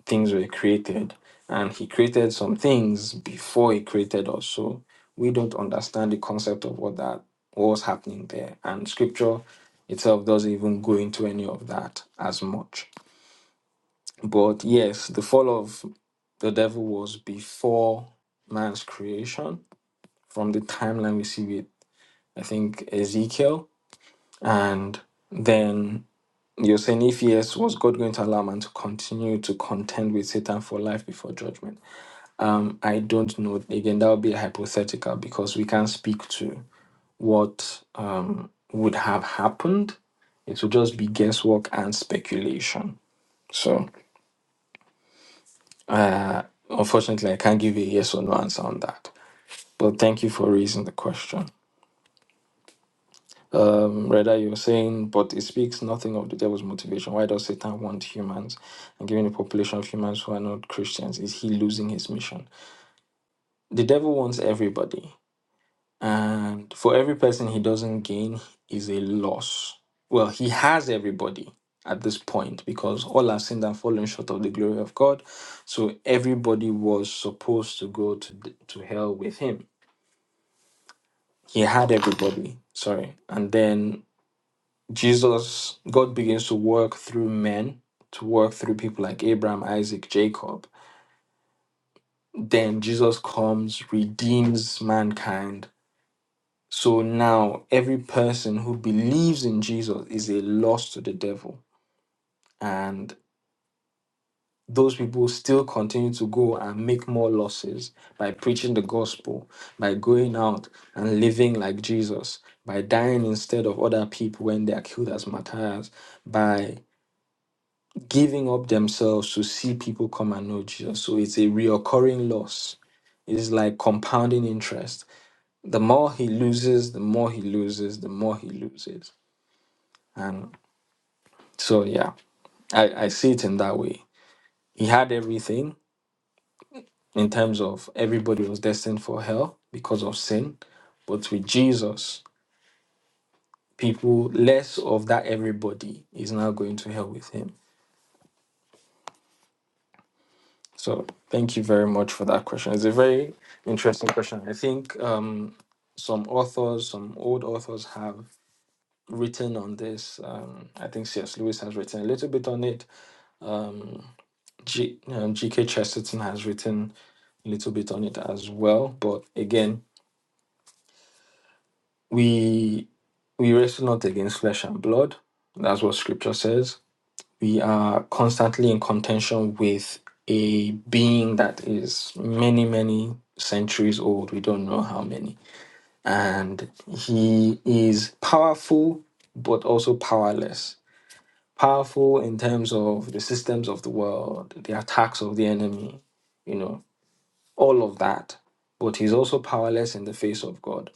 things were created, and He created some things before He created us. So we don't understand the concept of what that what was happening there, and Scripture itself doesn't even go into any of that as much. But yes, the fall of the devil was before man's creation from the timeline we see with I think Ezekiel, and then you're saying if yes, was God going to allow man to continue to contend with Satan for life before judgment? Um, I don't know. Again, that would be hypothetical because we can't speak to what um would have happened. It would just be guesswork and speculation. So, uh, unfortunately, I can't give you a yes or no answer on that. But thank you for raising the question. Um, rather, you're saying, but it speaks nothing of the devil's motivation. Why does Satan want humans and given the population of humans who are not Christians? Is he losing his mission? The devil wants everybody, and for every person he doesn't gain is a loss. Well, he has everybody at this point because all have sinned and fallen short of the glory of God. So everybody was supposed to go to, to hell with him. He had everybody, sorry, and then Jesus, God begins to work through men, to work through people like Abraham, Isaac, Jacob. Then Jesus comes, redeems mankind. So now every person who believes in Jesus is a loss to the devil. And those people still continue to go and make more losses by preaching the gospel, by going out and living like Jesus, by dying instead of other people when they are killed as martyrs, by giving up themselves to see people come and know Jesus. So it's a reoccurring loss. It's like compounding interest. The more he loses, the more he loses, the more he loses. And so, yeah, I, I see it in that way. He had everything in terms of everybody was destined for hell because of sin. But with Jesus, people, less of that everybody is now going to hell with him So thank you very much for that question. It's a very interesting question. I think um, some authors, some old authors, have written on this. Um, I think C.S. Lewis has written a little bit on it. Um, G, um, G.K. Chesterton has written a little bit on it as well. But again, we we wrestle not against flesh and blood. That's what Scripture says We are constantly in contention with a being that is many, many centuries old. We don't know how many. And he is powerful, but also powerless. Powerful in terms of the systems of the world, the attacks of the enemy, you know, all of that. But he's also powerless in the face of God.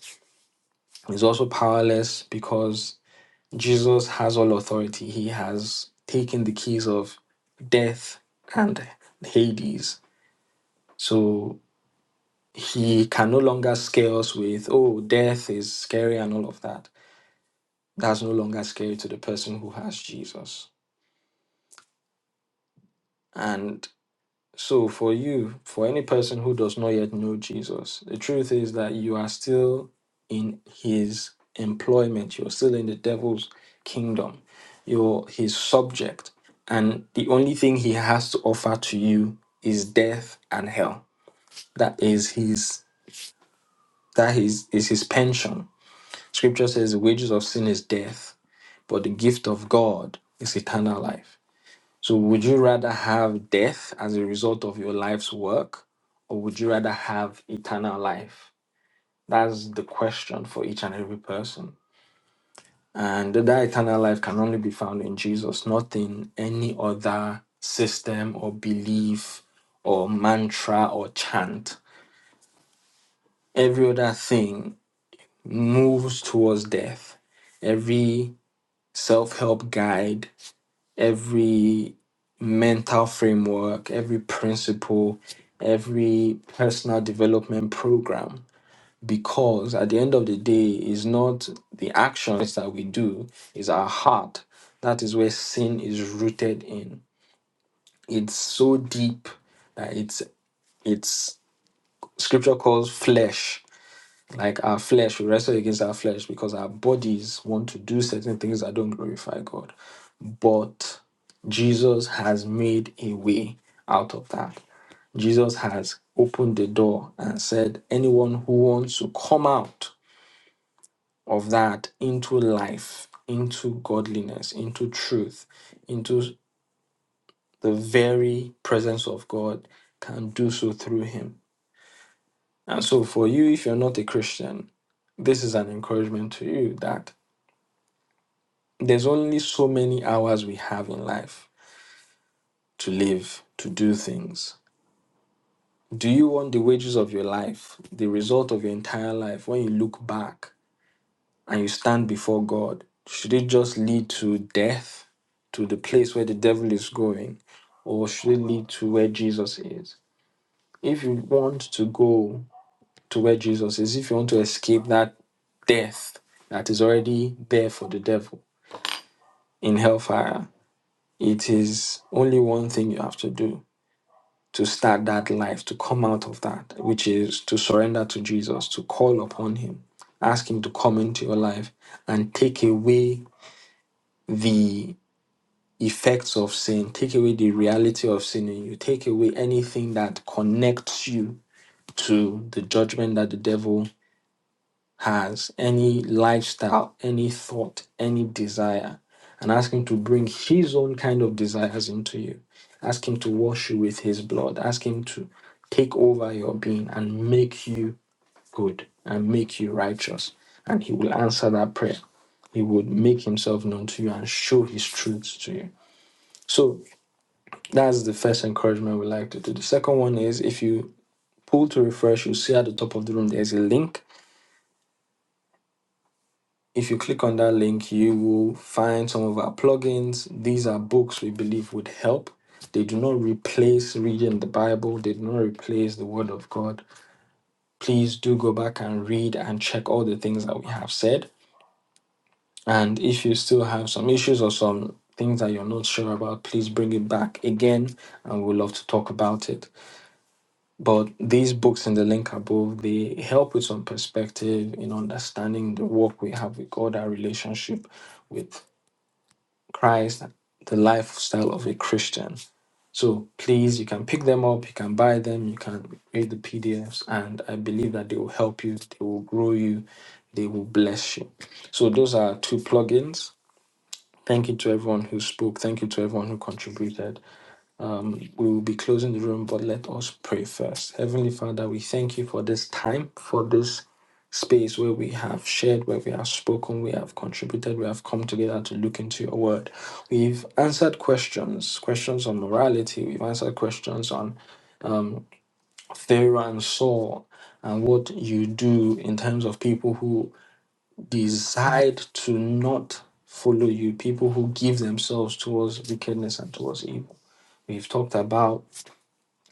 He's also powerless because Jesus has all authority. He has taken the keys of death and Hades. So he can no longer scare us with, oh, death is scary and all of that. That's no longer scary to the person who has Jesus. and. So, for you, for any person who does not yet know Jesus, the truth is that you are still in his employment. You're still in the devil's kingdom. You're his subject. And the only thing he has to offer to you is death and hell. That is his that is, is his pension. Scripture says the wages of sin is death, but the gift of God is eternal life. So, would you rather have death as a result of your life's work, or would you rather have eternal life? That's the question for each and every person. And that eternal life can only be found in Jesus, not in any other system or belief or mantra or chant. Every other thing moves towards death. Every self help guide every mental framework, every principle, every personal development program. Because at the end of the day, it's not the actions that we do, it's our heart. That is where sin is rooted in. It's so deep that it's it's scripture calls flesh. Like our flesh, we wrestle against our flesh because our bodies want to do certain things that don't glorify God but Jesus has made a way out of that. Jesus has opened the door and said, anyone who wants to come out of that into life, into godliness, into truth, into the very presence of God can do so through him. And so, for you, if you're not a Christian, this is an encouragement to you that there's only so many hours we have in life to live, to do things. Do you want the wages of your life, the result of your entire life, when you look back and you stand before God, should it just lead to death, to the place where the devil is going, or should it lead to where Jesus is? If you want to go to where Jesus is, if you want to escape that death that is already there for the devil in hellfire, it is only one thing you have to do to start that life, to come out of that, which is to surrender to Jesus, to call upon Him, ask Him to come into your life and take away the effects of sin, take away the reality of sin in you, take away anything that connects you to the judgment that the devil has, any lifestyle, any thought, any desire, and ask Him to bring His own kind of desires into you. Ask Him to wash you with His blood. Ask Him to take over your being and make you good and make you righteous. And He will answer that prayer. He would make Himself known to you and show His truths to you. So that's the first encouragement we like to do. The second one is if you pull to refresh, you'll see at the top of the room there's a link If you click on that link, you will find some of our plugins. These are books we believe would help. They do not replace reading the Bible, they do not replace the Word of God. Please do go back and read and check all the things that we have said. And if you still have some issues or some things that you're not sure about, please bring it back again and we'd love to talk about it. But these books in the link above, they help with some perspective in understanding the work we have with God, our relationship with Christ, the lifestyle of a Christian. So please, you can pick them up, you can buy them, you can read the PDFs, and I believe that they will help you, they will grow you, they will bless you. So those are two plugins. Thank you to everyone who spoke. Thank you to everyone who contributed we will be closing the room, but let us pray first. Heavenly Father, we thank you for this time, for this space where we have shared, where we have spoken, we have contributed, we have come together to look into your word. We've answered questions, questions on morality, we've answered questions on Pharaoh and Saul and what you do in terms of people who decide to not follow you, people who give themselves towards wickedness and towards evil. We've talked about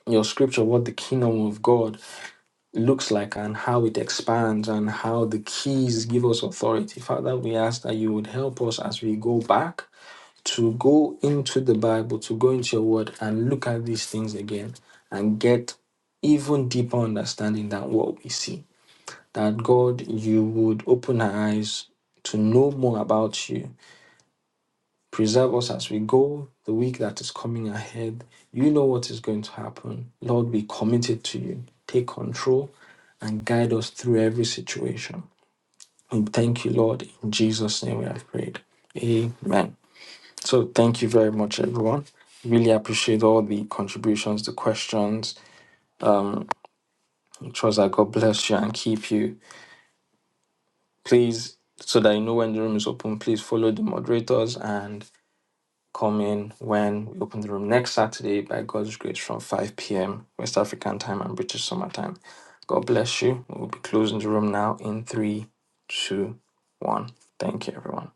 your scripture what the kingdom of God looks like and how it expands and how the keys give us authority. Father, we ask that you would help us as we go back to go into the Bible, to go into your word and look at these things again and get even deeper understanding than what we see. That God, you would open our eyes to know more about you Preserve us as we go the week that is coming ahead. You know what is going to happen. Lord, we commit it to you. Take control and guide us through every situation. And thank you, Lord. In Jesus' name we have prayed. Amen. So thank you very much, everyone. Really appreciate all the contributions, the questions. Um, trust that God bless you and keep you. Please, so that you know when the room is open, please follow the moderators and. Come in when we open the room next Saturday by God's grace from 5 p.m. West African time and British summer time. God bless you. We'll be closing the room now in three, two, one. Thank you, everyone.